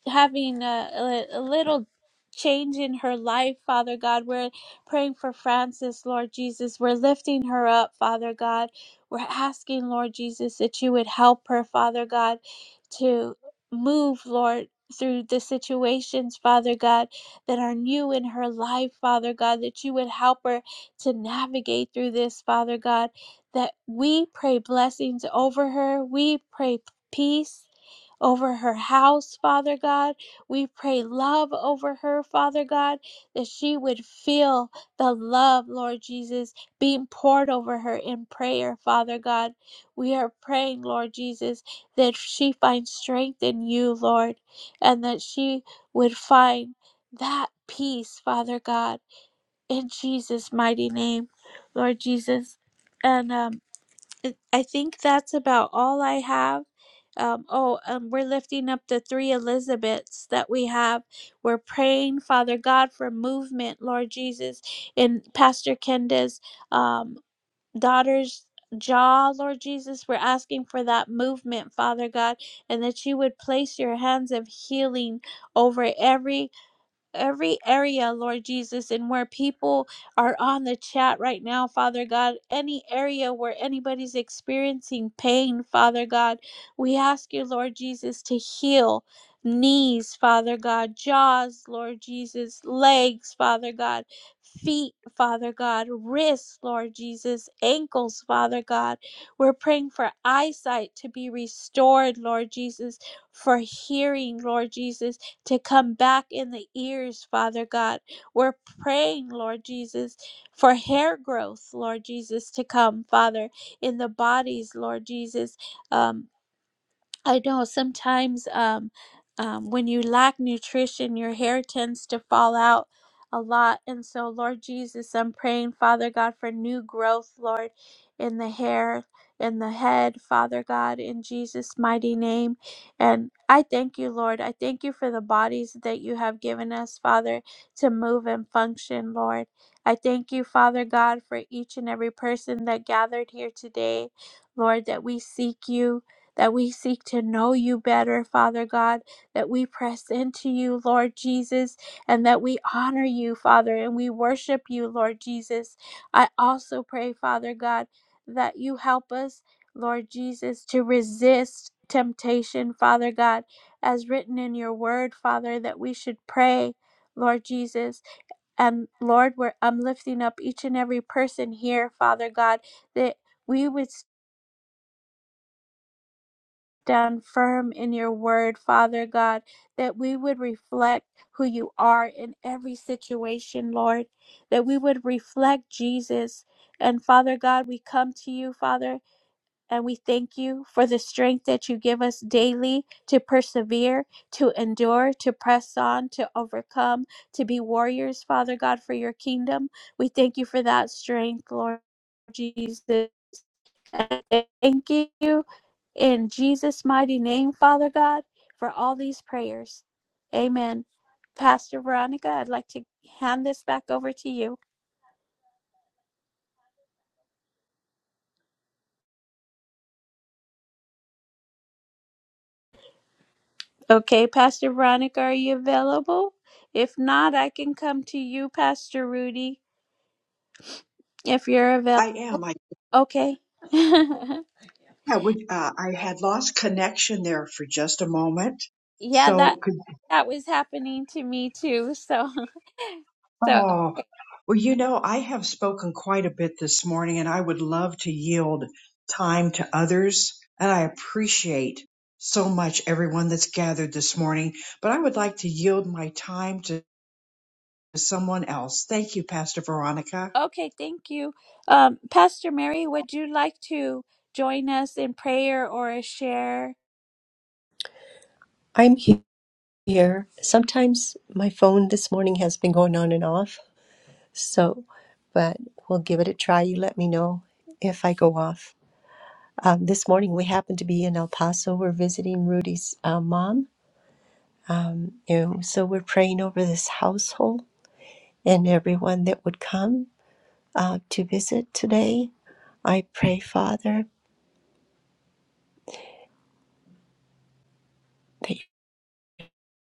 S2: having a, a, little change in her life, Father God. We're praying for Frances, Lord Jesus. We're lifting her up, Father God. We're asking, Lord Jesus, that you would help her, Father God, to move, Lord. Through the situations, Father God, that are new in her life, Father God, that you would help her to navigate through this, Father God, that we pray blessings over her. We pray peace over her house, Father God. We pray love over her, Father God, that she would feel the love, Lord Jesus, being poured over her in prayer, Father God. We are praying, Lord Jesus, that she finds strength in you, Lord, and that she would find that peace, Father God, in Jesus' mighty name, Lord Jesus. And um, it- I think that's about all I have. Um, oh, um, we're lifting up the three Elizabeths that we have. We're praying, Father God, for movement, Lord Jesus, in Pastor Kenda's um, daughter's jaw, Lord Jesus. We're asking for that movement, Father God, and that you would place your hands of healing over every every area, Lord Jesus, and where people are on the chat right now, Father God, any area where anybody's experiencing pain, Father God, we ask you, Lord Jesus, to heal knees, Father God, jaws, Lord Jesus, legs, Father God, feet, Father God, wrists, Lord Jesus, ankles, Father God. We're praying for eyesight to be restored, Lord Jesus, for hearing, Lord Jesus to come back in the ears, Father God. We're praying, Lord Jesus, for hair growth, Lord Jesus, to come, Father, in the bodies, Lord Jesus. um. I know sometimes um, um, when you lack nutrition, your hair tends to fall out a lot. And so, Lord Jesus, I'm praying, Father God, for new growth, Lord, in the hair, in the head, Father God, in Jesus' mighty name. And I thank you, Lord. I thank you for the bodies that you have given us, Father, to move and function, Lord. I thank you, Father God, for each and every person that gathered here today, Lord, that we seek you that we seek to know you better, Father God, that we press into you, Lord Jesus, and that we honor you, Father, and we worship you, Lord Jesus. I also pray, Father God, that you help us, Lord Jesus, to resist temptation, Father God, as written in your word, Father, that we should pray. Lord Jesus, and Lord, we're, I'm lifting up each and every person here, Father God, that we would down firm in your word, Father God, that we would reflect who you are in every situation, Lord, that we would reflect Jesus. And Father God, we come to you, Father, and we thank you for the strength that you give us daily to persevere, to endure, to press on, to overcome, to be warriors, Father God, for your kingdom. We thank you for that strength, Lord Jesus. I Thank you in Jesus' mighty name, Father God, for all these prayers. Amen. Pastor Veronica, I'd like to hand this back over to you. Okay, Pastor Veronica, are you available? If not, I can come to you, Pastor Rudy, if you're available.
S1: I am. I
S2: Okay. yeah,
S1: yeah. We, uh, I had lost connection there for just a moment.
S2: that
S1: So
S2: that was happening to me too. So so
S1: Oh, well, you know, I have spoken quite a bit this morning and I would love to yield time to others. And I appreciate so much everyone that's gathered this morning, but I would like to yield my time to someone else. Thank you, Pastor Veronica.
S2: Okay, thank you. Um, Pastor Mary, would you like to join us in prayer or a share?
S11: I'm he- here. Sometimes my phone this morning has been going on and off, so, but we'll give it a try. You let me know if I go off. Um, this morning we happened to be in El Paso. We're visiting Rudy's uh, mom, and so we're praying over this household and everyone that would come uh, to visit today. I pray, Father, that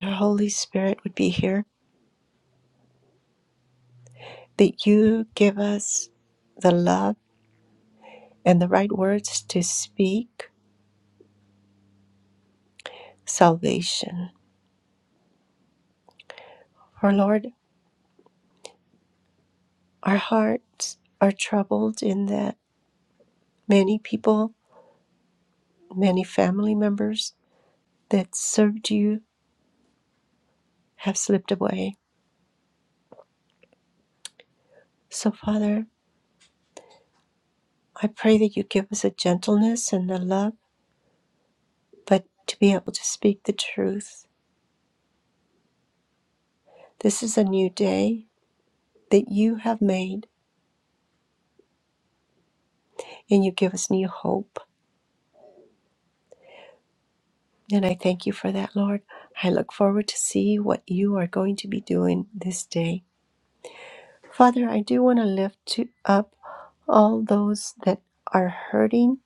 S11: your Holy Spirit would be here, that you give us the love and the right words to speak salvation. Our Lord, our hearts are troubled in that many people, many family members that served you have slipped away. So, Father, I pray that you give us a gentleness and a love, but to be able to speak the truth. This is a new day that you have made, and you give us new hope. And I thank you for that, Lord. I look forward to see what you are going to be doing this day Father, I do want to lift up all those that are hurting,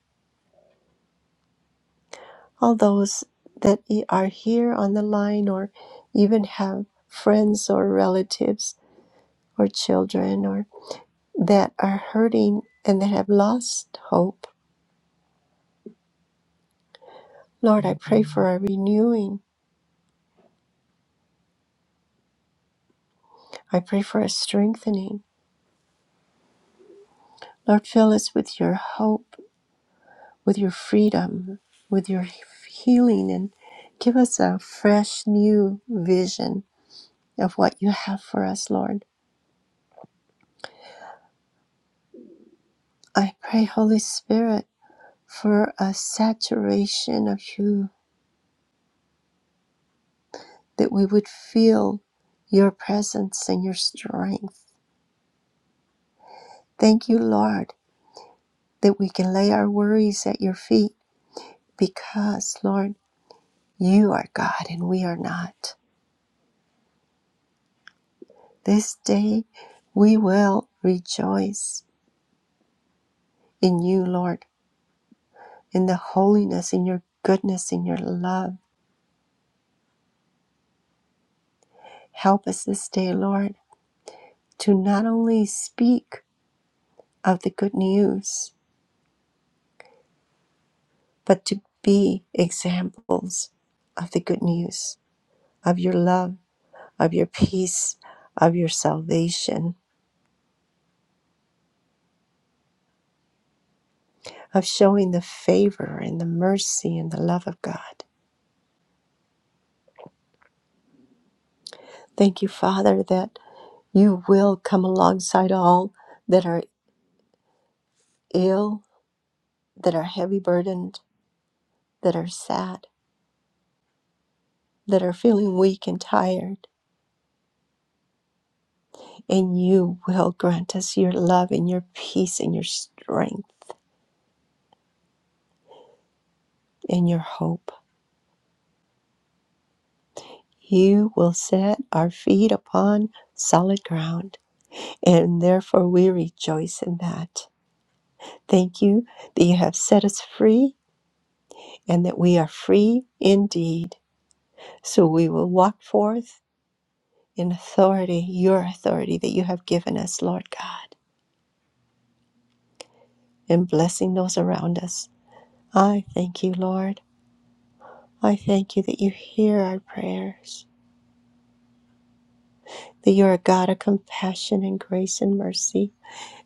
S11: all those that are here on the line, or even have friends or relatives or children or that are hurting and that have lost hope. Lord, I pray for a renewing. I pray for a strengthening. Lord, fill us with your hope, with your freedom, with your healing, and give us a fresh new vision of what you have for us, Lord. I pray, Holy Spirit, for a saturation of you, that we would feel your presence and your strength. Thank you, Lord, that we can lay our worries at your feet because, Lord, you are God and we are not. This day we will rejoice in you, Lord, in the holiness, in your goodness, in your love. Help us this day, Lord, to not only speak of the good news, but to be examples of the good news, of your love, of your peace, of your salvation, of showing the favor and the mercy and the love of God. Thank you, Father, that you will come alongside all that are ill, that are heavy burdened, that are sad, that are feeling weak and tired, and you will grant us your love and your peace and your strength and your hope. You will set our feet upon solid ground, and therefore we rejoice in that. Thank you that you have set us free and that we are free indeed. So we will walk forth in authority, your authority that you have given us, Lord God, and blessing those around us. I thank you, Lord. I thank you that you hear our prayers, that you are a God of compassion and grace and mercy,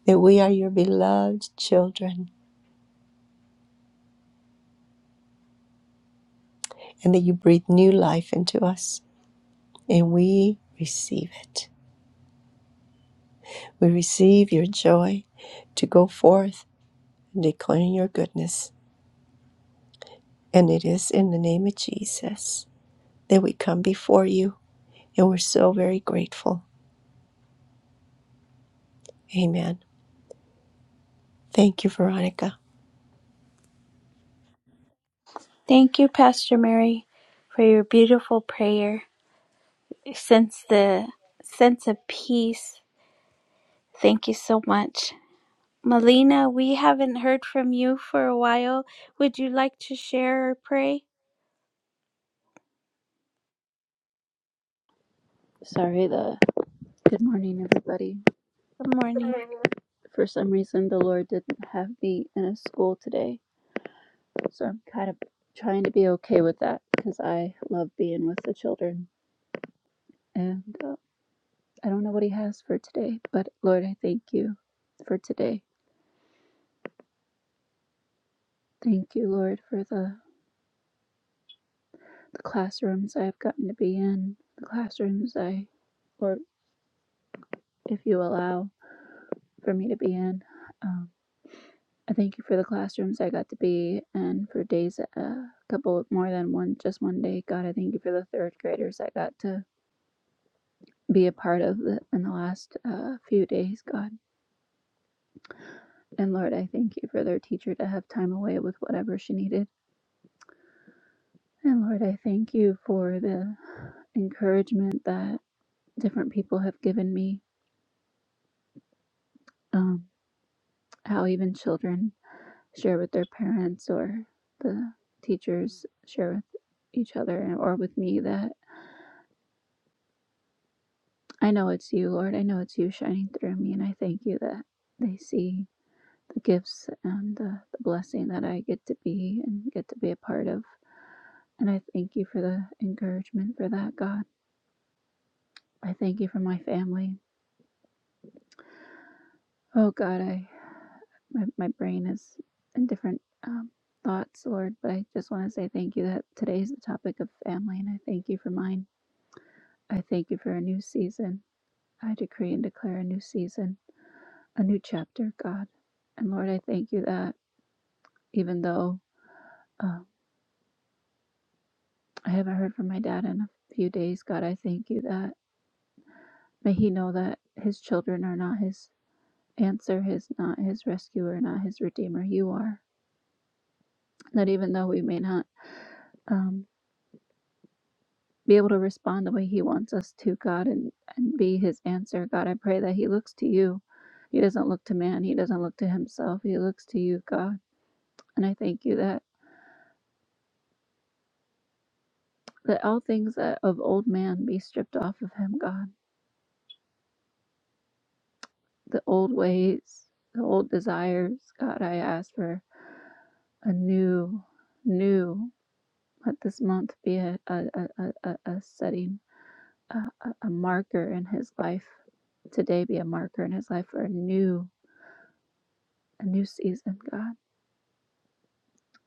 S11: that we are your beloved children and that you breathe new life into us, and we receive it. We receive your joy to go forth and declare your goodness. And it is in the name of Jesus that we come before you, and we're so very grateful. Amen. Thank you, Veronica.
S2: Thank you, Pastor Mary, for your beautiful prayer. Sense the sense of peace. Thank you so much. Melina, we haven't heard from you for a while. Would you like to share or pray?
S12: Sorry, the good morning, everybody.
S2: Good morning.
S12: For some reason, the Lord didn't have me in a school today, so I'm kind of trying to be okay with that because I love being with the children, and uh, I don't know what He has for today. But Lord, I thank you for today. Thank you, Lord, for the, the classrooms I've gotten to be in, the classrooms I, or if you allow for me to be in. um, I thank you for the classrooms I got to be and for days, a uh, couple more than one, just one day. God, I thank you for the third graders I got to be a part of the, in the last uh, few days, God. And Lord, I thank you for their teacher to have time away with whatever she needed. And Lord, I thank you for the encouragement that different people have given me, um, how even children share with their parents or the teachers share with each other or with me that. I know it's you, Lord. I know it's you shining through me, and I thank you that they see the gifts and the, the blessing that I get to be and get to be a part of. And I thank you for the encouragement for that, God. I thank you for my family. Oh, God, I my, my brain is in different um, thoughts, Lord, but I just want to say thank you that today's the topic of family, and I thank you for mine. I thank you for a new season. I decree and declare a new season, a new chapter, God. And Lord, I thank you that. even though uh, I haven't heard from my dad in a few days. God, I thank you that may he know that his children are not his answer, his not his rescuer, not his redeemer. You are. That even though we may not um, be able to respond the way he wants us to, God, and, and be his answer, God, I pray that he looks to you. He doesn't look to man. He doesn't look to himself. He looks to you, God. And I thank you that, that all things that of old man be stripped off of him, God the old ways, the old desires. God, I ask for a new, new, let this month be a, a, a, a, a setting, a, a a marker in his life. Today be a marker in his life for a new, a new season, God,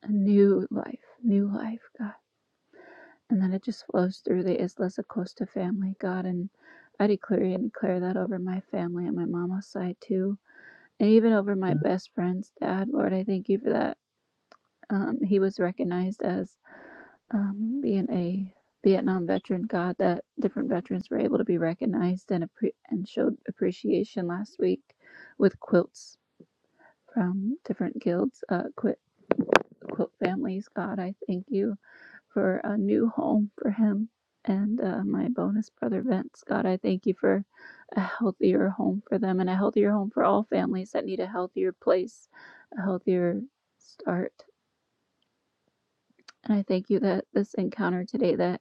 S12: a new life, new life, God. And then it just flows through the Isla Costa family, God. And I declare and declare that over my family and my mama's side too and even over my best friends, Dad. Lord, I thank you for that Um, he was recognized as um, being a Vietnam veteran. God, that different veterans were able to be recognized and appre- and showed appreciation last week with quilts from different guilds, uh, quilt quilt families. God, I thank you for a new home for him and uh, my bonus brother Vince. God, I thank you for a healthier home for them and a healthier home for all families that need a healthier place, a healthier start. And I thank you that this encounter today, that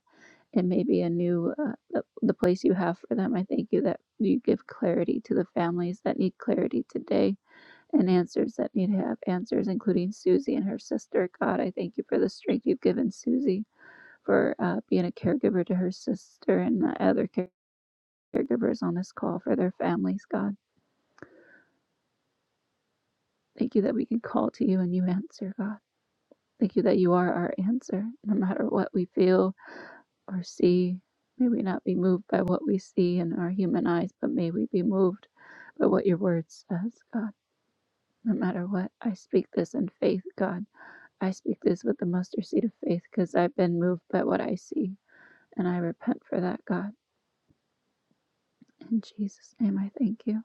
S12: it may be a new, uh, the, the place you have for them. I thank you that you give clarity to the families that need clarity today and answers that need to have answers, including Susie and her sister. God, I thank you for the strength you've given Susie for uh, being a caregiver to her sister and the other care- caregivers on this call for their families, God. Thank you that we can call to you and you answer, God. Thank you that you are our answer, no matter what we feel, or see. May we not be moved by what we see in our human eyes, but may we be moved by what your word says, God. No matter what, I speak this in faith, God. I speak this with the mustard seed of faith because I've been moved by what I see, and I repent for that, God. In Jesus' name, I thank you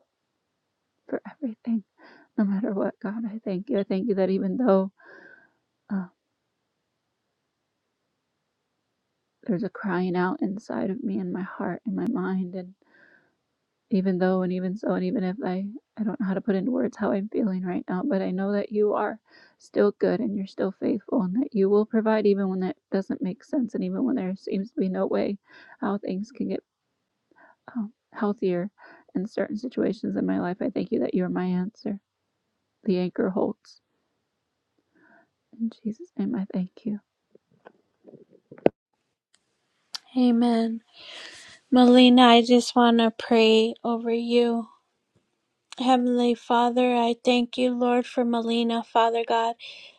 S12: for everything. No matter what, God, I thank you. I thank you that even though uh, there's a crying out inside of me and my heart and my mind, and even though and even so and even if i i don't know how to put into words how i'm feeling right now but i know that you are still good and you're still faithful and that you will provide even when that doesn't make sense and even when there seems to be no way how things can get um, healthier in certain situations in my life i thank you that you're my answer the anchor holds in jesus name i thank you
S2: Amen. Melina, I just want to pray over you. Heavenly Father, I thank you, Lord, for Melina, Father God.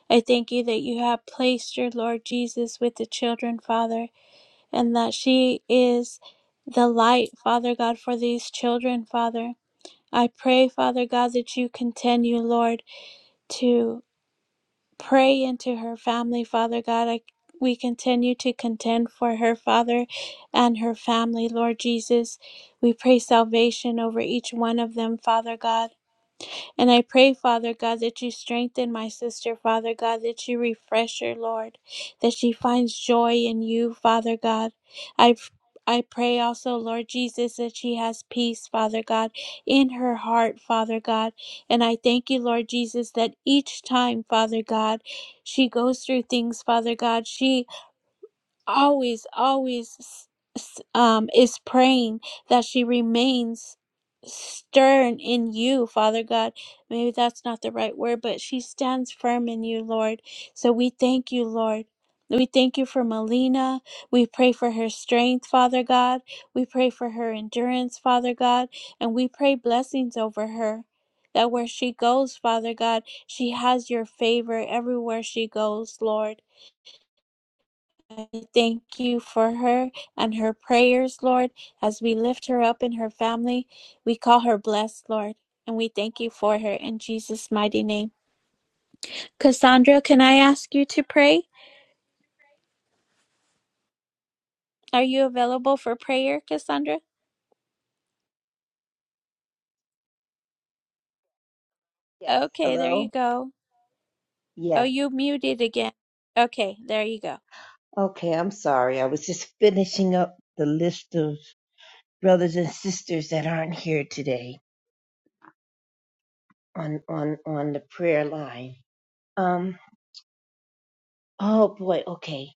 S2: I thank you that you have placed your Lord Jesus with the children, Father, and that she is the light, Father God, for these children, Father. I pray, Father God, that you continue, Lord, to pray into her family, Father God. I, we continue to contend for her, Father, and her family, Lord Jesus. We pray salvation over each one of them, Father God. And I pray, Father God, that you strengthen my sister, Father God, that you refresh her, Lord, that she finds joy in you, Father God. I I pray also, Lord Jesus, that she has peace, Father God, in her heart, Father God. And I thank you, Lord Jesus, that each time, Father God, she goes through things, Father God. she always always s- s- um is praying that she remains stern in you father god maybe that's not the right word but she stands firm in you lord so we thank you lord we thank you for Melina. We pray for her strength, Father God. We pray for her endurance, Father God. And we pray blessings over her. That where she goes, Father God, she has your favor everywhere she goes, Lord. I thank you for her and her prayers, Lord, as we lift her up in her family. We call her blessed, Lord, and we thank you for her in Jesus' mighty name. Cassandra, can I ask you to pray? Are you available for prayer, Cassandra?
S13: Yes.
S2: Okay, there you
S13: Hello?
S2: go. Oh,
S13: Yes.
S2: you muted again. Okay, there you go.
S13: Okay, I'm sorry. I was just finishing up the list of brothers and sisters that aren't here today on on on the prayer line. Um oh boy, okay.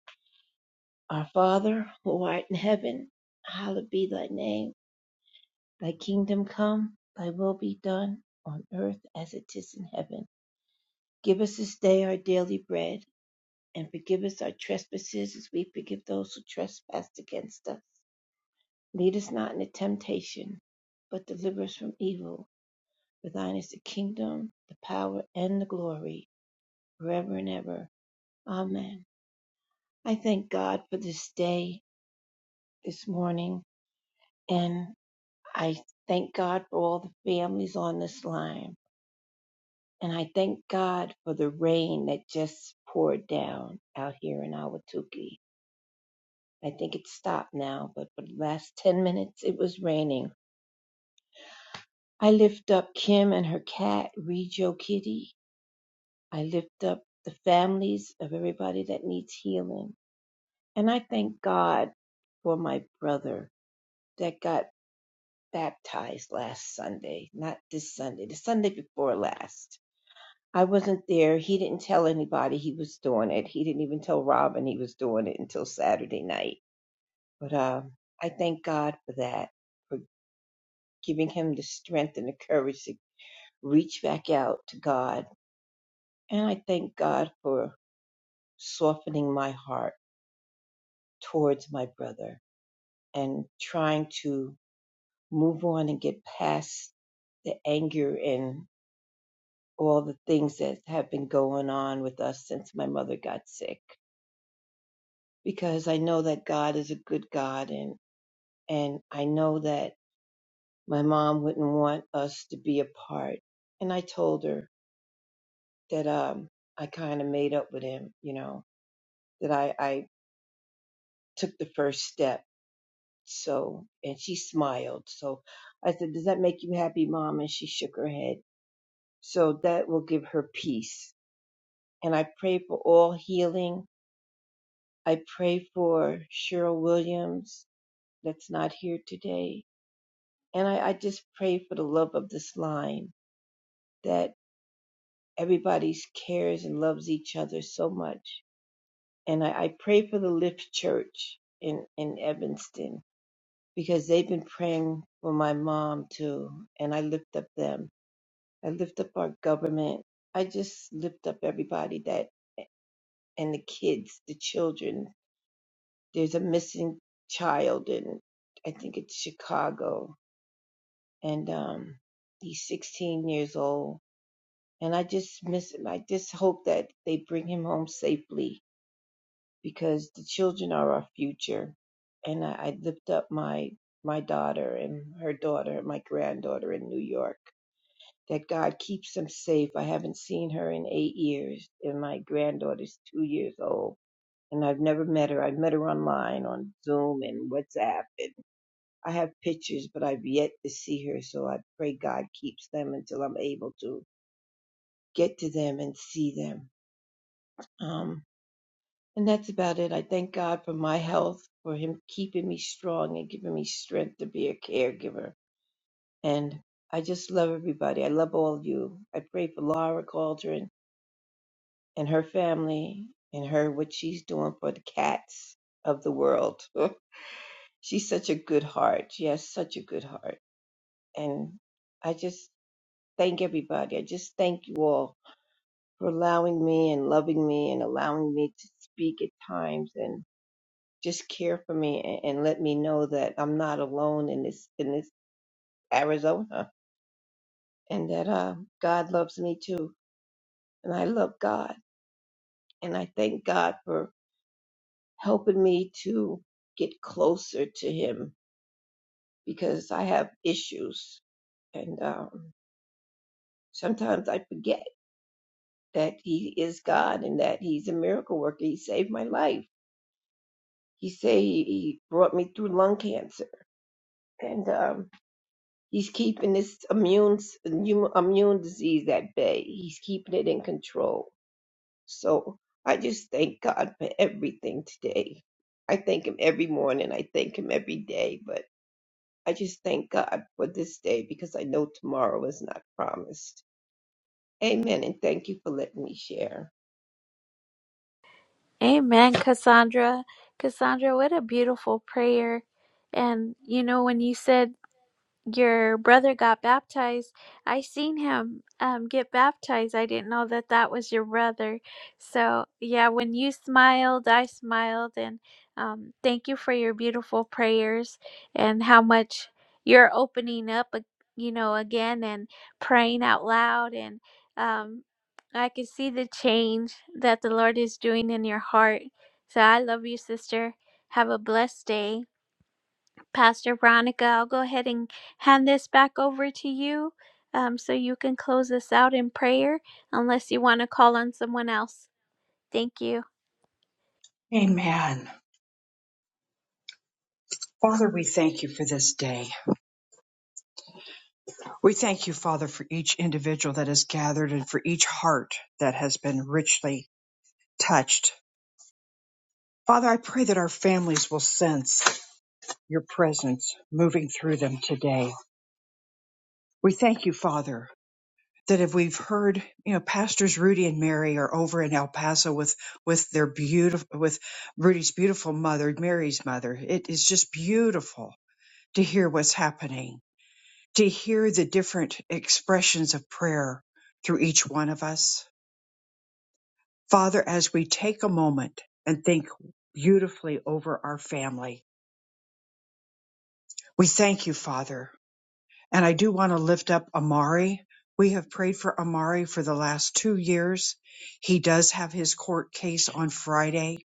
S13: Our Father, who art in heaven, hallowed be thy name. Thy kingdom come, thy will be done on earth as it is in heaven. Give us this day our daily bread and forgive us our trespasses as we forgive those who trespass against us Lead us not into temptation, but deliver us from evil. For thine is the kingdom, the power, and the glory, forever and ever. Amen. I thank God for this day, this morning, and I thank God for all the families on this line. And I thank God for the rain that just poured down out here in Awatuki. I think it stopped now, but for the last 10 minutes it was raining. I lift up Kim and her cat, Rejo Kitty. I lift up the families of everybody that needs healing. And I thank God for my brother that got baptized last Sunday, not this Sunday, the Sunday before last. I wasn't there. He didn't tell anybody he was doing it. He didn't even tell Robin he was doing it until Saturday night. But um, I thank God for that, for giving him the strength and the courage to reach back out to God. And I thank God for softening my heart towards my brother and trying to move on and get past the anger and all the things that have been going on with us since my mother got sick because I know that God is a good God and and I know that my mom wouldn't want us to be apart and I told her that um I kind of made up with him you know that I I took the first step So, and she smiled. So I said, Does that make you happy, mom? And she shook her head. So that will give her peace. And I pray for all healing. I pray for Cheryl Williams that's not here today. And I, I just pray for the love of this line that everybody cares and loves each other so much. And I, I pray for the Lift Church in, in Evanston because they've been praying for my mom too. And I lift up them. I lift up our government. I just lift up everybody that and the kids, the children. There's a missing child in I think it's Chicago, and um, he's 16 years old. And I just miss him. I just hope that they bring him home safely because the children are our future. And I, I lift up my my daughter and her daughter, my granddaughter in New York that God keeps them safe. I haven't seen her in eight years, and my granddaughter's two years old, and I've never met her. I've met her online on Zoom and WhatsApp, and I have pictures, but I've yet to see her. So I pray God keeps them until I'm able to get to them and see them. Um, and that's about it. I thank God for my health, for Him keeping me strong and giving me strength to be a caregiver. And I just love everybody. I love all of you. I pray for Laura Cauldron. and her family and her what she's doing for the cats of the world. she's such a good heart. She has such a good heart. And I just thank everybody. I just thank you all for allowing me and loving me and allowing me to speak at times and just care for me and, and let me know that I'm not alone in this in this Arizona and that uh, God loves me too and I love God and I thank God for helping me to get closer to him because I have issues. And um, sometimes I forget that he is God and that he's a miracle worker. He saved my life. He say he brought me through lung cancer. And um, he's keeping this immune, immune disease at bay. He's keeping it in control. So I just thank God for everything today. I thank him every morning. I thank him every day. But I just thank God for this day because I know tomorrow is not promised. Amen. And thank you for letting me share.
S2: Amen, Cassandra. Cassandra, what a beautiful prayer. And you know, when you said your brother got baptized. I seen him um, get baptized. I didn't know that that was your brother. So, yeah, when you smiled, I smiled. And um, thank you for your beautiful prayers and how much you're opening up, ag- you know, again and praying out loud. And um, I can see the change that the Lord is doing in your heart. So, I love you, sister. Have a blessed day. Pastor Veronica, I'll go ahead and hand this back over to you um, so you can close this out in prayer, unless you want to call on someone else. Thank you.
S1: Amen. Father, we thank you for this day. We thank you, Father, for each individual that has gathered and for each heart that has been richly touched. Father, I pray that our families will sense your presence moving through them today. We thank you, Father, that if we've heard, you know, pastors Rudy and Mary are over in El Paso with with their beautiful with Rudy's beautiful mother, Mary's mother. It is just beautiful to hear what's happening, to hear the different expressions of prayer through each one of us. Father, as we take a moment and think beautifully over our family, we thank you, Father, And I do want to lift up Amari. We have prayed for Amari for the last two years. He does have his court case on Friday,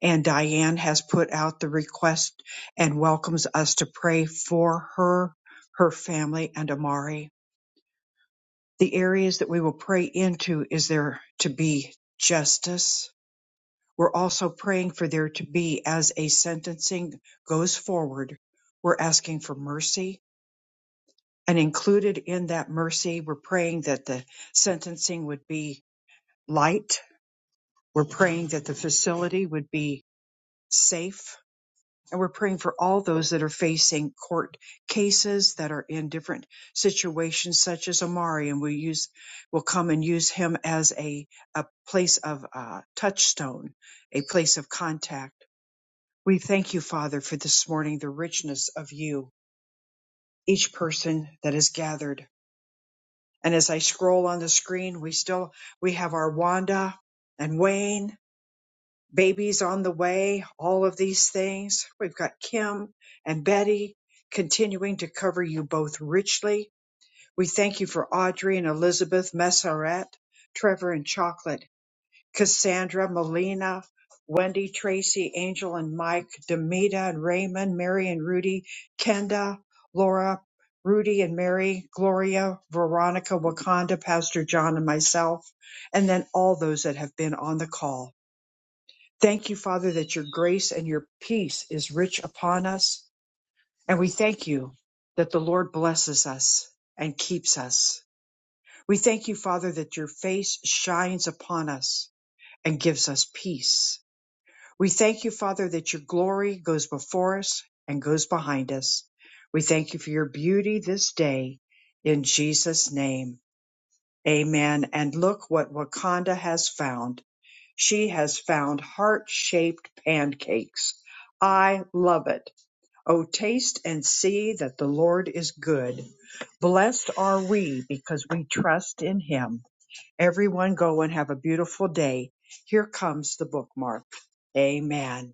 S1: and Diane has put out the request and welcomes us to pray for her, her family, and Amari. The areas that we will pray into is there to be justice. We're also praying for there to be, as a sentencing goes forward, we're asking for mercy And included in that mercy, we're praying that the sentencing would be light. We're praying that the facility would be safe. And we're praying for all those that are facing court cases that are in different situations, such as Amari. And we use, we'll come and use him as a, a place of uh, touchstone, a place of contact. We thank you, Father, for this morning, the richness of you, each person that is gathered And as I scroll on the screen, we still we have our Wanda and Wayne, babies on the way, all of these things. We've got Kim and Betty continuing to cover you both richly. We thank you for Audrey and Elizabeth Messeret, Trevor and Chocolate. Cassandra, Melina, Wendy, Tracy, Angel and Mike, Demita and Raymond, Mary and Rudy, Kenda, Laura, Rudy and Mary, Gloria, Veronica, Wakanda, Pastor John and myself, and then all those that have been on the call. Thank you, Father, that your grace and your peace is rich upon us. And we thank you that the Lord blesses us and keeps us. We thank you, Father, that your face shines upon us and gives us peace. We thank you, Father, that your glory goes before us and goes behind us. We thank you for your beauty this day in Jesus' name. Amen. And look what Wakanda has found. She has found heart shaped pancakes. I love it. Oh, taste and see that the Lord is good. Blessed are we because we trust in him. Everyone go and have a beautiful day. Here comes the bookmark. Amen.